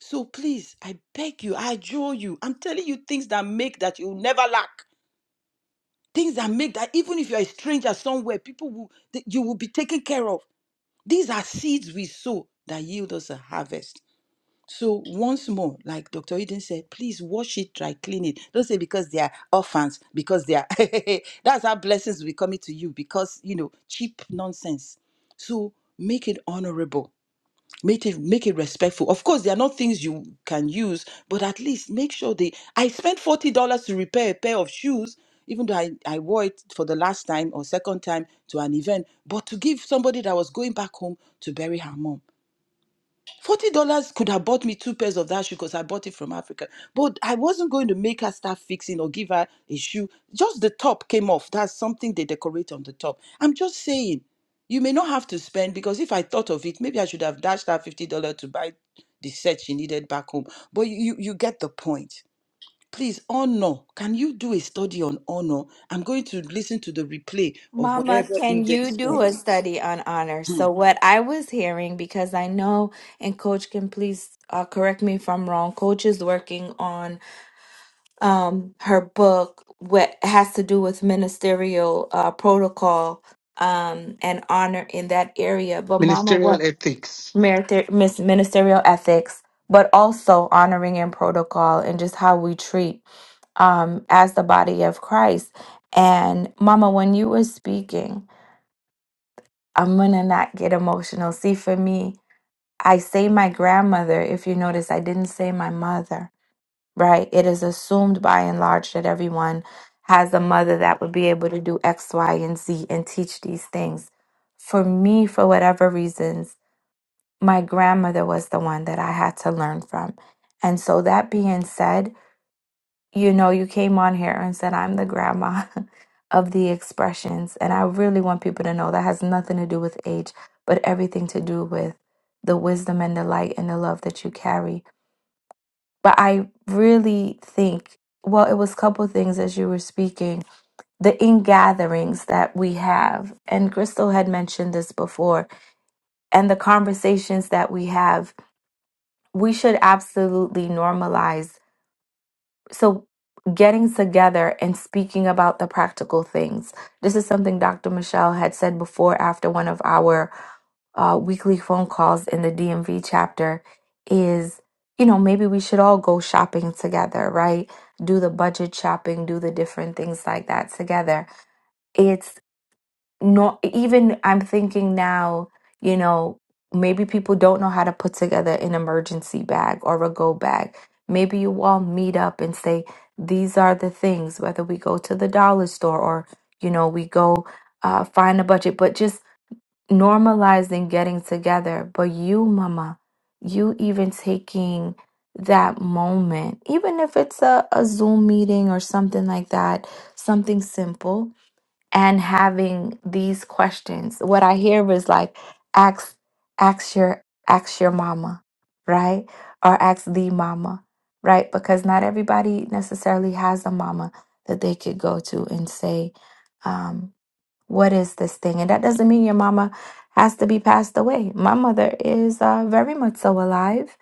Speaker 7: So please, I beg you, I adjure you. I'm telling you things that make that you will never lack. Things that make that even if you're a stranger somewhere, people will that you will be taken care of. These are seeds we sow that yield us a harvest. So once more, like Dr. Eden said, please wash it, dry clean it. Don't say because they are orphans, because they are that's how blessings will be coming to you, because you know, cheap nonsense. So make it honorable. Make it make it respectful. Of course, there are not things you can use, but at least make sure they I spent $40 to repair a pair of shoes, even though I, I wore it for the last time or second time to an event, but to give somebody that was going back home to bury her mom. Forty dollars could have bought me two pairs of that shoe because I bought it from Africa. But I wasn't going to make her start fixing or give her a shoe. Just the top came off. That's something they decorate on the top. I'm just saying, you may not have to spend because if I thought of it, maybe I should have dashed her fifty dollars to buy the set she needed back home. But you, you you get the point. Please, honor. Can you do a study on honor? I'm going to listen to the replay of
Speaker 6: Mama,
Speaker 7: whatever
Speaker 6: can
Speaker 7: if
Speaker 6: you do a study on honor? So, what I was hearing, because I know, and Coach can please uh, correct me if I'm wrong, Coach is working on um, her book, what has to do with ministerial uh, protocol um, and honor in that area. But, Mama, what?
Speaker 4: Ministerial ethics.
Speaker 6: meriter- mis- ministerial ethics, but also honoring and protocol and just how we treat um, as the body of Christ. And Mama, when you were speaking, I'm gonna not get emotional. See, for me, I say my grandmother. If you notice, I didn't say my mother. Right? It is assumed by and large that everyone has a mother that would be able to do X, Y, and Z and teach these things. For me, for whatever reasons, my grandmother was the one that I had to learn from. And so, that being said, you know, you came on here and said, I'm the grandma of the expressions. And I really want people to know that has nothing to do with age, but everything to do with the wisdom and the light and the love that you carry. But I really think, well, it was a couple things as you were speaking, the in gatherings that we have. And Crystal had mentioned this before, and the conversations that we have we should absolutely normalize. So, getting together and speaking about the practical things. This is something Dr. Michelle had said before after one of our uh, weekly phone calls in the DMV chapter is, you know, maybe we should all go shopping together, right? Do the budget shopping, do the different things like that together. It's not even I'm thinking now, you know, maybe people don't know how to put together an emergency bag or a go bag. Maybe you all meet up and say, these are the things, whether we go to the dollar store or, you know, we go uh, find a budget, but just normalizing getting together. But you, mama, you even taking that moment, even if it's a, a Zoom meeting or something like that, something simple and having these questions. What I hear is like ask ask your ask your mama, right? Or ask the mama, right? Because not everybody necessarily has a mama that they could go to and say, um, what is this thing? And that doesn't mean your mama has to be passed away. My mother is uh, very much so alive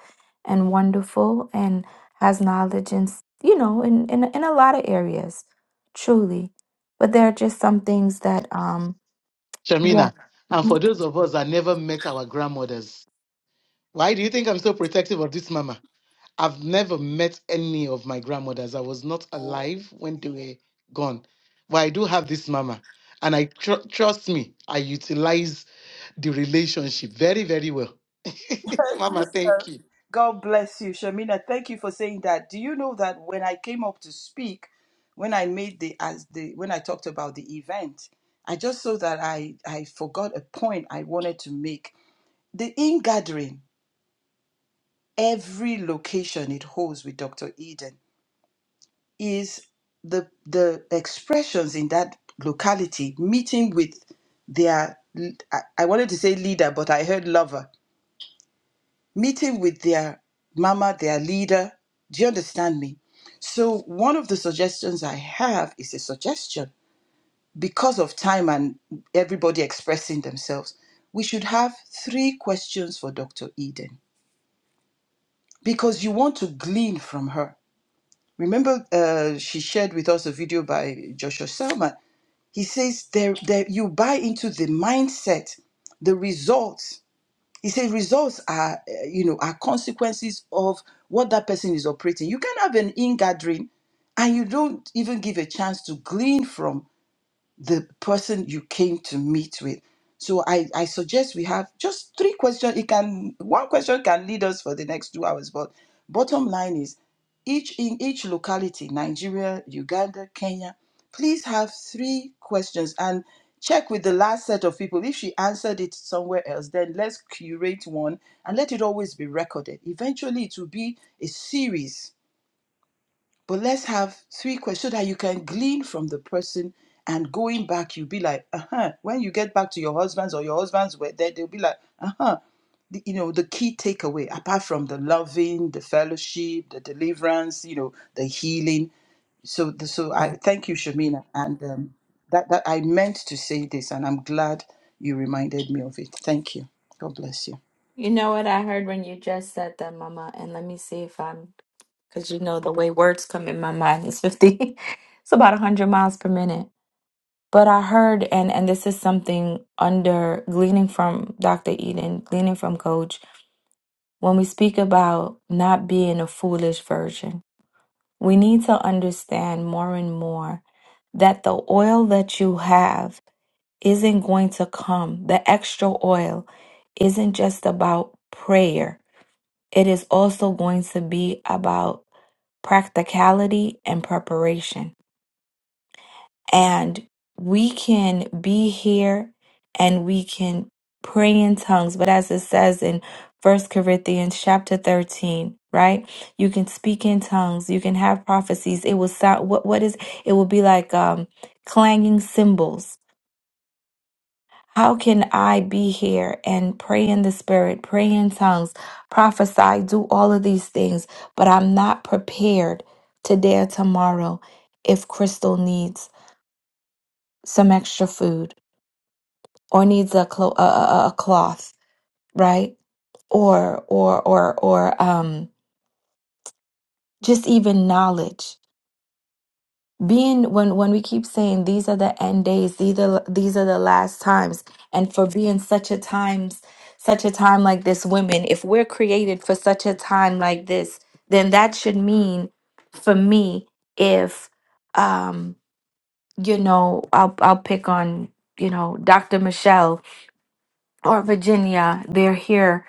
Speaker 6: and wonderful and has knowledge and, you know, in, in, in a lot of areas, truly. But there are just some things that, um, yeah.
Speaker 4: Shamina. And
Speaker 6: Mhm.
Speaker 4: for those of us that never met our grandmothers, why do you think I'm so protective of this mama? I've never met any of my grandmothers. I was not alive when they were gone. But I do have this mama. And I tr- trust me, I utilize the relationship very, very well. mama, thank
Speaker 7: sister.
Speaker 4: you.
Speaker 7: God bless you, Shamina. Thank you for saying that. Do you know that when I came up to speak, when I made the as the when I talked about the event, I just saw that I I forgot a point I wanted to make. The in gathering, every location it holds with Dr. Eden is the the expressions in that locality meeting with their I I wanted to say leader, but I heard lover meeting with their mama, their leader. Do you understand me? So, one of the suggestions I have is a suggestion because of time and everybody expressing themselves. We should have three questions for Dr. Eden because you want to glean from her. Remember, uh, she shared with us a video by Joshua Selman. He says there, there, you buy into the mindset, the results He said results are, uh, you know, are consequences of what that person is operating. You can have an ingathering, and you don't even give a chance to glean from the person you came to meet with. So I, I suggest we have just three questions. It can one question can lead us for the next two hours, but bottom line is each in each locality, Nigeria, Uganda, Kenya, please have three questions and check with the last set of people. If she answered it somewhere else, then let's curate one and let it always be recorded. Eventually it will be a series but let's have three questions so that you can glean from the person. And going back, you'll be like, uh huh. When you get back to your husband's or your husband's were there, they'll be like, uh huh. The- You know, the key takeaway, apart from the loving, the fellowship, the deliverance, you know, the healing. So, the, so I thank you, Shamina. And um, that, that I meant to say this, and I'm glad you reminded me of it. Thank you. God bless you.
Speaker 6: You know what I heard when you just said that, mama? And let me see if I'm, because you know the way words come in my mind is 50, it's about 100 miles per minute. But I heard, and and this is something under gleaning from Dr. Eden, gleaning from Coach, when we speak about not being a foolish virgin, we need to understand more and more that the oil that you have isn't going to come. The extra oil isn't just about prayer. It is also going to be about practicality and preparation and we can be here and we can pray in tongues but as it says in First Corinthians chapter 13 right you can speak in tongues you can have prophecies it will sound what what is it will be like um clanging cymbals how can I be here and pray in the spirit pray in tongues prophesy do all of these things but I'm not prepared today or tomorrow if Crystal needs some extra food or needs a, clo- a, a a- cloth, right? Or or or or um, just even knowledge. Being when when we keep saying these are the end days, these are these are the last times, and for being such a times such a time like this, women, if we're created for such a time like this, then that should mean for me if um you know I'll I'll pick on you know Dr. Michelle or Virginia, they're here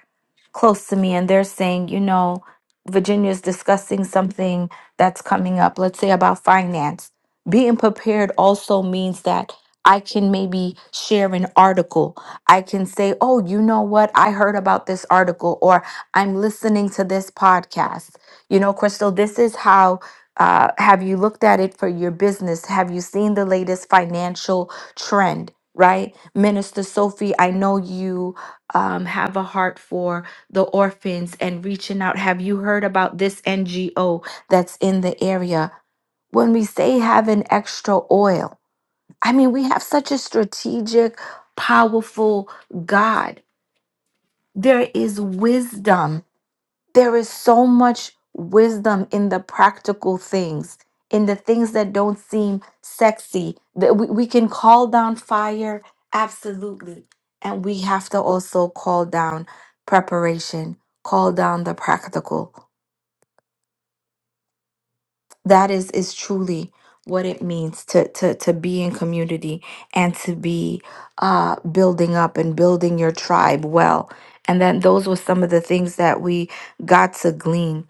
Speaker 6: close to me and they're saying, you know, Virginia's discussing something that's coming up, let's say about finance. Being prepared also means that I can maybe share an article. I can say, oh, you know what? I heard about this article or I'm listening to this podcast. You know, Crystal, this is how. Uh, have you looked at it for your business? Have you seen the latest financial trend? right? Minister Sophie, I know you um, have a heart for the orphans and reaching out. Have you heard about this NGO that's in the area? When we say having extra oil, I mean, we have such a strategic, powerful God. There is wisdom there is so much wisdom in the practical things, in the things that don't seem sexy. That we, we can call down fire, absolutely. And we have to also call down preparation, call down the practical. That is is truly what it means to to to be in community and to be uh building up and building your tribe well. And then those were some of the things that we got to glean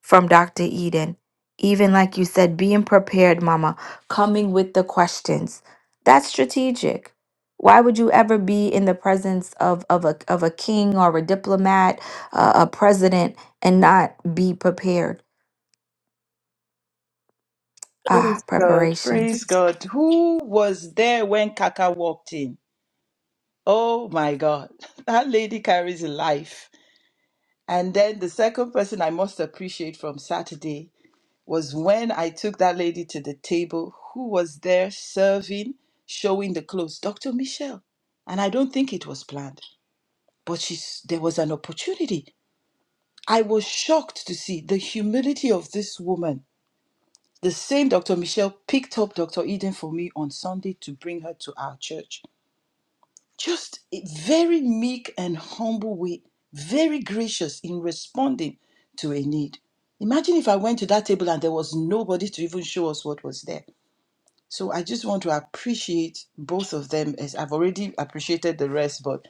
Speaker 6: from Dr. Eden. Even like you said, being prepared, Mama, coming with the questions. That's strategic. Why would you ever be in the presence of, of, a, of a king or a diplomat, uh, a president, and not be prepared? Ah,
Speaker 7: God,
Speaker 6: preparation.
Speaker 7: praise God. Who was there when Kaka walked in? Oh my God, that lady carries a life. And then the second person I must appreciate from Saturday was when I took that lady to the table who was there serving, showing the clothes, Dr. Michelle. And I don't think it was planned, but she's, there was an opportunity. I was shocked to see the humility of this woman. The same Dr. Michelle picked up Dr. Eden for me on Sunday to bring her to our church. just very meek and humble way, very gracious in responding to a need. Imagine if I went to that table and there was nobody to even show us what was there. So I just want to appreciate both of them as I've already appreciated the rest, but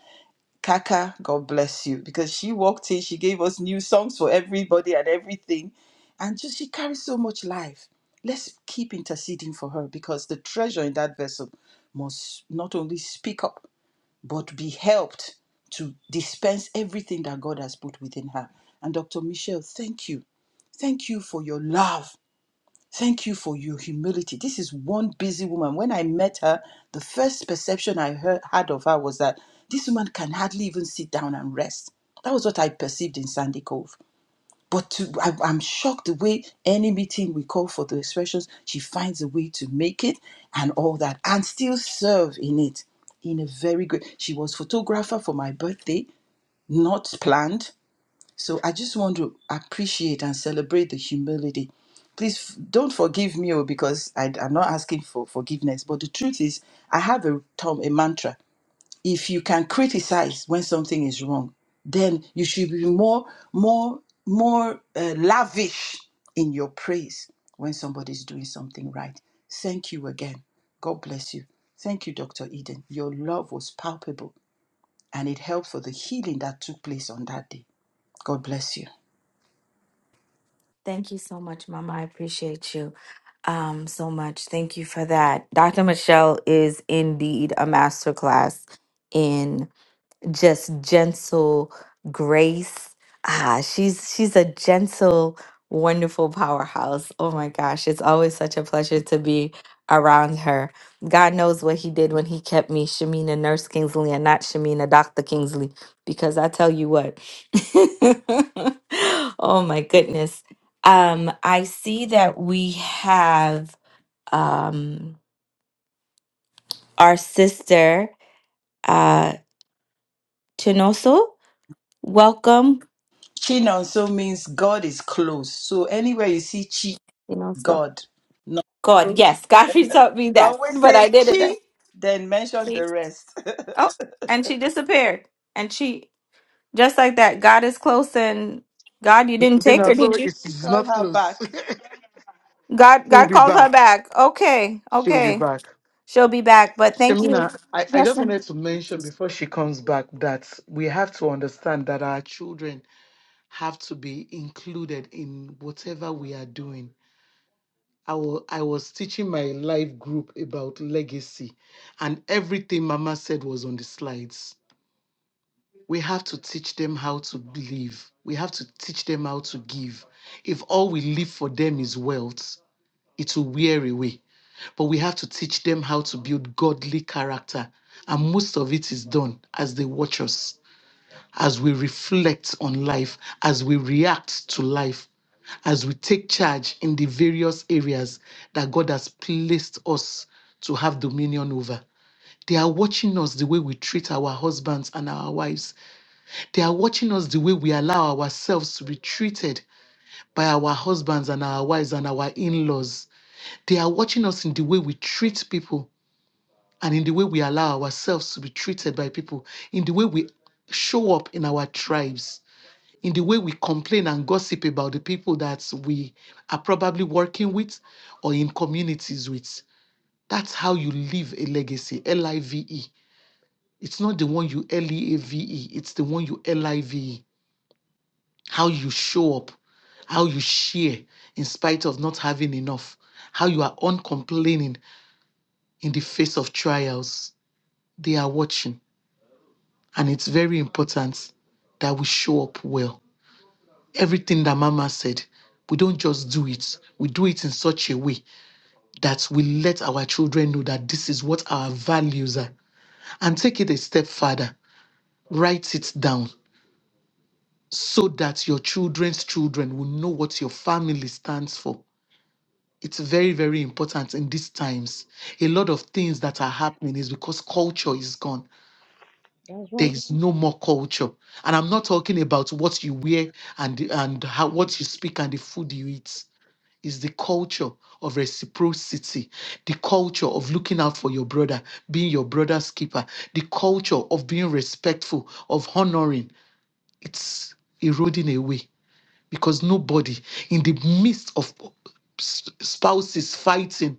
Speaker 7: Kaka, God bless you, because she walked in, she gave us new songs for everybody and everything. And just she carries so much life. Let's keep interceding for her because the treasure in that vessel must not only speak up but be helped to dispense everything that God has put within her. And Dr. Michelle, thank you. Thank you for your love. Thank you for your humility. This is one busy woman. When I met her, the first perception I heard, had of her was that this woman can hardly even sit down and rest. That was what I perceived in Sandy Cove but to, I, I'm shocked the way any meeting we call for the expressions, she finds a way to make it and all that, and still serve in it in a very great. She was photographer for my birthday, not planned. So I just want to appreciate and celebrate the humility. Please f- don't forgive me oh, because I, I'm not asking for forgiveness. But the truth is, I have a, term, a mantra if you can criticize when something is wrong, then you should be more, more, more uh, lavish in your praise when somebody's doing something right. Thank you again. God bless you. Thank you, Dr. Eden. Your love was palpable and it helped for the healing that took place on that day. God bless you.
Speaker 6: Thank you so much, Mama. I appreciate you um, so much. Thank you for that. Dr. Michelle is indeed a masterclass just gentle grace. Ah, she's she's a gentle, wonderful powerhouse. Oh my gosh, it's always such a pleasure to be around her. God knows what he did when he kept me Shamina Nurse Kingsley and not Shamina Dr. Kingsley because I tell you what. oh my goodness. Um I see that we have um our sister uh Chinoso. Welcome.
Speaker 7: Chin also means God is close. So anywhere you see chi,
Speaker 6: Chinoso.
Speaker 7: God. No.
Speaker 6: God,
Speaker 7: So
Speaker 6: yes, Godfrey taught me that,
Speaker 7: always
Speaker 6: but
Speaker 7: say
Speaker 6: I did it.
Speaker 7: chi, then mention the rest.
Speaker 6: Oh, and she disappeared. And she just like that. God is close, and God, you didn't take her,
Speaker 4: Shemina, so
Speaker 6: did you?
Speaker 4: it's, it's
Speaker 7: Call
Speaker 4: not
Speaker 7: her
Speaker 4: close.
Speaker 7: back.
Speaker 6: God,
Speaker 4: She'll
Speaker 6: God
Speaker 4: be
Speaker 6: called her
Speaker 4: back.
Speaker 6: back. Okay,
Speaker 4: She'll be
Speaker 6: okay,
Speaker 4: back.
Speaker 6: she'll be back. But thank you.
Speaker 4: Shemina, I, I
Speaker 6: Yes,
Speaker 4: just
Speaker 6: ma'am.
Speaker 4: wanted to mention before she comes back that we have to understand that our children have to be included in whatever we are doing. I wa- I was teaching my live group about legacy, and everything Mama said was on the slides. We have to teach them how to live. We have to teach them how to give. If all we leave for them is wealth, it will wear away but we have to teach them how to build godly character. And most of it is done as they watch us, as we reflect on life, as we react to life, as we take charge in the various areas that God has placed us to have dominion over. They are watching us the way we treat our husbands and our wives. They are watching us the way we allow ourselves to be treated by our husbands and our wives and our in laws. They are watching us in the way we treat people and in the way we allow ourselves to be treated by people, in the way we show up in our tribes, in the way we complain and gossip about the people that we are probably working with or in communities with. That's how you leave a legacy, L I V E. It's not the one you L E A V E, it's the one you L I V E. How you show up, how you share in spite of not having enough, how you are uncomplaining in the face of trials. They are watching And it's very important that we show up well. Everything that Mama said, we don't just do it, we do it in such a way that we let our children know that this is what our values are. And take it a step further, write it down so that your children's children will know what your family stands for. It's very, very important in these times. A lot of things that are happening is because culture is gone
Speaker 8: That's
Speaker 4: there
Speaker 8: right.
Speaker 4: is no more culture and i'm not talking about what you wear and and how what you speak and the food you eat is the culture of reciprocity the culture of looking out for your brother being your brother's keeper the culture of being respectful of honoring it's eroding away because nobody in the midst of s- spouses fighting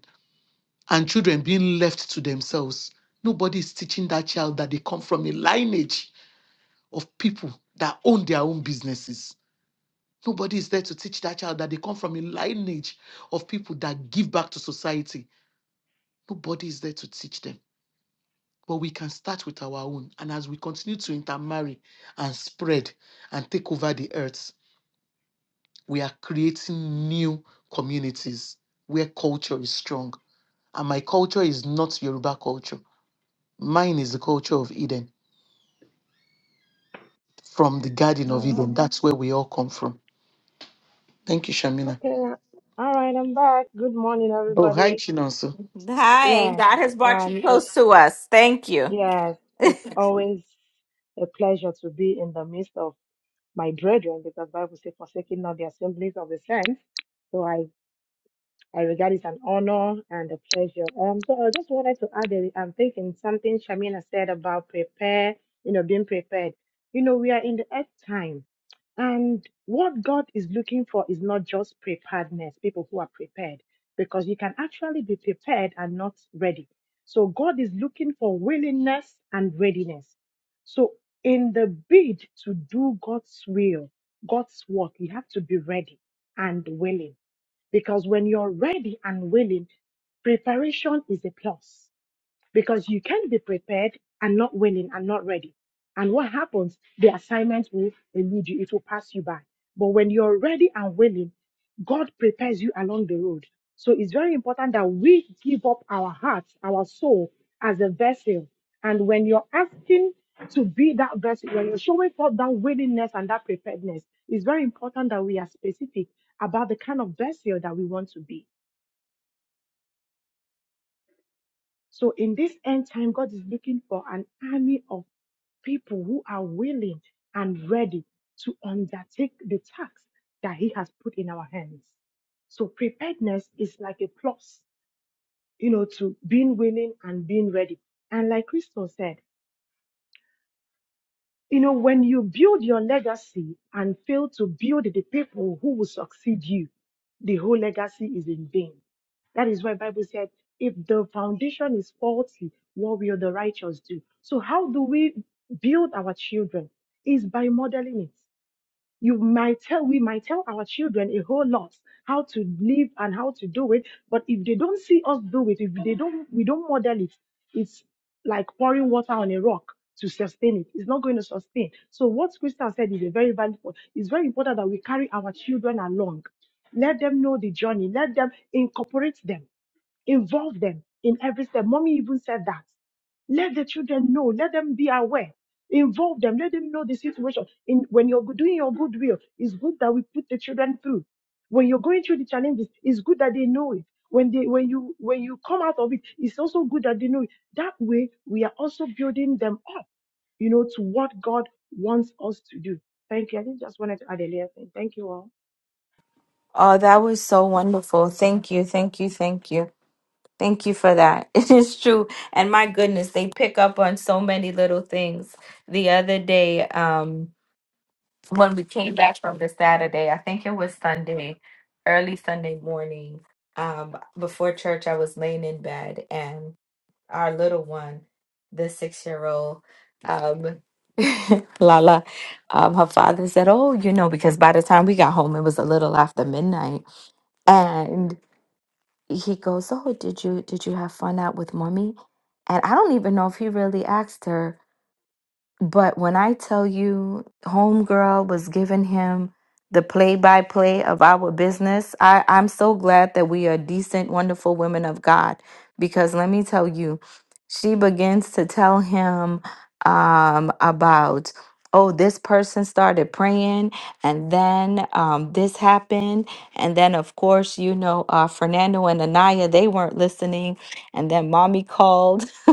Speaker 4: and children being left to themselves nobody is teaching that child that they come from a lineage of people that own their own businesses. Nobody is there to teach that child that they come from a lineage of people that give back to society. Nobody is there to teach them. But we can start with our own. And as we continue to intermarry and spread and take over the earth, we are creating new communities where culture is strong. And my culture is not Yoruba culture. Mine is the culture of Eden, from the Garden of
Speaker 8: All
Speaker 4: Eden.
Speaker 8: right.
Speaker 4: That's where we all come from. Thank you, Shamina.
Speaker 8: Okay. All right. I'm back. Good morning,
Speaker 4: Oh, hi,
Speaker 8: everybody.
Speaker 4: Chinonso.
Speaker 6: Hi,
Speaker 8: Yes.
Speaker 6: God has brought you
Speaker 8: And it's,
Speaker 6: close to us. Thank you.
Speaker 8: yes, it's always a pleasure to be in the midst of my brethren because Bible says, forsaking not the assemblies of the saints. So I I regard it an honor and a pleasure. Um, so I just wanted to add, a- I'm thinking something Shamina said about prepare, you know, being prepared. You know, we are in the earth time, and what God is looking for is not just preparedness, people who are prepared, because you can actually be prepared and not ready. So God is looking for willingness and readiness. So in the bid to do God's will, God's work, you have to be ready and willing. Because when you're ready and willing, preparation is a plus because you can be prepared and not willing and not ready. And what happens? The assignment will elude you, it will pass you by. But when you're ready and willing, God prepares you along the road. So it's very important that we give up our hearts, our soul as a vessel. And when you're asking to be that vessel, when you're showing forth that willingness and that preparedness, it's very important that we are specific about the kind of vessel that we want to be. So in this end time, God is looking for an army of people who are willing and ready to undertake the task that He has put in our hands. So preparedness is like a plus, you know, to being willing and being ready. And like Crystal said, you know, when you build your legacy and fail to build the people who will succeed you, the whole legacy is in vain. That is why Bible said, if the foundation is faulty, what will the righteous do? So how do we build our children? Is by modeling it you might tell we might tell our children a whole lot how to live and how to do it but if they don't see us do it if they don't we don't model it it's like pouring water on a rock to sustain it it's not going to sustain so what Krista said is a very valuable it's very important that we carry our children along let them know the journey let them incorporate them Involve them in every step. Mommy even said that. Let the children know. Let them be aware. Involve them. Let them know the situation. In when you're doing your goodwill, it's good that we put the children through. When you're going through the challenges, it's good that they know it. When they when you when you come out of it, it's also good that they know it. That way, we are also building them up, you know, to what God wants us to do. Thank you. I think just wanted to add a little thing. Thank you all.
Speaker 6: oh, that was so wonderful. Thank you, thank you, thank you. Thank you for that. It is true. And my goodness, they pick up on so many little things. The other day, um, when we came back from the Saturday, I think it was Sunday, early Sunday morning, um, before church, I was laying in bed and our little one, the six year old, um, Lala, um, her father said, Oh, you know, because by the time we got home, it was a little after midnight he goes, "Oh, did you did you have fun out with mommy?" And I don't even know if he really asked her but when I tell you, Homegirl was giving him the play by play of our business, I, I'm so glad that we are decent, wonderful women of God. Because let me tell you, she begins to tell him um, about, oh, this person started praying, and then um, this happened. And then, of course, you know, uh, Fernando and Anaya, they weren't listening. And then mommy called,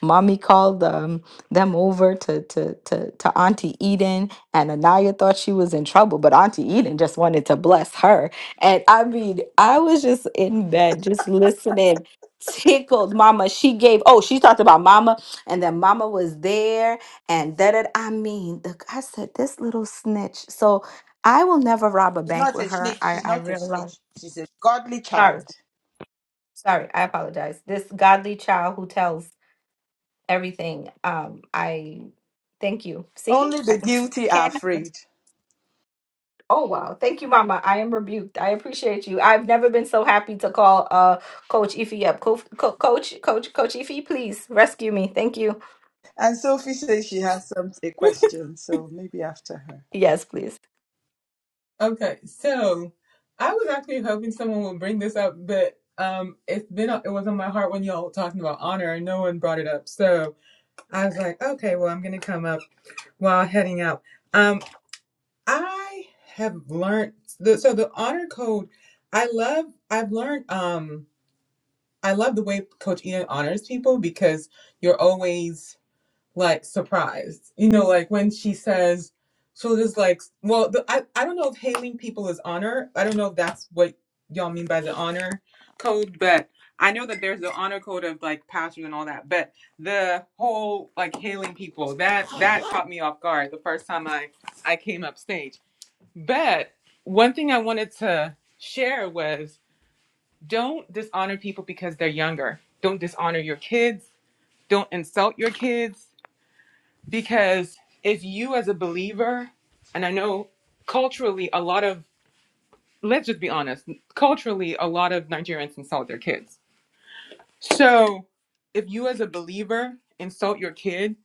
Speaker 6: mommy called them them over to to to to Auntie Eden and Anaya thought she was in trouble, but Auntie Eden just wanted to bless her. And I mean, I was just in bed just listening, tickled mama. She gave oh, she talked about mama and then mama was there and that it I mean, the, I said this little snitch. So I will never rob a
Speaker 7: She's
Speaker 6: bank
Speaker 7: not
Speaker 6: with
Speaker 7: a
Speaker 6: her.
Speaker 7: snitch.
Speaker 6: I
Speaker 7: She's
Speaker 6: I
Speaker 7: not a
Speaker 6: realize
Speaker 7: snitch. She's a godly
Speaker 6: sorry.
Speaker 7: child.
Speaker 6: Sorry, I apologize. This godly child who tells everything. Um, I thank you. See,
Speaker 7: Only the
Speaker 6: I
Speaker 7: guilty are
Speaker 6: can't. even-
Speaker 7: afraid.
Speaker 6: Oh wow, thank you, Mama. I am rebuked. I appreciate you. I've never been so happy to call uh Coach Ify up. Co- Co- Coach, Coach, Coach Ify, please rescue me. Thank you.
Speaker 7: And Sophie says she has some a question, so maybe after her.
Speaker 6: Yes, please.
Speaker 9: Okay, so I was actually hoping someone would bring this up, but um, it's been it was on my heart when y'all were talking about honor, and no one brought it up. So I was like, okay, well, I'm gonna come up while heading out. Um, I have learned the so the honor code. I love. I've learned. Um, I love the way Coach Ian honors people because you're always like surprised. You know, like when she says she'll just like well, the, I I don't know if hailing people is honor. I don't know if that's what y'all mean by the honor code, but I know that there's the honor code of like pastors and all that. But the whole like hailing people that that caught me off guard the first time I I came up stage. But one thing I wanted to share was don't dishonor people because they're younger. Don't dishonor your kids. Don't insult your kids because if you as a believer and i know culturally a lot of let's just be honest culturally a lot of nigerians insult their kids so if you as a believer insult your kid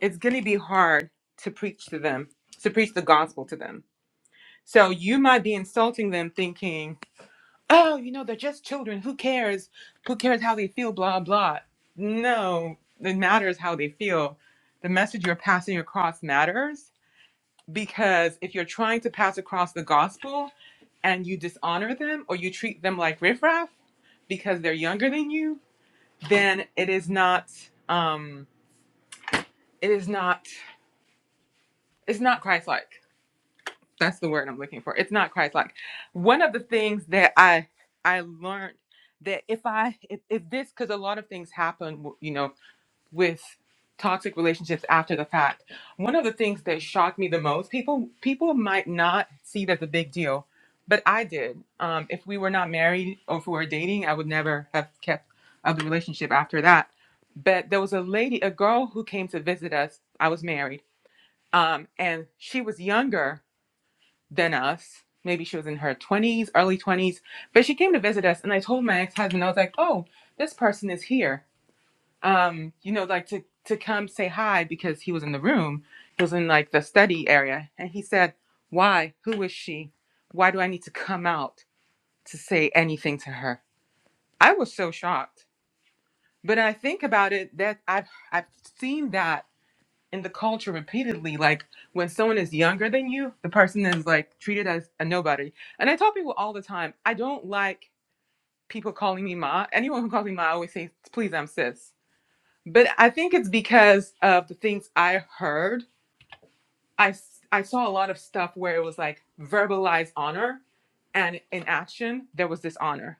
Speaker 9: it's going to be hard to preach to them to preach the gospel to them so you might be insulting them thinking oh you know they're just children who cares who cares how they feel blah blah no it matters how they feel the message you're passing across matters because if you're trying to pass across the gospel and you dishonor them or you treat them like riffraff because they're younger than you, then it is not um it is not it's not Christ like. That's the word I'm looking for. It's not Christ like. One of the things that I I learned that if I if, if this because a lot of things happen, you know, with toxic relationships after the fact. One of the things that shocked me the most, people people might not see it as a big deal, but I did. Um, if we were not married or if we were dating, I would never have kept up the relationship after that. But there was a lady, a girl who came to visit us. I was married, um, and she was younger than us. Maybe she was in her 20s, early 20s, but she came to visit us. And I told my ex husband, I was like, oh, this person is here um, you know, like to to come say hi because he was in the room. He was in like the study area, and he said, "Why? Who is she? Why do I need to come out to say anything to her?" I was so shocked. But I think about it that I've I've seen that in the culture repeatedly. Like when someone is younger than you, the person is like treated as a nobody. And I tell people all the time, I don't like people calling me ma. Anyone who calls me ma, I always say, "Please, I'm sis." But I think it's because of the things I heard. I, s- I saw a lot of stuff where it was like verbalized honor, and in action, there was dishonor,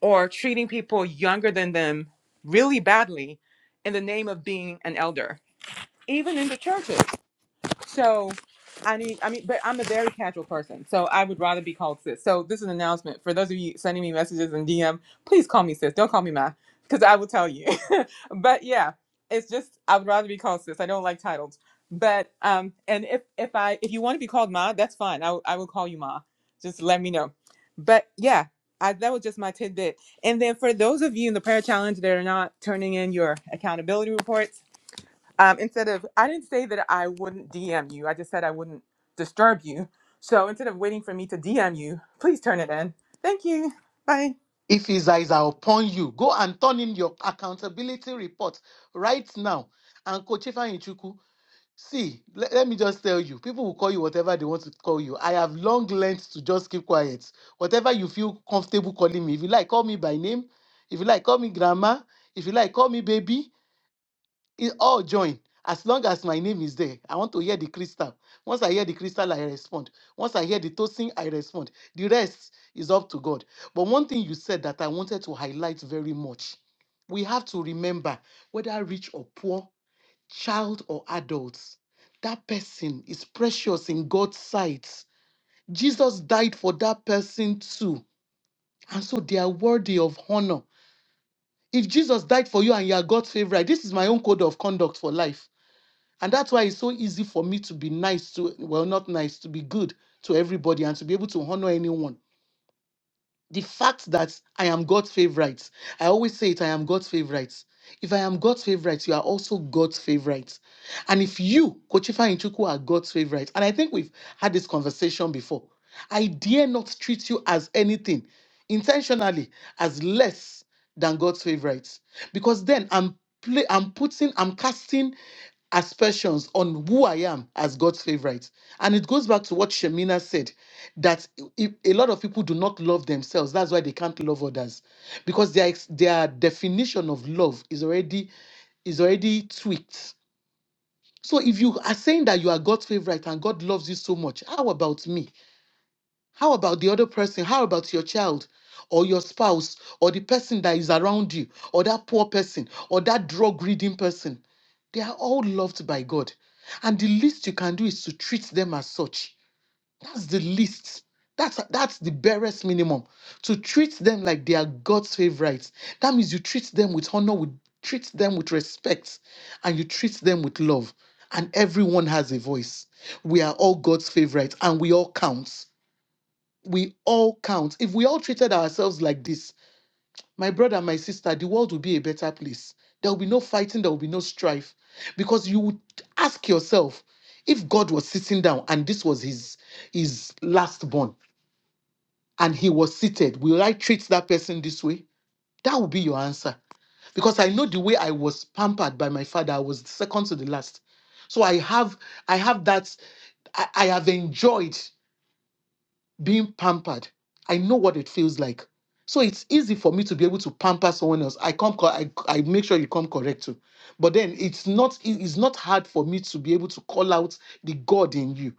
Speaker 9: or treating people younger than them really badly in the name of being an elder, even in the churches. So I need, I mean, but I'm a very casual person, so I would rather be called sis. So this is an announcement for those of you sending me messages and DM. Please call me sis. Don't call me ma, because I will tell you. but yeah, it's just I would rather be called sis. I don't like titles. But um, and if if I if you want to be called ma, that's fine. I will- I will call you ma. Just let me know. But yeah, I, that was just my tidbit. And then for those of you in the prayer challenge that are not turning in your accountability reports um, instead of, I didn't say that I wouldn't DM you. I just said I wouldn't disturb you. So instead of waiting for me to DM you, please turn it in. Thank you. Bye.
Speaker 4: If his eyes are upon you, go and turn in your accountability report right now. And Coach Ichuku, see, le- let me just tell you, people will call you whatever they want to call you. I have long learned to just keep quiet. Whatever you feel comfortable calling me, if you like, call me by name. If you like, call me grandma. If you like, call me baby it all join as long as my name is there i want to hear the crystal once i hear the crystal i respond once i hear the toasting i respond the rest is up to god but one thing you said that i wanted to highlight very much we have to remember whether rich or poor child or adults that person is precious in god's sight jesus died for that person too and so they are worthy of honor if jesus died for you and you are god's favorite this is my own code of conduct for life and that's why it's so easy for me to be nice to, well, not nice, to be good to everybody and to be able to honor anyone. The fact that I am God's favorite, I always say it, I am God's favorite. If I am God's favorite, you are also God's favorite. And if you, Kochifa Inchuku, are God's favorite, and I think we've had this conversation before, I dare not treat you as anything intentionally as less than God's favorites. Because then I'm play, I'm putting, I'm casting aspersions on who I am as God's favorite. And it goes back to what Shemina said that i- a lot of people do not love themselves. That's why they can't love others because their, ex- their definition of love is already is already tweaked so if you are saying that you are God's favorite and God loves you so much, how about me? How about the other person? How about your child or your spouse or the person that is around you or that poor person or that drug reading person? They are all loved by God. And the least you can do is to treat them as such that's the least. That's that's the barest minimum. To treat them like they are God's favorites. That means you treat them with honor, with treat them with respect, and you treat them with love. And everyone has a voice. We are all God's favorites, and we all count. We all count. If we all treated ourselves like this, my brother, my sister, the world will be a better place. There will be no fighting, there will be no strife. Because you would ask yourself, if God was sitting down and this was his his last born, and he was seated, will I treat that person this way? That will be your answer. Because I know the way I was pampered by my father, I was second to the last. So I have I have that I, I have enjoyed being pampered. I know what it feels like. So it's easy for me to be able to pamper someone else. I come co- I, I make sure you come correct too. But then it's not it's not hard for me to be able to call out the God in you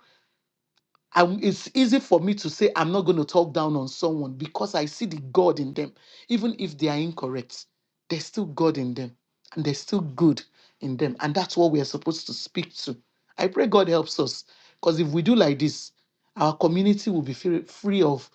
Speaker 4: I- it's easy for me to say I'm not going to talk down on someone because I see the God in them. Even if they are incorrect, there's still God in them and there's still good in them. And that's what we are supposed to speak to. I pray God helps us because if we do like this, our community will be free, free of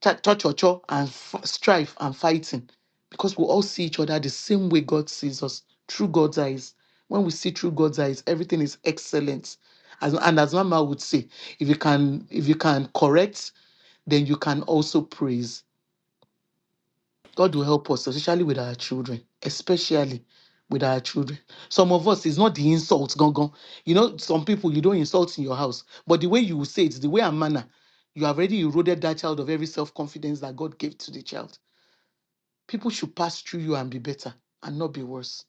Speaker 4: ta- torture and f- strife and fighting because we all see each other the same way God sees us through God's eyes. When we see through God's eyes, everything is excellent. As, and as Mama would say, if you can, if you can correct, then you can also praise. God will help us, especially with our children, especially with our children. Some of us, it's not the insult, gone, gone. You know, some people you don't insult in your house, but the way you will say it, the way and manner, you have already eroded that child of every self confidence that God gave to the child. People should pass through you and be better and not be worse.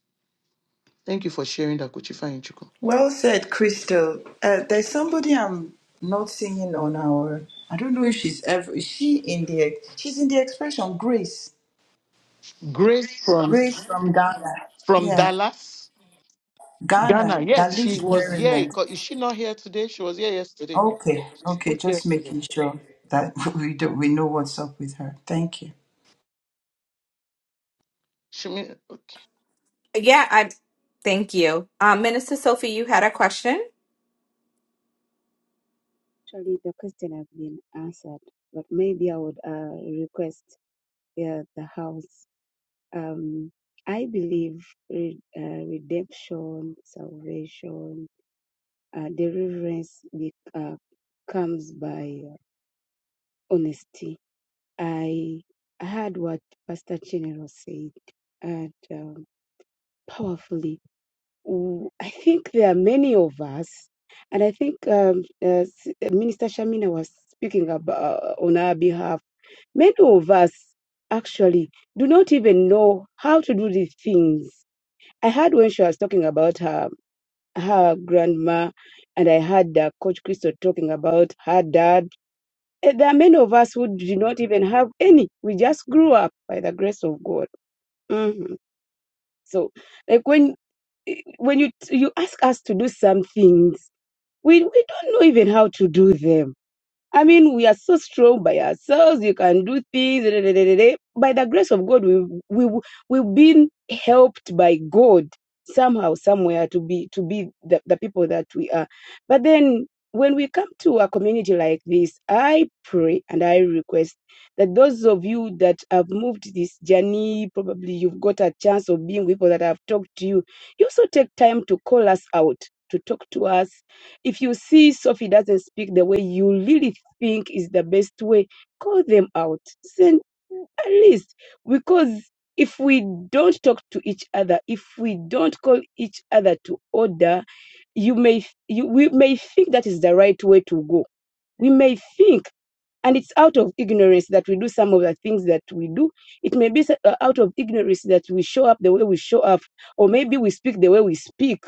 Speaker 4: Thank you for sharing that, Kochifa Chuku.
Speaker 7: Well said, Crystal. Uh, there's somebody I'm not seeing on our. I don't know if she's ever. Is she in the? She's in the expression Grace.
Speaker 4: Grace from
Speaker 7: Grace from Ghana.
Speaker 4: from
Speaker 7: Yeah,
Speaker 4: Dallas, Ghana.
Speaker 7: Ghana that
Speaker 4: Yes,
Speaker 7: lives
Speaker 4: she
Speaker 7: in
Speaker 4: was here.
Speaker 7: Maryland.
Speaker 4: Co- Is she not here today? She was here yesterday.
Speaker 7: Okay,
Speaker 4: She
Speaker 7: okay.
Speaker 4: spoke
Speaker 7: Just
Speaker 4: yesterday.
Speaker 7: making sure that we do, we know what's up with her. Thank you.
Speaker 4: Shemina, okay.
Speaker 6: Yeah, I. Thank you, um, Minister Sophie. You had a question.
Speaker 2: Actually, the question has been answered, but maybe I would uh, request yeah, the house. Um, I believe re- uh, redemption, salvation, uh, deliverance be- uh, comes by uh, honesty. I heard what Pastor Chinero said, and um, powerfully. W- I think there are many of us, and I think um, uh, S- uh, Minister Shamina was speaking about, uh, on our behalf. Many of us actually do not even know how to do these things I heard when she was talking about her her grandma, and I heard uh, Coach Crystal talking about her dad. Eh, There are many of us who do not even have any. We just grew up by the grace of God. Mhm. So, like when when you you ask us to do some things, we we don't know even how to do them I mean, we are so strong by ourselves. You can do things. da, da, da, da, da, By the grace of God, we we we've been helped by God somehow, somewhere to be to be the, the people that we are. But then, when we come to a community like this, I pray and I request that those of you that have moved this journey, probably you've got a chance of being with people that have talked to you. You also take time to call us out, to talk to us, if you see Sophie doesn't speak the way you really think is the best way, call them out. Send a list. because if we don't talk to each other, if we don't call each other to order, you may you, we may think that is the right way to go. We may think, and it's out of ignorance that we do some of the things that we do. It may be s- uh, out of ignorance that we show up the way we show up, or maybe we speak the way we speak.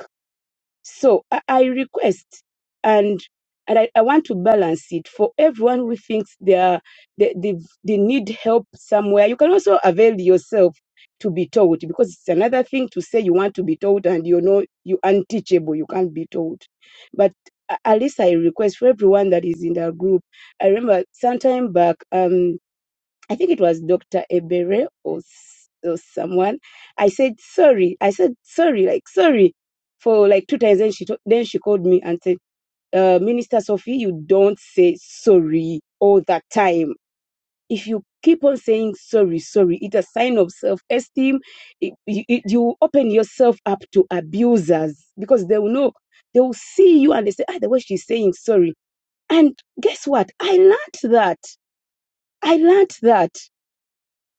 Speaker 2: So I, I request and and I, I want to balance it for everyone who thinks they are they, they, they need help somewhere. You can also avail yourself to be taught because it's another thing to say you want to be taught and you know you unteachable, you can't be taught. But a- at least I request for everyone that is in that group. I remember sometime back, um I think it was Dr. Ebere or, s- or someone. I said, sorry. I said, sorry, like, sorry for like two times. Then she, to- then she called me and said, uh, Minister Sophie, you don't say sorry all that time. If you keep on saying sorry, sorry, it's a sign of self esteem. It, it, it- you open yourself up to abusers because they will know, they will see you and they say, ah, the way she's saying sorry. And guess what? I learned that. I learned that.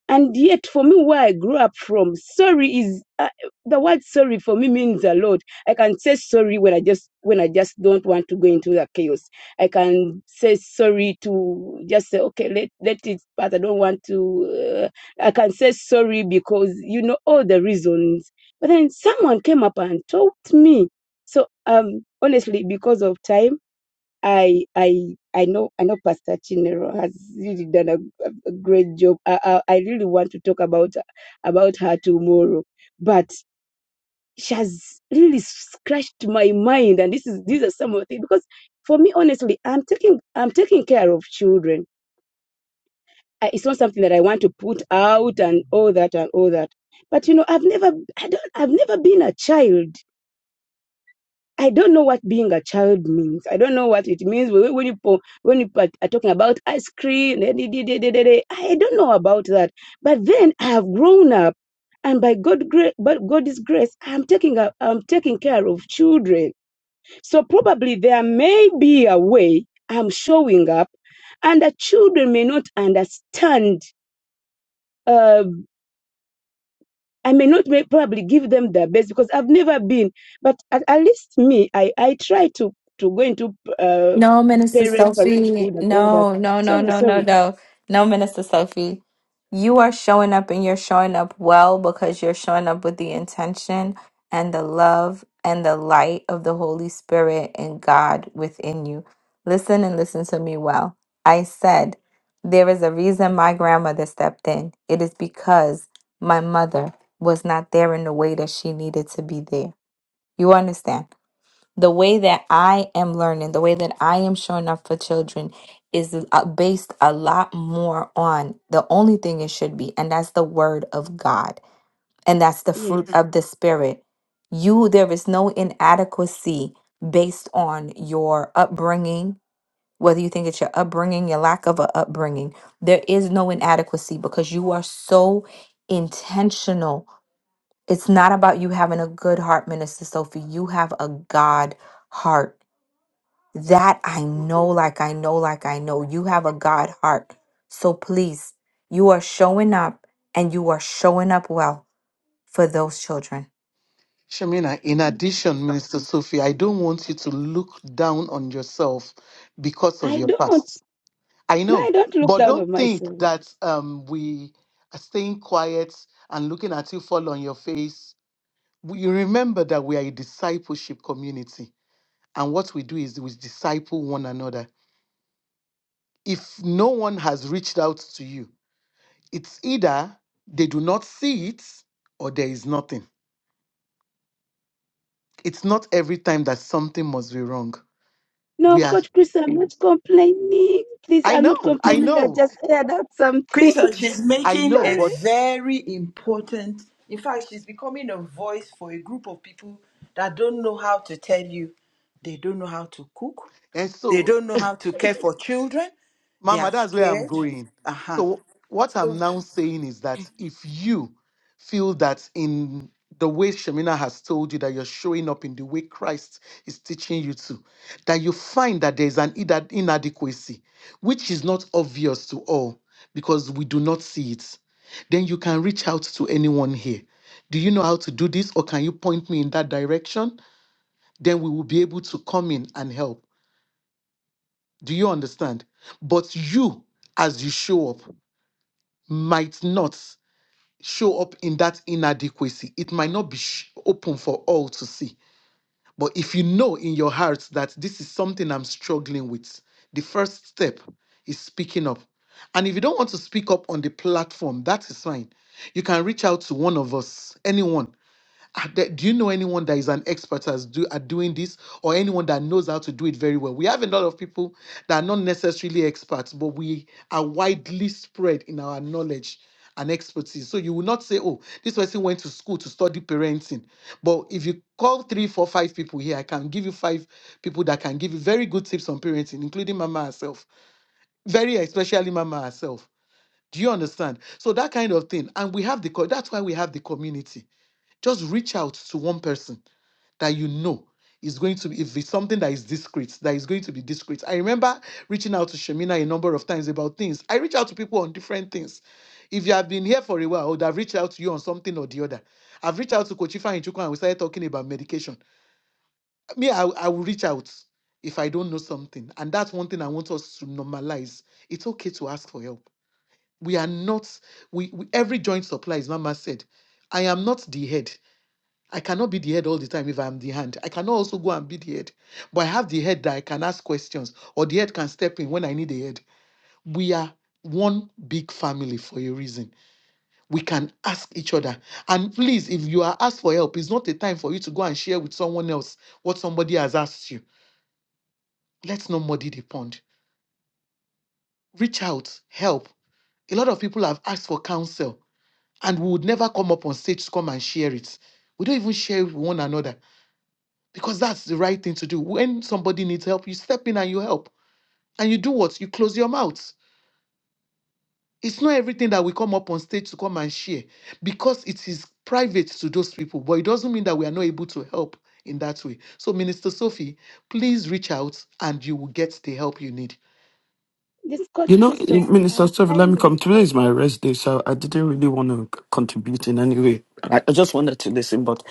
Speaker 2: And yet, for me, where I grew up from, sorry is uh, the word sorry for me means a lot. I can say sorry when I just when I just don't want to go into the chaos. I can say sorry to just say okay, let let it pass. I don't want to. Uh, I can say sorry because you know all the reasons. But then someone came up and told me. So um, honestly, because of time. I I I know I know Pastor Chinero has really done a, a a great job. I, I I really want to talk about about her tomorrow, but she has really scratched my mind. And this is these are some of the things because for me, honestly, I'm taking I'm taking care of children. I, it's not something that I want to put out and all that and all that. But you know, I've never I don't I've never been a child. I don't know what being a child means. I don't know what it means. When when you po- when you are are talking about ice cream, eh, de- de- de- de- de- de, I don't know about that. But then I have grown up, and by God grace, but God's grace, I'm taking up, I'm taking care of children. So probably there may be a way I'm showing up, and the children may not understand. uh, I may not may probably give them their best because I've never been, but at, at least me, I, I try to, to go into uh,
Speaker 6: No, Minister
Speaker 2: parent
Speaker 6: Sophie.
Speaker 2: parenthood and all that.
Speaker 6: No, no, no,
Speaker 2: Sorry,
Speaker 6: no, no,
Speaker 2: sorry.
Speaker 6: no. No, Minister Sophie. You are showing up and you're showing up well because you're showing up with the intention and the love and the light of the Holy Spirit and God within you. Listen and listen to me well. I said, there is a reason my grandmother stepped in. It is because my mother was not there in the way that she needed to be there. You understand? the way that I am learning, the way that I am showing up for children is uh, based a lot more on the only thing it should be, and that's the word of God, and that's the fruit
Speaker 2: Yes.
Speaker 6: Mhm. of the spirit. You, there is no inadequacy based on your upbringing, whether you think it's your upbringing, your lack of a upbringing. There is no inadequacy because you are so intentional. It's not about you having a good heart, Minister Sophie. You have a God heart that I know, like I know, like I know. You have a God heart. So please, you are showing up and you are showing up well for those children.
Speaker 4: Shemina, in
Speaker 2: thank
Speaker 4: addition, Minister Sophie, I don't want you to look down on yourself because
Speaker 2: you.
Speaker 4: of
Speaker 2: I
Speaker 4: your
Speaker 2: don't.
Speaker 4: past. I
Speaker 2: No, I
Speaker 4: know,
Speaker 2: don't look
Speaker 4: but
Speaker 2: down
Speaker 4: don't
Speaker 2: on
Speaker 4: think
Speaker 2: myself.
Speaker 4: that um, we are staying quiet and looking at you fall on your face we you remember that we are a discipleship community and what we do is we disciple one another if no one has reached out to you it's either they do not see it or there is nothing it's not every time that something must be wrong
Speaker 2: No,
Speaker 4: we are
Speaker 2: Coach Chris, I'm not complaining. Please,
Speaker 4: i
Speaker 2: I'm not
Speaker 4: know i
Speaker 2: complaining. I
Speaker 4: know
Speaker 2: just aired out something.
Speaker 7: Crystal, she's
Speaker 4: i
Speaker 7: making
Speaker 4: know
Speaker 7: a
Speaker 2: sorry.
Speaker 4: but
Speaker 7: very important, in fact, she's becoming a voice for a group of people that don't know how to tell you. They don't know how to cook.
Speaker 4: and
Speaker 7: They
Speaker 4: so
Speaker 7: don't know how to care for children. They are
Speaker 4: Mama, that's where I'm
Speaker 7: scared.
Speaker 4: going.
Speaker 7: Uh-huh.
Speaker 4: So, what I'm
Speaker 7: So
Speaker 4: now saying is that if you feel that in the way Shemina has told you that you're showing up in the way Christ is teaching you to, that you find that there's an ina- inadequacy, which is not obvious to all because we do not see it, then you can reach out to anyone here. Do you know how to do this, or can you point me in that direction? Then we will be able to come in and help. Do you understand? But you, as you show up might not show up in that inadequacy. It might not be sh- open for all to see. But if you know in your heart that this is something I'm struggling with, the first step is speaking up. And if you don't want to speak up on the platform, that is fine. You can reach out to one of us, anyone Ah, that- do you know anyone that is an expert as do, at doing this or anyone that knows how to do it very well we have a lot of people that are not necessarily experts but we are widely spread in our knowledge and expertise so you will not say oh this person went to school to study parenting but if you call three four five people here i can give you five people that can give you very good tips on parenting including mama herself very especially mama herself do you understand so that kind of thing and we have the co- that's why we have the community just reach out to one person that you know is going to be, if it's something that is discreet, that is going to be discreet. I remember reaching out to Shemina a number of times about things. I reach out to people on different things. If you have been here for a while, I would have reached out to you on something or the other. I've reached out to Kochifa Chuku and we started talking about medication. Me, I, I will reach out if I don't know something. And that's one thing I want us to normalize. It's okay to ask for help. We are not, we, we every joint supply, as Mama said, I am not the head. I cannot be the head all the time if I'm the hand. I cannot also go and be the head. But I have the head that I can ask questions, or the head can step in when I need a head. We are one big family for a reason. We can ask each other. And please, if you are asked for help, it's not a time for you to go and share with someone else what somebody has asked you. Let's not muddy the pond. Reach out, help. A lot of people have asked for counsel, and we would never come up on stage to come and share it. We don't even share it with one another because that's the right thing to do. When somebody needs help, you step in and you help. And you do what? You close your mouth. It's not everything that we come up on stage to come and share because it is private to those people, but it doesn't mean that we are not able to help in that way. So, Minister Sophie, please reach out and you will get the help you need.
Speaker 2: This
Speaker 10: You
Speaker 2: Coach
Speaker 10: know,
Speaker 2: Christoph,
Speaker 10: eh, Minister
Speaker 2: uh,
Speaker 10: Stephen, let me come.
Speaker 2: kindly,
Speaker 10: Today is
Speaker 2: I,
Speaker 10: my rest day, so I didn't really want to c- contribute in any way. I, I just wanted to listen. But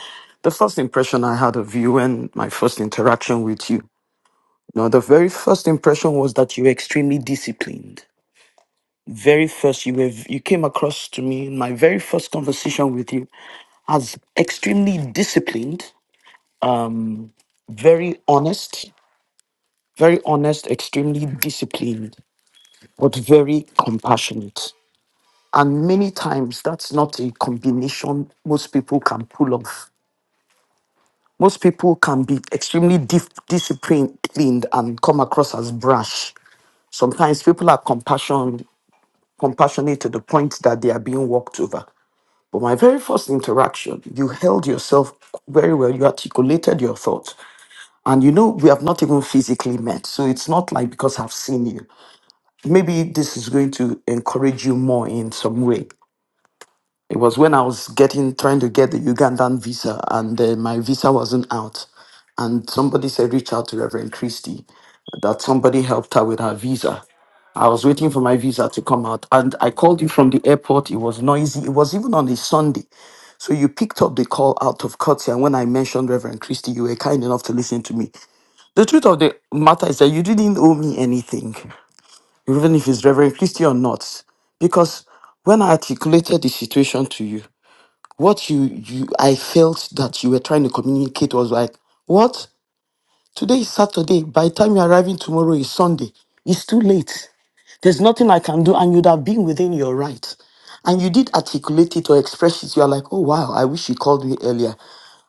Speaker 10: the first impression I had of you and my first interaction with you, you know, the very first impression was that you were extremely disciplined. Very first, you were v- you came across to me in my very first conversation with you as extremely disciplined, um, very honest, very honest, extremely disciplined, but very compassionate And many times that's not a combination most people can pull off. Most people can be extremely dif- disciplined and come across as brash. Sometimes people are compassion, compassionate to the point that they are being walked over. But my very first interaction, you held yourself very well. You articulated your thoughts. And you know, we have not even physically met. So it's not like because I've seen you. Maybe this is going to encourage you more in some way. It was when I was getting trying to get the Ugandan visa, and uh, my visa wasn't out. And somebody said, reach out to Reverend Christie, that somebody helped her with her visa. I was waiting for my visa to come out, and I called you from the airport. It was noisy. It was even on a Sunday, so you picked up the call out of courtesy. And when I mentioned Reverend Christie, you were kind enough to listen to me. The truth of the matter is that you didn't owe me anything, even if it's Reverend Christie or not, because when I articulated the situation to you, what you you I felt that you were trying to communicate was like, what? Today is Saturday. By the time you're arriving tomorrow is Sunday. It's too late. There's nothing I can do, and you'd have been within your right. And you did articulate it or express it. You're like, oh wow, I wish you called me earlier.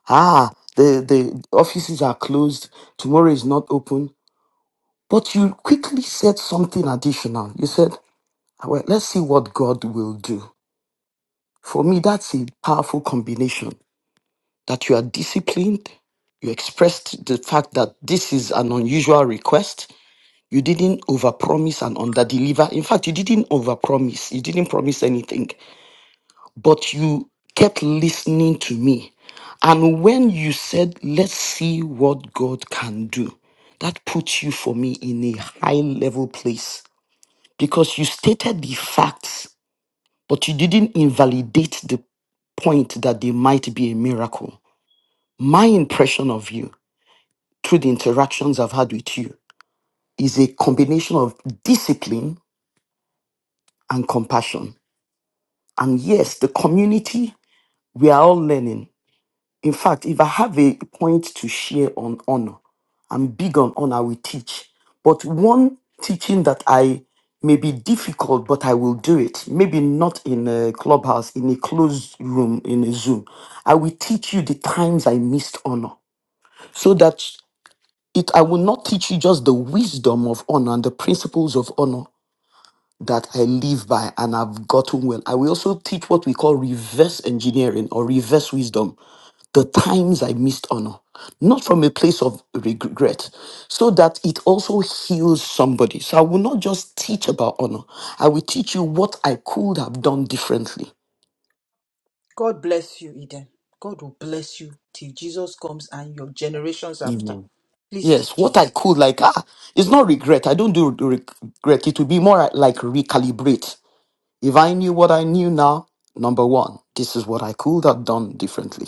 Speaker 10: Ah, the, the offices are closed. Tomorrow is not open. But you quickly said something additional. You said, well, let's see what God will do. For me, that's a powerful combination that you are disciplined. You expressed the fact that this is an unusual request. You didn't overpromise and underdeliver. In fact, you didn't overpromise. You didn't promise anything, but you kept listening to me. And when you said, let's see what God can do, that puts you for me in a high level place because you stated the facts, but you didn't invalidate the point that they might be a miracle. My impression of you through the interactions I've had with you is a combination of discipline and compassion. And yes, the community, we are all learning. In fact, if I have a point to share on honor, I'm big on honor, we teach. But one teaching that I may be difficult, but I will do it. Maybe not in a clubhouse, in a closed room, in a Zoom. I will teach you the times I missed honor so that It, I will not teach you just the wisdom of honor and the principles of honor that I live by and I've gotten well. I will also teach what we call reverse engineering or reverse wisdom, the times I missed honor, not from a place of regret, so that it also heals somebody. So I will not just teach about honor, I will teach you what I could have done differently.
Speaker 7: God bless you, Eden. God will bless you till Jesus comes and your generations after.
Speaker 10: Amen.
Speaker 7: Please
Speaker 10: Yes,
Speaker 7: teach
Speaker 10: what I
Speaker 7: it.
Speaker 10: could like ah, it's not regret. I don't do re- regret. It will be more like recalibrate. If I knew what I knew now, number one, this is what I could have done differently.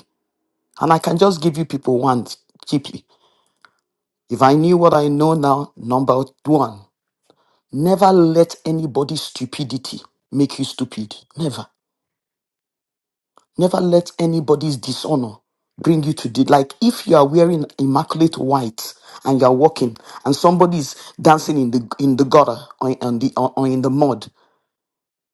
Speaker 10: And I can just give you people one cheaply. If I knew what I know now, number one, never let anybody's stupidity make you stupid. Never. Never let anybody's dishonor bring you to the like if you are wearing immaculate white and you're walking and somebody's dancing in the in the gutter or on the or, or in the mud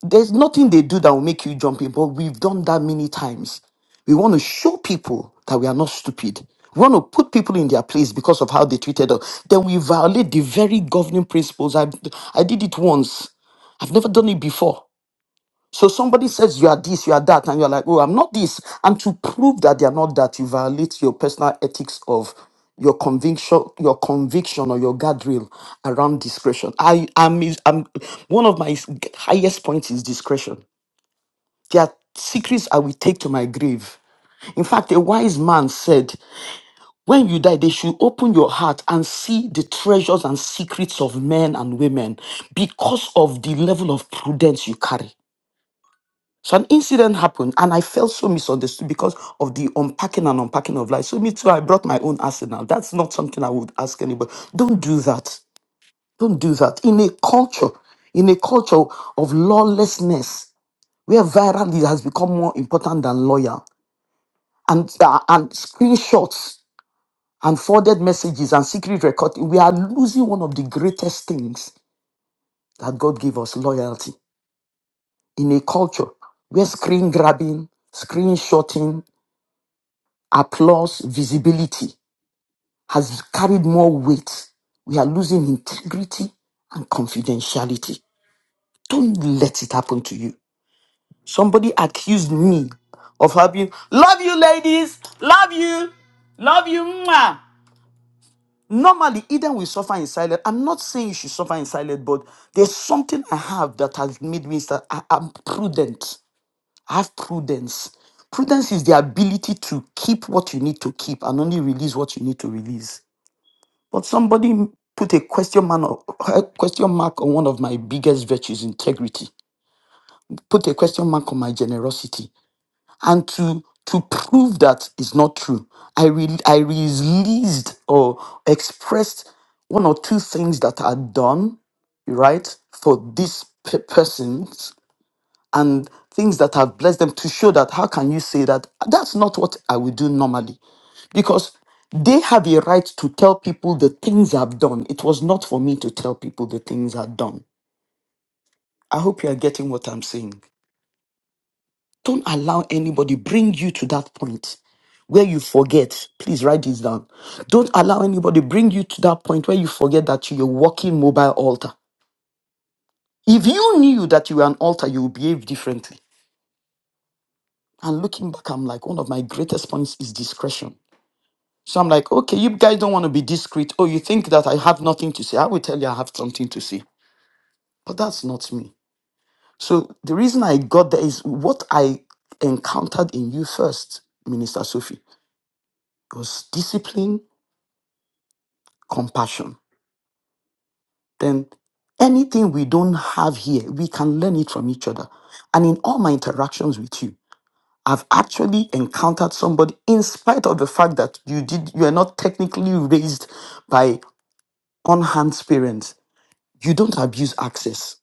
Speaker 10: There's nothing they do that will make you jump in, but we've done that many times. We want to show people that we are not stupid. We want to put people in their place because of how they treated us. Then we violate the very governing principles. I, I did it once. I've never done it before. So somebody says you are this, you are that, and you're like, oh, I'm not this. And to prove that they are not that, you violate your personal ethics of your conviction, your conviction or your guardrail around discretion. I am i I'm- one of my highest points is discretion. There are secrets I will take to my grave. In fact, a wise man said, When you die, they should open your heart and see the treasures and secrets of men and women because of the level of prudence you carry. So an incident happened, and I felt so misunderstood because of the unpacking and unpacking of life. So me too, I brought my own arsenal. That's not something I would ask anybody. Don't do that. Don't do that. In a culture, in a culture of lawlessness, where virality has become more important than loyal, and uh, and screenshots and forwarded messages and secret recording, we are losing one of the greatest things that God gave us: loyalty. In a culture where screen grabbing, screenshotting Applause, visibility has carried more weight. We are losing integrity and confidentiality. Don't let it happen to you. Somebody accused me of having, love you, ladies, love you, love you. mwah." Normally, Eden will suffer in silence. I'm not saying you should suffer in silence, but there's something I have that has made me start. I, am prudent. I have prudence. Prudence is the ability to keep what you need to keep and only release what you need to release. But somebody put a question mark, a question mark on one of my biggest virtues, integrity. Put a question mark on my generosity, and to to prove that is not true, I re- I released or expressed one or two things that are done right for these pe- persons and things that have blessed them to show that how can you say that that's not what I would do normally because they have a right to tell people the things I've done. It was not for me to tell people the things I've done. I hope you are getting what I'm saying. Don't allow anybody bring you to that point where you forget. Please write this down. Don't allow anybody bring you to that point where you forget that you're a walking mobile altar. If you knew that you were an altar, you would behave differently. And looking back, I'm like, one of my greatest points is discretion. So I'm like, okay, you guys don't want to be discreet. Oh, you think that I have nothing to say? I will tell you I have something to say. But that's not me. So the reason I got there is what I encountered in you first, Minister Sophie, was discipline, compassion. Then anything we don't have here, we can learn it from each other. And in all my interactions with you, I've actually encountered somebody, in spite of the fact that you did you are not technically raised by on-hand parents, you don't abuse access.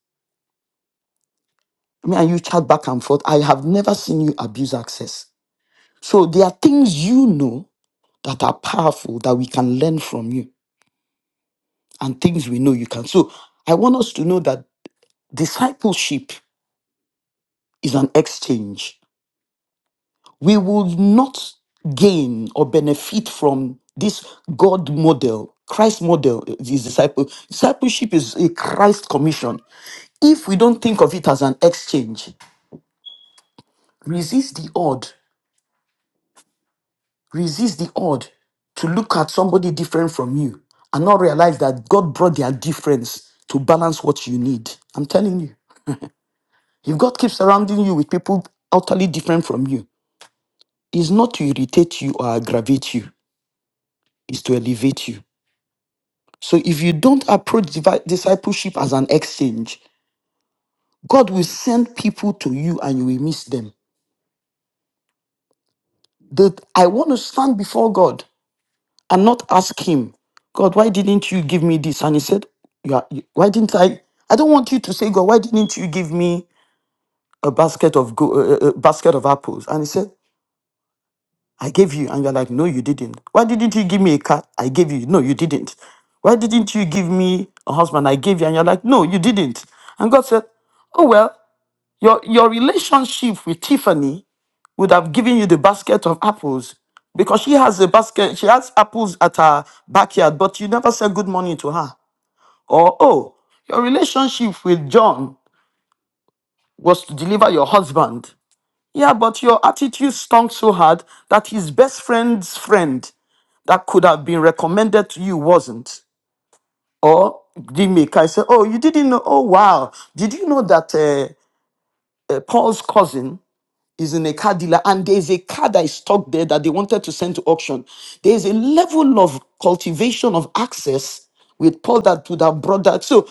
Speaker 10: I mean, and you chat back and forth. I have never seen you abuse access So there are things you know that are powerful that we can learn from you and things we know you can. So I want us to know that discipleship is an exchange. We will not gain or benefit from this God model. Christ model is disciple. Discipleship is a Christ commission. If we don't think of it as an exchange, resist the odd Resist the odd to look at somebody different from you and not realize that God brought their difference to balance what you need. I'm telling you. If God keeps surrounding you with people utterly different from you, it's not to irritate you or aggravate you, it's to elevate you. So if you don't approach divi- discipleship as an exchange, God will send people to you and you will miss them. That I want to stand before God and not ask him, God, why didn't you give me this? And he said, you are, you- why didn't I? I don't want you to say, God, why didn't you give me a basket of go, uh, uh, uh, basket of apples? And he said, I gave you, and you're like, no, you didn't. Why didn't you give me a car? I gave you. No, you didn't. Why didn't you give me a husband? I gave you, and you're like, no, you didn't. And God said, oh well, your your relationship with Tiffany would have given you the basket of apples because she has a basket, she has apples at her backyard, but you never said good morning to her. Or, oh, your relationship with John was to deliver your husband. Yeah, but your attitude stunk so hard that his best friend's friend that could have been recommended to you wasn't. Or the maker said, oh, you didn't know, oh, wow. Did you know that uh, uh, Paul's cousin is in a car dealer and there's a car that is stuck there that they wanted to send to auction. There's a level of cultivation of access with Paul that would have brought that. So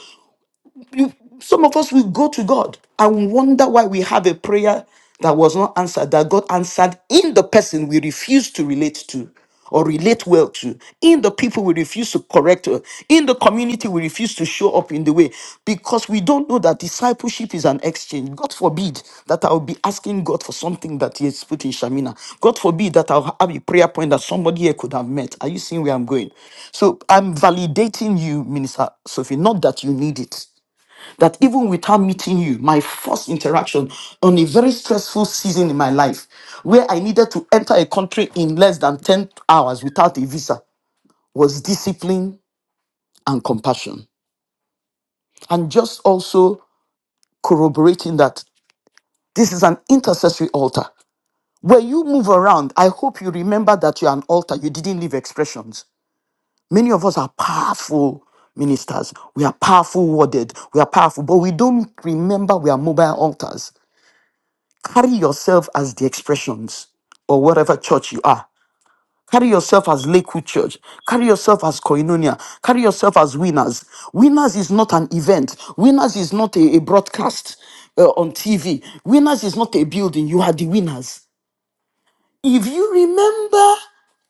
Speaker 10: you, some of us will go to God and wonder why we have a prayer that was not answered, that God answered in the person we refuse to relate to or relate well to, in the people we refuse to correct, uh, in the community we refuse to show up in the way, because we don't know that discipleship is an exchange. God forbid that I'll be asking God for something that He has put in Shamina. God forbid that I'll have a prayer point that somebody here could have met. Are you seeing where I'm going? So I'm validating you, Minister Sophie, not that you need it that even without meeting you, my first interaction on a very stressful season in my life, where I needed to enter a country in less than 10 hours without a visa, was discipline and compassion. And just also corroborating that this is an intercessory altar. When you move around, I hope you remember that you're an altar, you didn't leave expressions. Many of us are powerful ministers, we are powerful worded, we are powerful, but we don't remember we are mobile altars. Carry yourself as the expressions or whatever church you are. Carry yourself as Lakewood Church. Carry yourself as Koinonia. Carry yourself as winners. Winners is not an event. Winners is not a, a broadcast uh, on TV. Winners is not a building. You are the winners. If you remember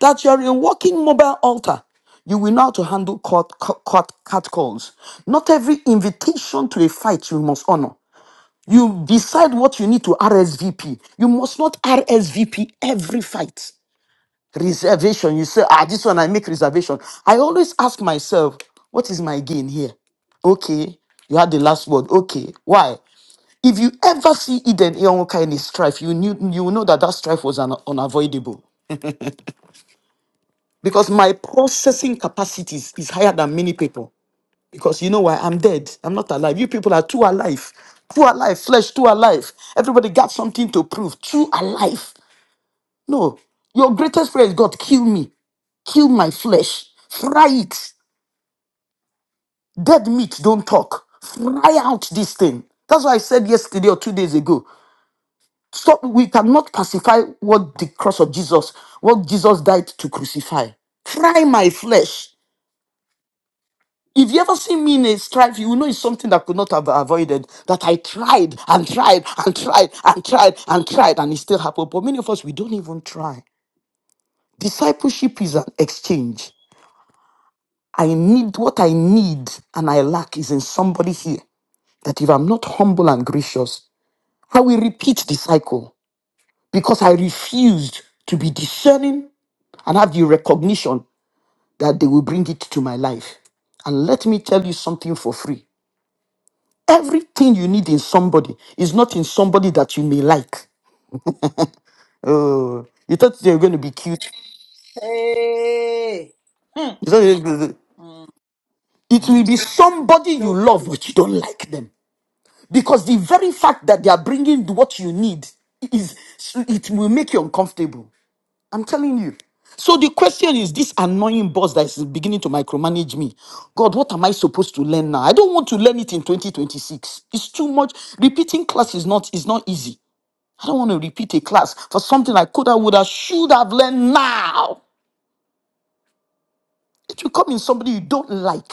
Speaker 10: that you're a walking mobile altar, you will know how to handle court, court, court calls. Not every invitation to a fight you must honor. You decide what you need to RSVP. You must not RSVP every fight. Reservation. You say, ah, this one I make reservation. I always ask myself, what is my gain here? Okay, you had the last word. Okay, why? If you ever see Eden Ionka in a strife, you knew you will know that that strife was un- unavoidable because my processing capacity is is higher than many people. Because you know why? I'm dead. I'm not alive. You people are too alive. Too alive. Flesh, too alive. Everybody got something to prove. Too alive. No. Your greatest prayer is God, kill me. Kill my flesh. Fry it. Dead meat, don't talk. Fry out this thing. That's why I said yesterday or two days ago. Stop. We cannot pacify what the cross of Jesus, what Jesus died to crucify. Fry my flesh. If you ever see me in a strife, you will know it's something that could not have been avoided. That I tried and tried and tried and tried and tried, and it still happened. But many of us, we don't even try. Discipleship is an exchange. I need what I need and I lack is in somebody here. That if I'm not humble and gracious, I will repeat the cycle because I refused to be discerning and have the recognition that they will bring it to my life. And let me tell you something for free. Everything you need in somebody is not in somebody that you may like. Oh, you thought they were going to be cute.
Speaker 7: Hey.
Speaker 10: You thought they were gonna- be-
Speaker 7: Hmm.
Speaker 10: It will be somebody you
Speaker 7: So
Speaker 10: love,
Speaker 7: true.
Speaker 10: but you don't like them. Because the very fact that they are bringing what you need is, it will make you uncomfortable. I'm telling you. So the question is this annoying boss that is beginning to micromanage me. God, what am I supposed to learn now? I don't want to learn it in 2026. It's too much. Repeating class is not is not easy. I don't want to repeat a class for something I could have, would have, should have learned now. It will come in somebody you don't like.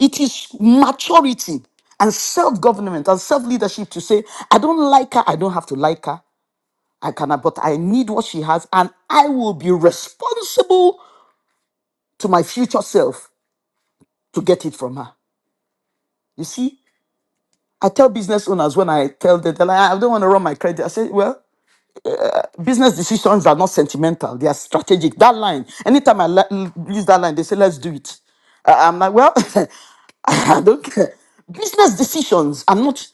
Speaker 10: It is maturity and self government and self leadership to say, I don't like her, I don't have to like her, I cannot, but I need what she has, and I will be responsible to my future self to get it from her. You see, I tell business owners when I tell them, they're like, I don't want to run my credit. I say, well, Business decisions are not sentimental, they are strategic. That line, anytime I li- use that line, they say, let's do it. I- I'm like, well, I don't care. Business decisions are not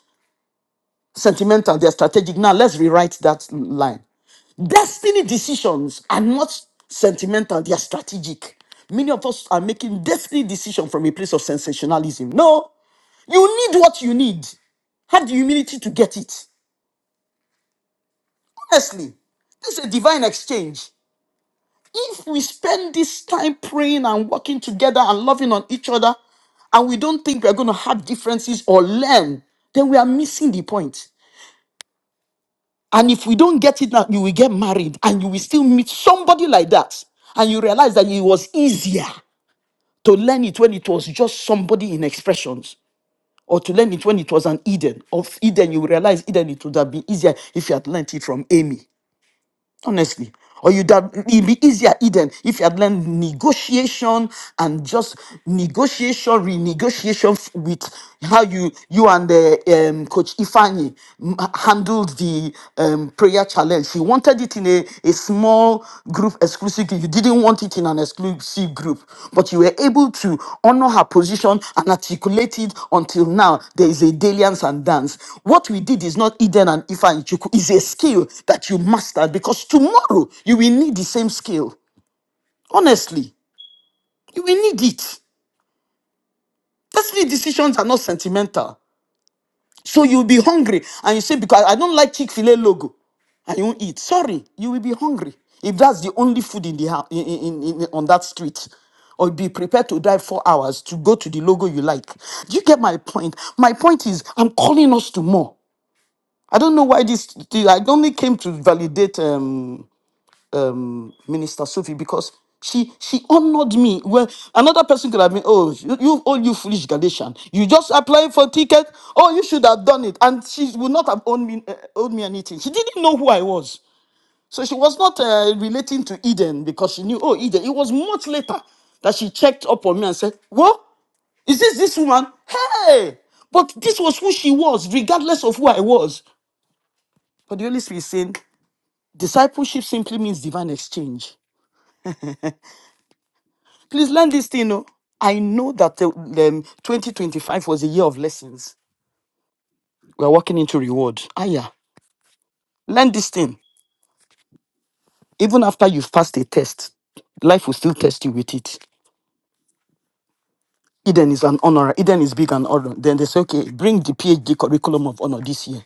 Speaker 10: sentimental, they're strategic. Now, let's rewrite that line. Destiny decisions are not sentimental, they are strategic. Many of us are making destiny decisions from a place of sensationalism. No, you need what you need have the humility to get it. Honestly, this is a divine exchange. If we spend this time praying and working together and loving on each other, and we don't think we're going to have differences or learn, then we are missing the point. And if we don't get it now, you will get married and you will still meet somebody like that. And you realize that it was easier to learn it when it was just somebody in expressions or to learn it when it was an Eden. Of Eden, you realize Eden, it would have been easier if you had learned it from Amy. Honestly. Or you'd have, it'd be easier, Eden, if you had learned negotiation and just negotiation, renegotiation f- with how you you and the um, coach Ifani m- handled the um, prayer challenge. She wanted it in a, a small group exclusively. You didn't want it in an exclusive group, but you were able to honor her position and articulate it until now. There is a dalliance and dance. What we did is not Eden and Ifa and Chuku, it's a skill that you mastered because tomorrow you will need the same skill. Honestly, you will need it. Personal decisions are not sentimental. So you'll be hungry and you say, Because I don't like Chick fil A logo, and you won't eat. Sorry, you will be hungry if that's the only food in the house in, in, in, in- on that street. Or be prepared to drive four hours to go to the logo you like. Do you get my point? My point is, I'm calling us to more. I don't know why this, I only came to validate. Um, um, Minister Sophie because she she honored me. Well, another person could have been, oh, you, you oh you foolish Galatian, you just applying for ticket. Oh, you should have done it, and she would not have owed me uh, owed me anything. She didn't know who I was, so she was not uh, relating to Eden because she knew, oh, Eden. It was much later that she checked up on me and said, what is this this woman? Hey, but this was who she was, regardless of who I was. But the Holy Spirit is saying discipleship simply means divine exchange. Please learn this thing. Oh. I know that uh, um, 2025 was a year of lessons. We're walking into reward. Ah, yeah. Learn this thing. Even after you've passed a test, life will still test you with it. Eden is an honor. Eden is big and honor. Then they say, okay, bring the PhD curriculum of honor this year.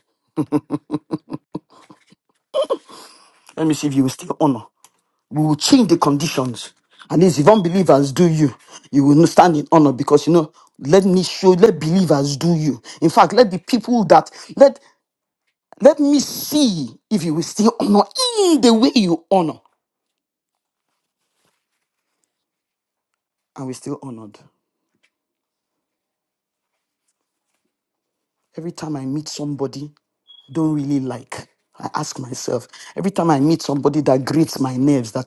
Speaker 10: Let me see if you will still honor. We will change the conditions. At least if unbelievers do you, you will stand in honor because you know, let me show, let believers do you. In fact, let the people that let Let me see if you will still honor in the way you honor. And we're still honored. Every time I meet somebody I don't really like, I ask myself, every time I meet somebody that grates my nerves, that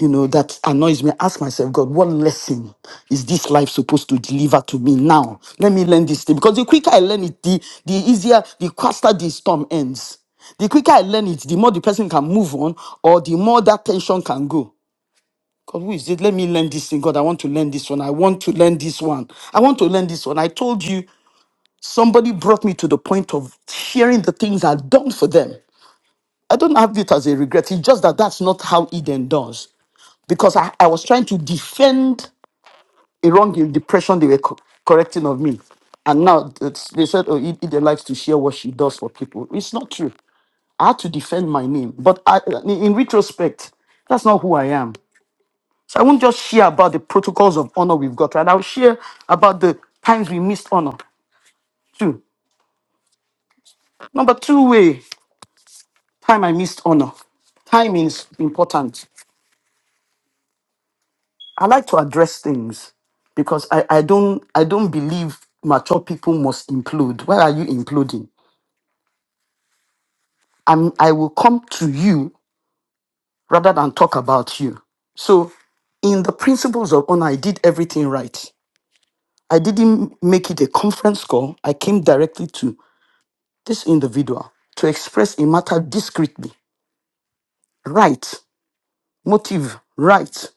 Speaker 10: you know, that annoys me, I ask myself, God, what lesson is this life supposed to deliver to me now? Let me learn this thing. Because the quicker I learn it, the, the easier, the faster the storm ends. The quicker I learn it, the more the person can move on or the more that tension can go. God, who is it? Let me learn this thing. God, I want to learn this one. I want to learn this one. I want to learn this one. I told you, somebody brought me to the point of sharing the things I've done for them. I don't have it as a regret. It's just that that's not how Eden does. Because I, I was trying to defend a wrong depression they were co- correcting of me. And now it's- they said, oh, E- Eden likes to share what she does for people. It's not true. I had to defend my name. But I, in in retrospect, that's not who I am. So I won't just share about the protocols of honor we've got, right? I'll share about the times we missed honor. too. Number two way, time I missed honor. Time is important. I like to address things because I, I don't I don't believe mature people must implode. Why are you imploding? I'm I will come to you rather than talk about you. So in the principles of honor, I did everything right. I didn't make it a conference call. I came directly to this individual to express a matter discreetly, right, motive, right,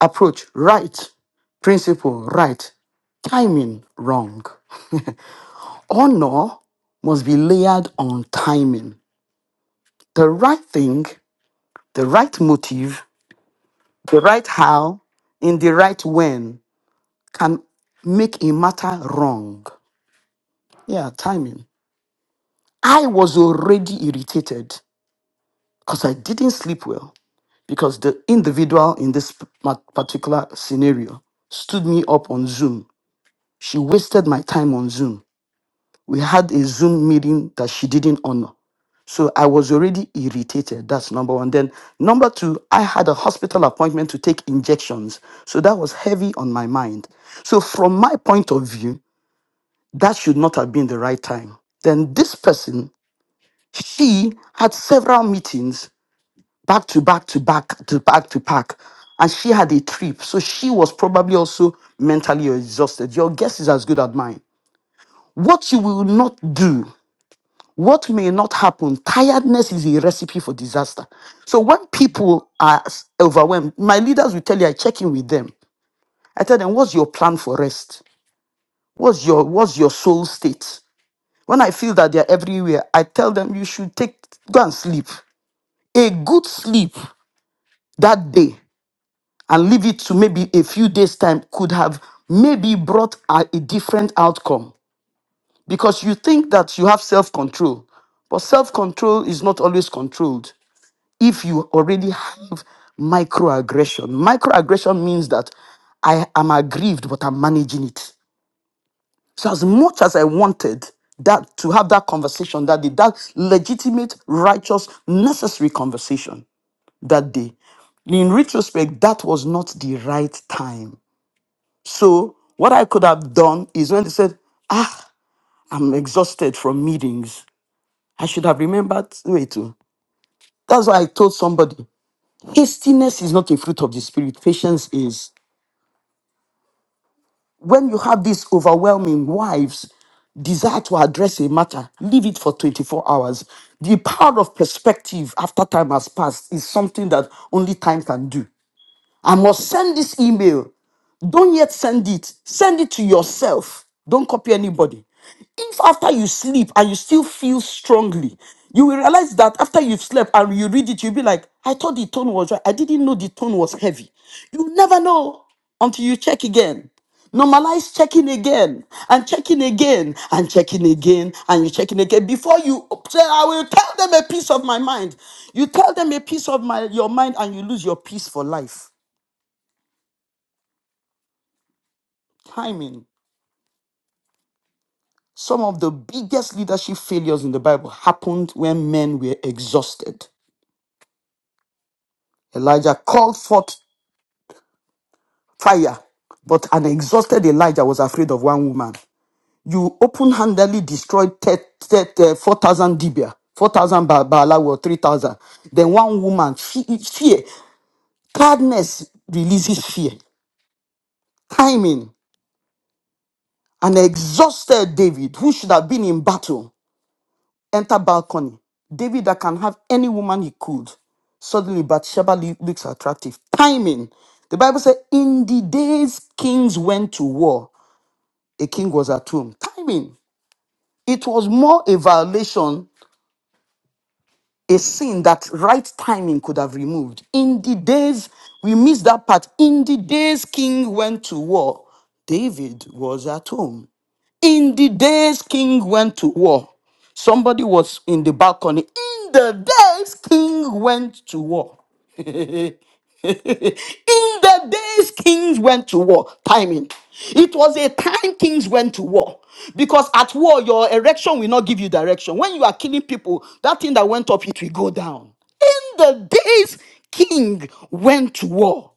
Speaker 10: approach, right, principle, right, timing, wrong. Honor must be layered on timing. The right thing, the right motive, the right how, in the right when can make a matter wrong. Yeah, timing. I was already irritated because I didn't sleep well because the individual in this p- particular scenario stood me up on Zoom. She wasted my time on Zoom. We had a Zoom meeting that she didn't honor. So I was already irritated. That's number one. Then number two, I had a hospital appointment to take injections. So that was heavy on my mind. So from my point of view, that should not have been the right time. Then this person, she had several meetings back to back to back to back to back. And she had a trip. So she was probably also mentally exhausted. Your guess is as good as mine. What you will not do, what may not happen, tiredness is a recipe for disaster. So when people are s- overwhelmed, my leaders will tell you, I check in with them. I tell them, what's your plan for rest? What's your what's your soul state? When I feel that they're everywhere, I tell them you should take go and sleep. A good sleep that day and leave it to maybe a few days time could have maybe brought a, a different outcome because you think that you have self-control but self-control is not always controlled if you already have microaggression microaggression means that i am aggrieved but i'm managing it so as much as i wanted that to have that conversation that day that legitimate righteous necessary conversation that day in retrospect that was not the right time So what I could have done is when they said, ah, I'm exhausted from meetings. I should have remembered wait too. That's why I told somebody, hastiness is not a fruit of the spirit, patience is. When you have these overwhelming wives, desire to address a matter, leave it for 24 hours. The power of perspective after time has passed is something that only time can do. I must send this email. Don't yet send it. Send it to yourself. Don't copy anybody. If after you sleep and you still feel strongly, you will realize that after you've slept and you read it, you'll be like, I thought the tone was right. I didn't know the tone was heavy. You never know until you check again. Normalize checking again and checking again and checking again and you checking again before you say, I will tell them a piece of my mind. You tell them a piece of my your mind and you lose your peace for life. timing, some of the biggest leadership failures in the Bible happened when men were exhausted. Elijah called forth fire, but an exhausted Elijah was afraid of one woman. You open handedly destroyed te- te- te- 4,000 Dibia, 4,000 Ba- Baala or 3,000. Then one woman, fe- fear, tiredness releases fear. Timing, an exhausted David who should have been in battle enter balcony. David that can have any woman he could. Suddenly Bathsheba lo- looks attractive. Timing. The Bible said, in the days kings went to war, a king was at home. Timing. It was more a violation, a sin that right timing could have removed. In the days, we missed that part. In the days king went to war, David was at home. In the days King went to war, somebody was in the balcony. In the days King went to war. in the days Kings went to war. Timing. It was a time Kings went to war. Because at war, your erection will not give you direction. When you are killing people, that thing that went up, it will go down. In the days King went to war.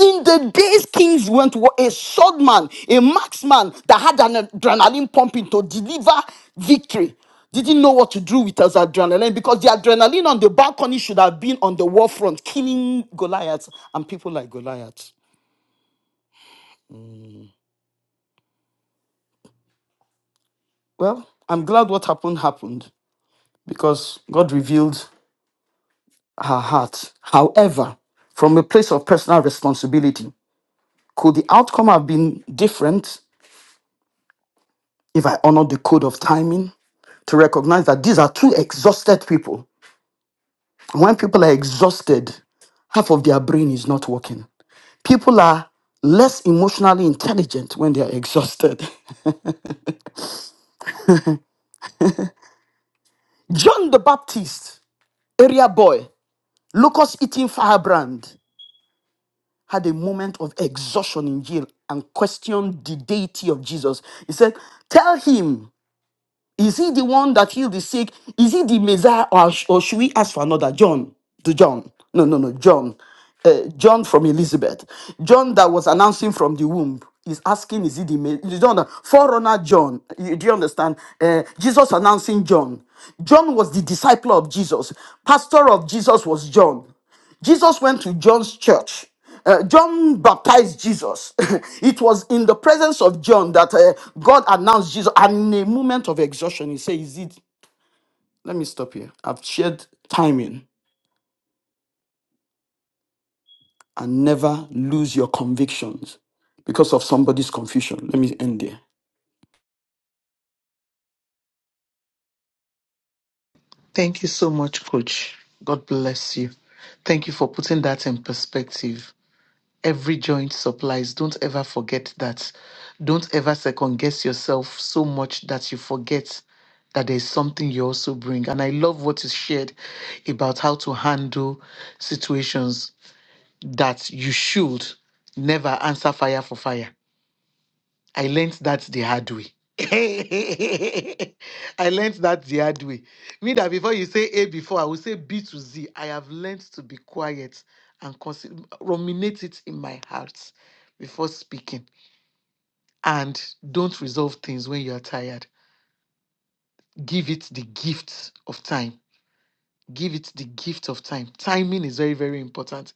Speaker 10: In the days kings went were a swordman, a marksman that had an adrenaline pumping to deliver victory. Didn't know what to do with his adrenaline because the adrenaline on the balcony should have been on the war front, killing Goliath and people like Goliath. Well, I'm glad what happened happened because God revealed her heart. However, from a place of personal responsibility, could the outcome have been different? if I honor the code of timing, to recognize that these are two exhausted people. when people are exhausted, half of their brain is not working. People are less emotionally intelligent when they are exhausted. John the Baptist, area boy, locust eating firebrand, had a moment of exhaustion in jail and questioned the deity of Jesus. He said, Tell him Is he the one that healed the sick? Is he the Messiah, or, sh- or should we ask for another John? The John? No, no, no, John. Uh, John from Elizabeth. John that was announcing from the womb is asking, is he the Messiah? John, uh, forerunner John. You- do you understand? Uh, Jesus announcing John. John was the disciple of Jesus. Pastor of Jesus was John. Jesus went to John's church. Uh, John baptized Jesus. it was in the presence of John that uh, God announced Jesus. And in a moment of exhaustion, he said, Is it? Let me stop here. I've shared timing and never lose your convictions because of somebody's confusion. Let me end there.
Speaker 4: Thank you so much, Coach. God bless you. Thank you for putting that in perspective. every joint supplies. Don't ever forget that. Don't ever second guess yourself so much that you forget that there's something you also bring. And I love what is shared about how to handle situations that you should never answer fire for fire I learned that the hard way. I learned that the hard way. Me that before you say A before, I will say B to Z. I have learned to be quiet and consider, ruminate it in my heart before speaking. And don't resolve things when you are tired. Give it the gift of time. Give it the gift of time. Timing is very, very important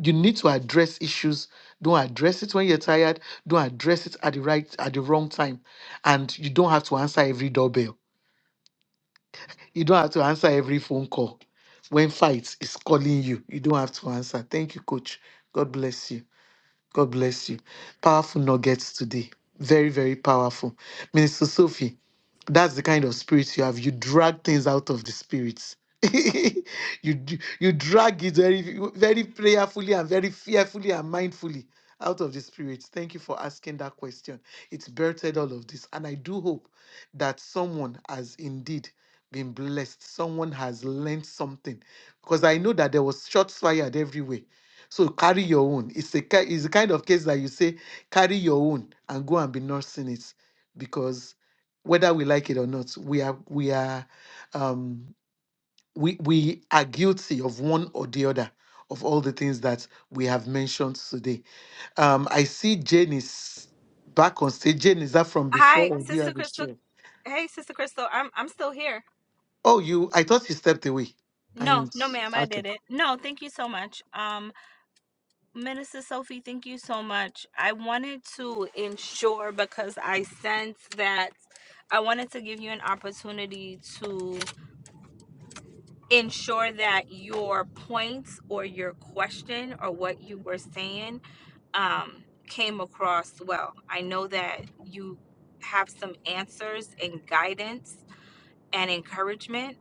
Speaker 4: you need to address issues don't address it when you're tired don't address it at the right at the wrong time and you don't have to answer every doorbell you don't have to answer every phone call when fight is calling you you don't have to answer thank you coach god bless you god bless you powerful nuggets today very very powerful minister sophie that's the kind of spirit you have. You drag things out of the spirit. you d- you drag it very very prayerfully and very fearfully and mindfully out of the spirit. Thank you for asking that question. It's birthed all of this, and I do hope that someone has indeed been blessed. Someone has learned something, because I know that there was shots fired everywhere. So carry your own. It's a ki- it's the kind of case that you say carry your own and go and be nursing it, because whether we like it or not we are we are um we we are guilty of one or the other of all the things that we have mentioned today um i see jane is back on stage jane is that from before
Speaker 6: Hi,
Speaker 4: or do you
Speaker 6: Sister
Speaker 4: have a
Speaker 6: Crystal.
Speaker 4: share?
Speaker 6: Hey, Sister Crystal. I'm I'm still here.
Speaker 4: oh you i thought you stepped away
Speaker 6: No,
Speaker 4: and
Speaker 6: no, ma'am, I
Speaker 4: okay
Speaker 6: did it. No, thank you so much. Um, Minister Sophie, thank you so much. I wanted to ensure because I sense that I wanted to give you an opportunity ensure that your points or your question or what you were saying um, came across well. I know that you have some answers and guidance and encouragement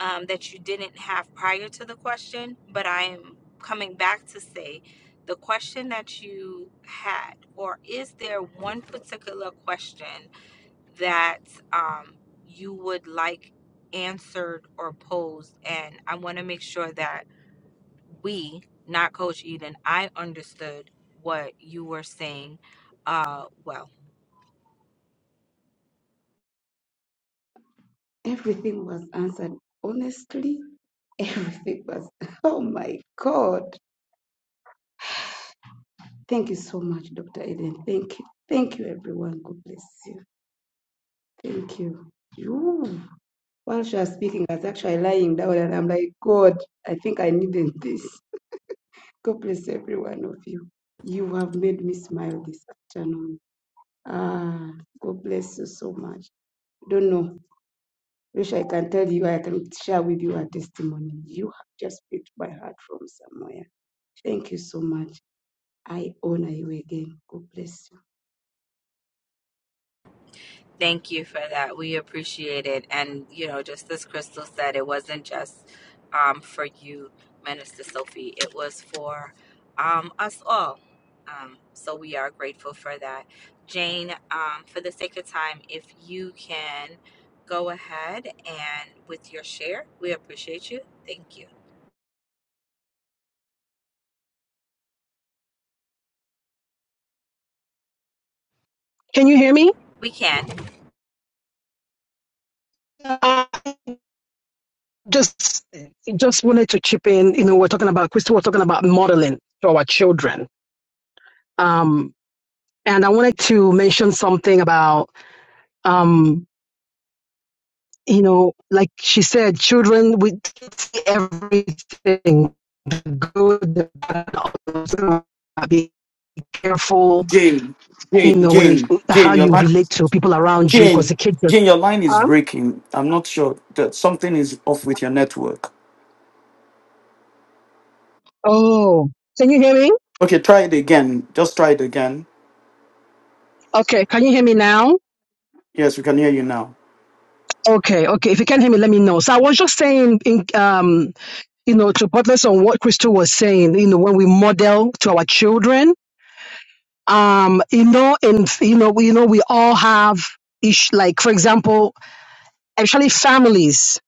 Speaker 6: um, that you didn't have prior to the question, but I am coming back to say the question that you had, or is there one particular question that um, you would like answered or posed. And I want to make sure that we, not Coach Eden, I understood what you were saying uh, well.
Speaker 2: I- everything was answered. Honestly, everything was. Oh my God. Thank you so much, Dr. Eden. Thank you. Thank you, everyone. God bless you. Thank you. You. While she was speaking, I was actually lying down and I'm like, God, I think I needed this. God bless every one of you. You have made me smile this afternoon. Ah, God bless you so much. I don't know. Wish I can tell you, I can share with you a testimony. You have just picked my heart from somewhere. Thank you so much. I honor you again. God bless you.
Speaker 6: Thank you for that. We appreciate it. And, you know, just as Crystal said, it wasn't just um, for you, Minister Sophie, it was for um, us all. Um, so we are grateful for that. Jane, um, for the sake of time, if you can go ahead and with your share, we appreciate you. Thank you.
Speaker 5: Can you hear me?
Speaker 6: We can.
Speaker 5: Uh, just just wanted to chip in. You know, we're talking about Crystal. We're talking about modeling to our children. Um, and I wanted to mention something about um, you know, like she said, children we see everything good, the bad, all those things. be careful.
Speaker 10: Jane,
Speaker 5: You
Speaker 10: Jane,
Speaker 5: know, when you
Speaker 10: Jane,
Speaker 5: how
Speaker 10: Jane, your
Speaker 5: you
Speaker 10: line,
Speaker 5: relate to people around you, because
Speaker 10: Jane,
Speaker 5: the kids
Speaker 10: Jane, your line is
Speaker 5: are
Speaker 10: breaking. I'm not sure that something is off with your network.
Speaker 5: Oh, can you hear me?
Speaker 10: Okay, try it again. Just try it again.
Speaker 5: Okay, can you hear me now?
Speaker 10: Yes, we can hear you now.
Speaker 5: Okay, okay. If you can't hear me, let me know. So I was just saying, in, um, you know, to buttress on what Crystal was saying, you know, when we model to our children, um, you know, and you know, we, you know, we all have, ish, like for example, actually families.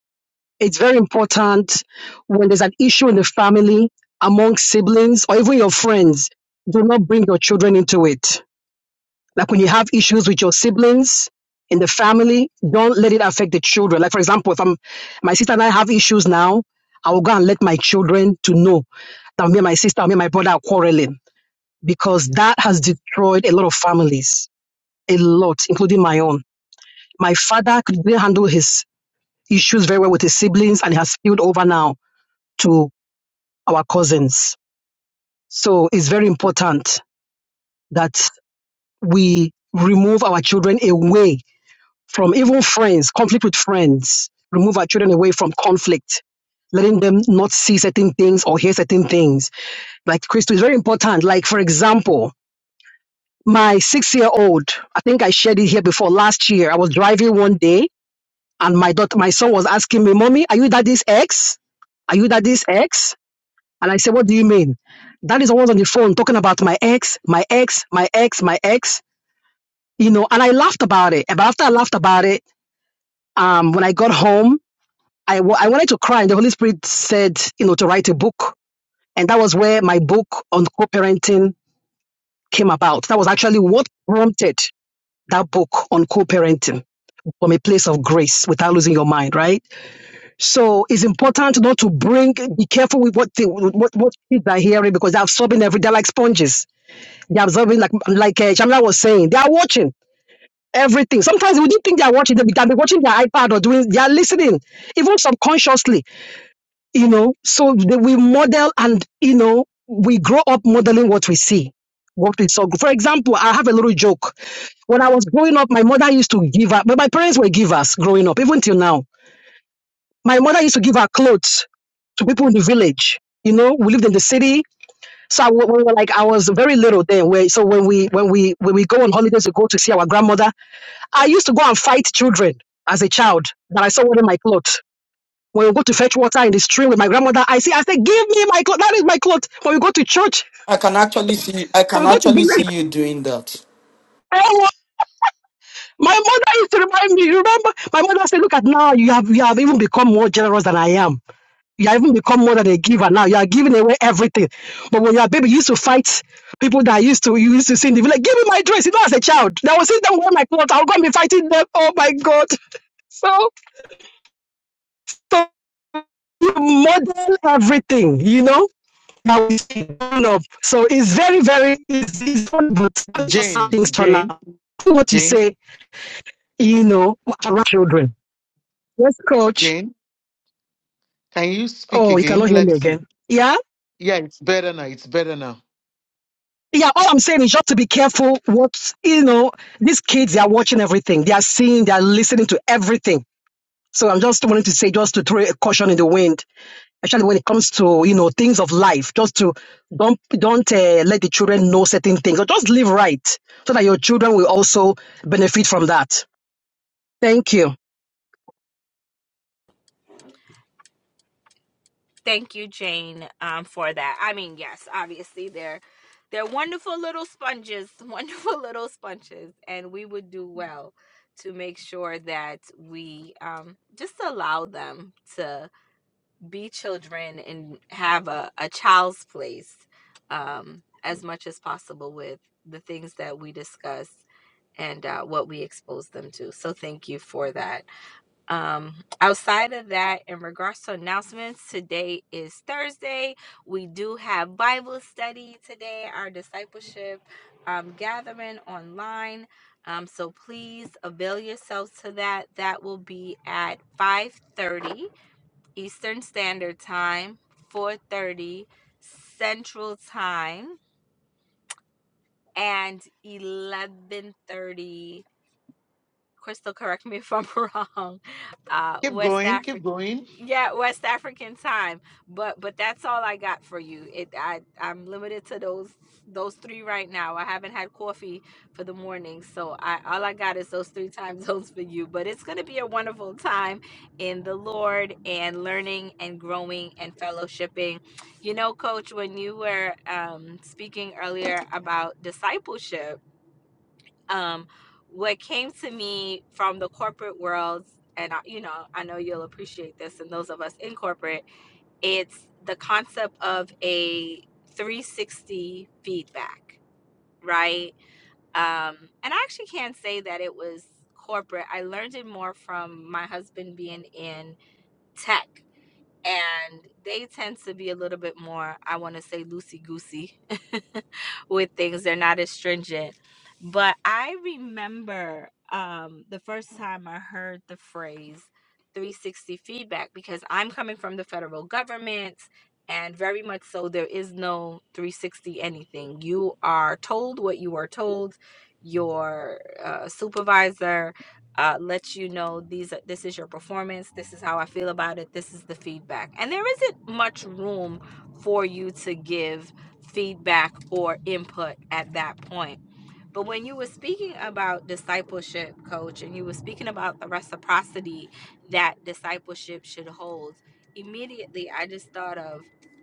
Speaker 5: It's very important when there's an issue in the family among siblings or even your friends. Do not bring your children into it Like when you have issues with your siblings in the family, don't let it affect the children. Like for example, if I'm my sister and I have issues now, I will go and let my children to know that me and my sister, me and my brother are quarreling because that has destroyed a lot of families, a lot, including my own. My father could not handle his issues very well with his siblings, and it has spilled over now to our cousins. So it's very important that we remove our children away from even friends, conflict with friends, remove our children away from conflict, letting them not see certain things or hear certain things. Like Christo is very important. Like, for example, my six year old, I think I shared it here before last year. I was driving one day and my daughter, my son was asking me, Mommy, are you daddy's ex? Are you daddy's ex? And I said, What do you mean? That is always on the phone talking about my ex, my ex, my ex, my ex. You know, and I laughed about it. But after I laughed about it, um, when I got home, I w- I wanted to cry, and the Holy Spirit said, you know, to write a book. And that was where my book on co parenting came about. That was actually what prompted that book on co parenting from a place of grace without losing your mind, right? So it's important not to bring, be careful with what the, what, what kids are hearing because they're absorbing everything they're like sponges. They're absorbing, like, like uh, Shamla was saying, they are watching everything. Sometimes we didn't think they are watching, they can be watching their iPad or doing, they are listening, even subconsciously you know so they, we model and you know we grow up modeling what we see what we saw for example i have a little joke when i was growing up my mother used to give her but my parents were givers growing up even till now my mother used to give her clothes to people in the village you know we lived in the city so I, wa- we were like I was very little then. Where, so when we when we when we go on holidays, we go to see our grandmother. I used to go and fight children as a child that I saw wearing my clothes. When we go to fetch water in the stream with my grandmother, I see, I say, give me my cloth. That is my cloth. When we go to church,
Speaker 10: I can actually see I
Speaker 5: when
Speaker 10: can
Speaker 5: we go to
Speaker 10: actually see
Speaker 5: believe,
Speaker 10: you doing that.
Speaker 5: my mother used to remind me, You remember? My mother said, look at now, you have, you have even become more generous than I am. You have even become more than a giver now. You are giving away everything. But when you are a baby, you used to fight people that used to, you used to see in the village, give me my dress. You know, as a child, they will see them wear my clothes. I'll go and be fighting them. Oh my God. So, so you model everything, you know? now we see kind of. So it's very, very easy, but just how
Speaker 4: jane
Speaker 5: things turn
Speaker 4: jane
Speaker 5: out. What you
Speaker 4: jane
Speaker 5: say, you know, around children. Yes, coach.
Speaker 4: jane can you speak
Speaker 5: Oh, you
Speaker 4: again
Speaker 5: cannot hear me
Speaker 4: let's see
Speaker 5: again. Yeah.
Speaker 4: yeah it's better now it's better now
Speaker 5: Yeah, all I'm saying is just to be careful what, you know, these kids, they are watching everything. They are seeing, they are listening to everything. So I'm just wanting to say, just to throw a caution in the wind especially when it comes to you know things of life just to don't don't uh, let the children know certain things or just live right so that your children will also benefit from that thank you
Speaker 6: Thank you, Jane, um, for that. I mean, yes, obviously they're they're wonderful little sponges, wonderful little sponges, and we would do well to make sure that we um, just allow them to be children and have a, a child's place um, as much as possible with the things that we discuss and uh, what we expose them to. So, thank you for that. Um, outside of that, in regards to announcements, today is Thursday. We do have Bible study today, our discipleship um, gathering online. Um, so please avail yourselves to that. That will be at 5:30 Eastern Standard Time, 4:30 Central Time, and 11:30 Crystal, correct me if I'm wrong. Uh,
Speaker 4: keep
Speaker 6: West
Speaker 4: going keep
Speaker 6: African,
Speaker 4: going
Speaker 6: yeah, West African time. But but that's all I got for you. It I I'm limited to those those three right now. I haven't had coffee for the morning, so I all I got is those three time zones for you. But it's gonna be a wonderful time in the Lord and learning and growing and fellowshipping. You know, Coach, when you were um, speaking earlier about discipleship um, what came to me from the corporate world, and I, you know, I know you'll appreciate this, and those of us in corporate, it's the concept of a 360 feedback, right? Um, and I actually can't say that it was corporate. I learned it more from my husband being in tech, and they tend to be a little bit more, I want to say, loosey goosey with things. They're not as stringent. But I remember um, the first time I heard the phrase 360 feedback because I'm coming from the federal government and very much so there is no 360 anything. You are told what you are told. Your uh, supervisor uh, lets you know these are, this is your performance. This is how I feel about it. This is the feedback. And there isn't much room for you to give feedback or input at that point. But when you were speaking about discipleship, coach, and you were speaking about the reciprocity that discipleship should hold, immediately I just thought of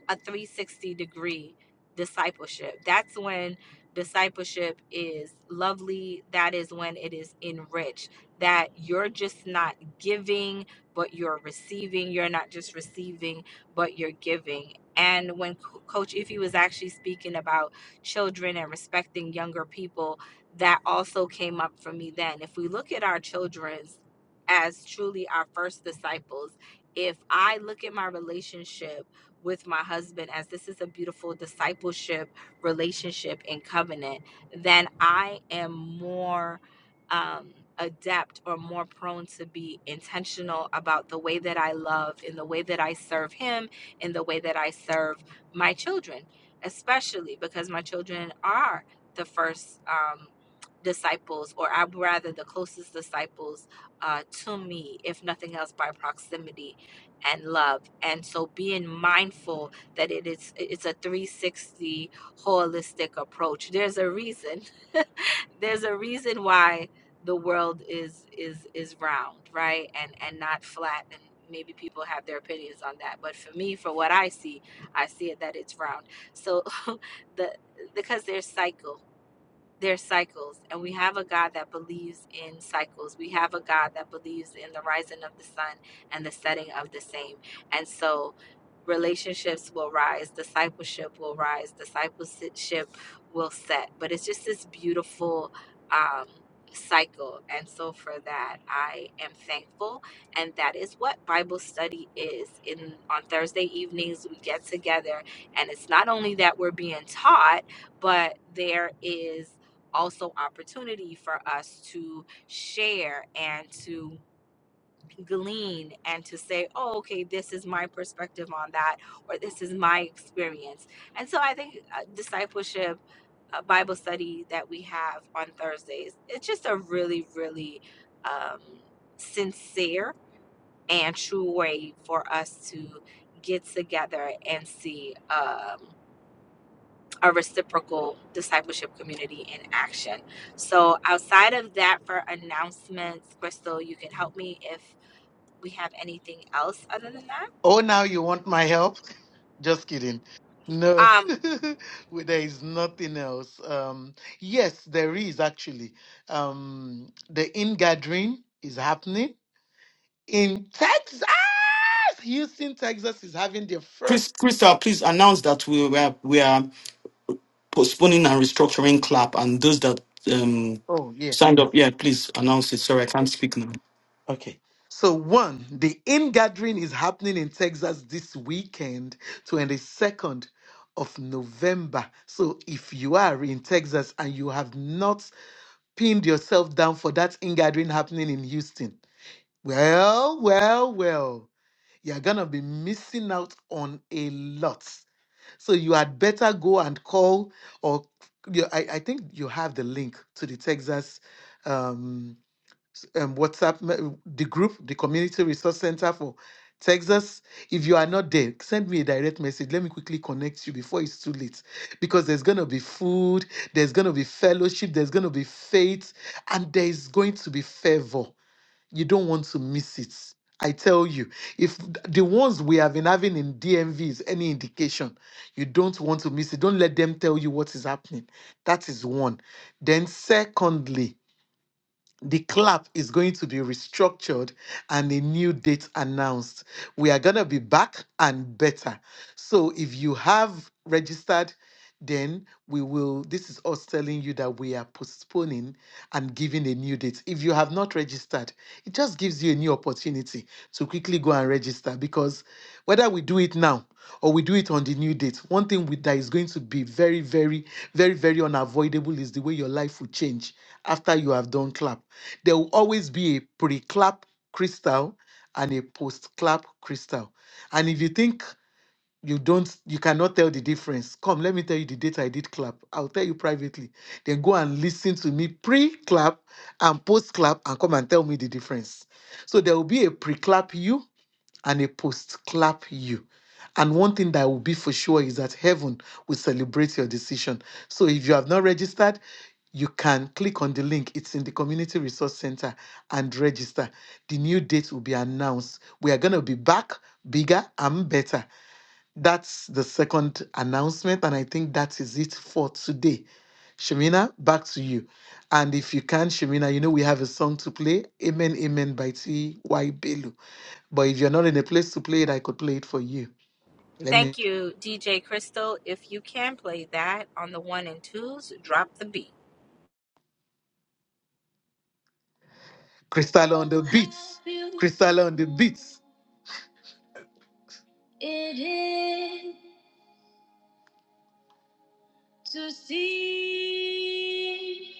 Speaker 6: a 360 degree discipleship. That's when discipleship is lovely, that is when it is enriched, that you're just not giving, but you're receiving. You're not just receiving, but you're giving. And when Co- Coach Iffy was actually speaking about children and respecting younger people, that also came up for me then. If we look at our children as truly our first disciples, if I look at my relationship with my husband as this is a beautiful discipleship relationship and covenant, then I am more um, adept or more prone to be intentional about the way that I love, in the way that I serve him, in the way that I serve my children, especially because my children are the first. Um, disciples, or I rather the closest disciples uh, to me, if nothing else, by proximity and love. And so being mindful that it is it's a 360 holistic approach. There's a reason. There's a reason why the world is is is round, right? And and not flat and maybe people have their opinions on that. But for me, for what I see, I see it that it's round. So the because there's cycle their cycles and we have a god that believes in cycles we have a god that believes in the rising of the sun and the setting of the same and so relationships will rise discipleship will rise discipleship will set but it's just this beautiful um cycle and so for that i am thankful and that is what bible study is in on thursday evenings we get together and it's not only that we're being taught but there is also opportunity for us to share and to glean and to say oh okay this is my perspective on that or this is my experience and so i think uh, discipleship uh, bible study that we have on thursdays it's just a really really um, sincere and true way for us to get together and see um, a reciprocal discipleship community in action. So, outside of that, for announcements, Crystal, you can help me if we have anything else other than that.
Speaker 4: Oh, now you want my help? Just kidding. No,
Speaker 6: Um,
Speaker 4: Well, there is nothing else. Um, yes, there is actually. Um, the ingathering is happening in Texas. Houston, Texas is having their
Speaker 10: Chris
Speaker 4: first.
Speaker 10: Crystal, please announce that we were we are postponing and restructuring clap and those that um
Speaker 4: Oh, yes.
Speaker 10: signed up, yeah, please announce it. Sorry, I can't speak now.
Speaker 4: Okay. So, one, the ingathering is happening in Texas this weekend, 22nd of November. So, if you are in Texas and you have not pinned yourself down for that ingathering happening in Houston. Well, well, well, you're gonna be missing out on a lot. So you had better go and call, or you, I, I think you have the link to the Texas. Um, s- um, WhatsApp, me- the group, the Community Resource Center for Texas. If you are not there, send me a direct message. Let me quickly connect you before it's too late. Because there's going to be food, there's going to be fellowship, there's going to be faith, and there's going to be favor. You don't want to miss it. I tell you, if th- the ones we have been having in DMV is any indication, you don't want to miss it. Don't let them tell you what is happening. That is one. Then, secondly, the clap is going to be restructured and a new date announced. We are going to be back and better. So if you have registered, then we will. This is us telling you that we are postponing and giving a new date. If you have not registered, it just gives you a new opportunity to quickly go and register because whether we do it now or we do it on the new date. One thing with that is going to be very, very, very, very unavoidable is the way your life will change after you have done clap. There will always be a pre clap crystal and a post clap crystal. And if you think you don't, you cannot tell the difference, come, let me tell you the date I did clap. I'll tell you privately. Then go and listen to me pre clap and post clap and come and tell me the difference. So there will be a pre clap you and a post. Clap you. And one thing that will be for sure is that heaven will celebrate your decision. So if you have not registered, you can click on the link. It's in the Community Resource Center and register. The new date will be announced. We are going to be back bigger and better. That's the second announcement, and I think that is it for today. Shemina, back to you. And if you can, Shemina, you know we have a song to play, Amen, Amen by T.Y. Belu. But if you're not in a place to play it, I could play it for you. Let me.
Speaker 6: thank you, DJ Crystal. If you can play that on the one and twos, drop the beat.
Speaker 4: Crystal on the beats. Crystal on the beats. It is to see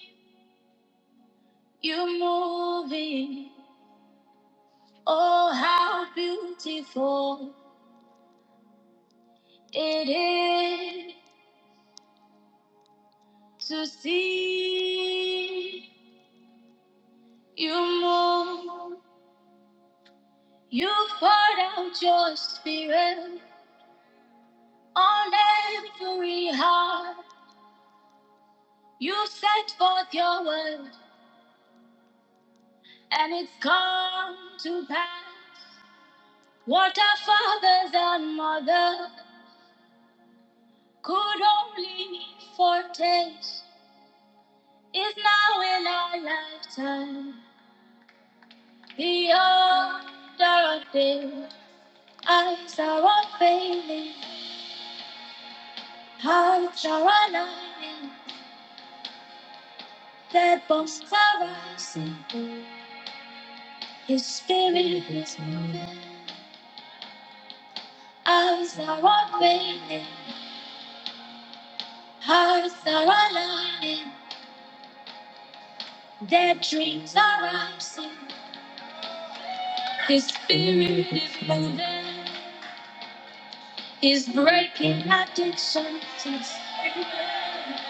Speaker 4: you moving. Oh, how beautiful it is to see you move. You poured out your spirit on every heart. You set forth your word, and it's come to pass. What our fathers and mothers could only foretaste is now in our lifetime. The order of day, eyes are unfailing. How shall I know that bones are rising? His spirit is eyes are opening, hearts are aligning, their dreams are rising. His spirit is moving. is breaking addictions it's everywhere,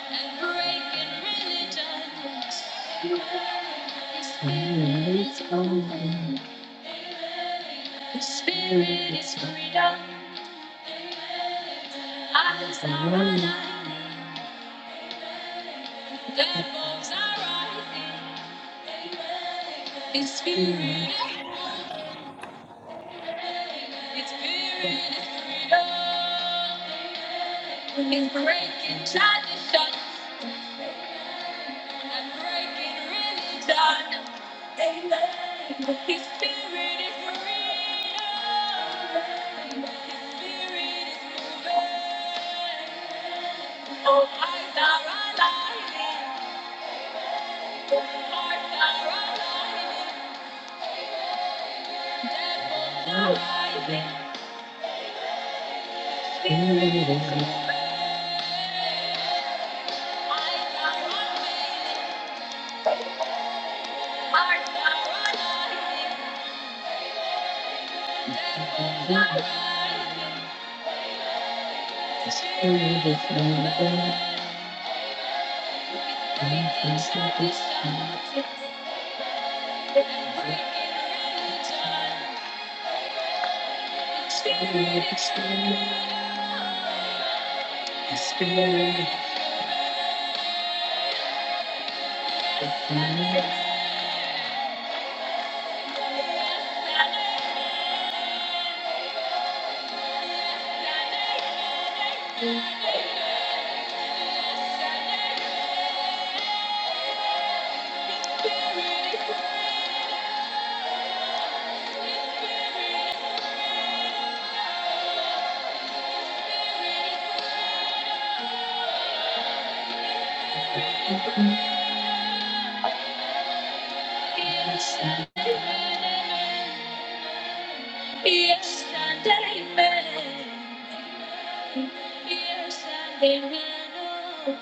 Speaker 4: and breaking religions. His spirit is open. His spirit is freedom. Eyes are aligning. Devils are rising. His spirit is open. It's spirit is freedom. It's breaking traditions and breaking religion. His spirit is freedom. His spirit is moving. Oh, eyes are aligning. Hearts are aligning. Devils are rising. Thank you. Yes, and amen. Yes, and amen. Yes, and amen. Oh,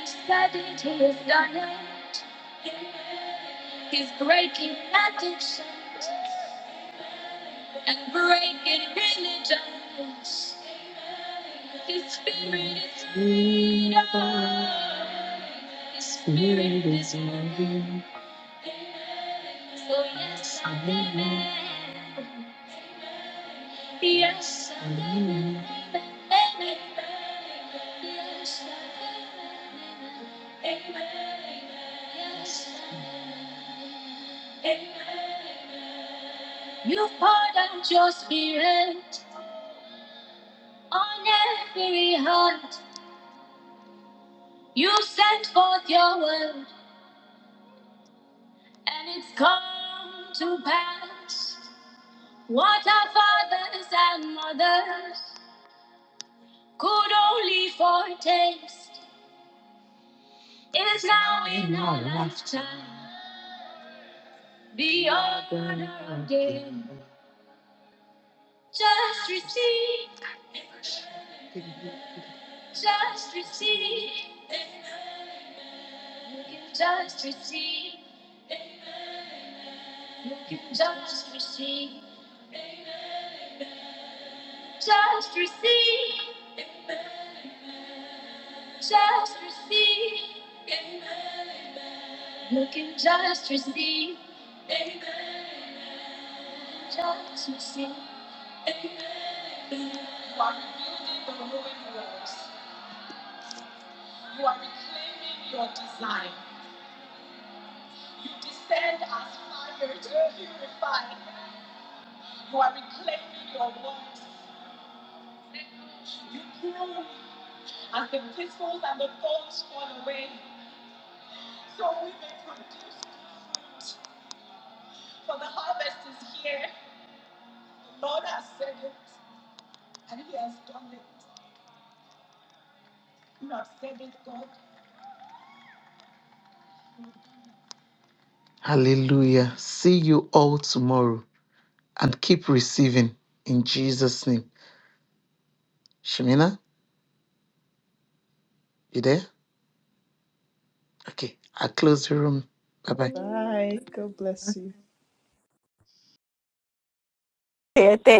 Speaker 4: He's starting to lift on it. He's breaking addictions and breaking religions. His spirit is freedom. His spirit is moving. Oh, yes, I'm amen. Yes, I'm amen. Amen. Yes, I'm amen. Amen. Yes, I'm amen. Amen. You poured out your spirit on every heart. You sent forth your word, and it's come to pass. What our fathers and mothers could only foretaste is now in our lifetime beyond our day. Just receive, just receive, you can just receive, you can just receive, just receive. Just receive. Amen. amen. You can just receive. Amen. amen. Just receive. Amen. amen. You are rebuilding the ruined walls. You are reclaiming your design. You descend as fire to purify. You are- Hallelujah. See you all tomorrow and keep receiving in Jesus' name. Shemina, you there? Okay. I close the room. Bye bye.
Speaker 7: Bye. God bless you.
Speaker 6: Yeah, that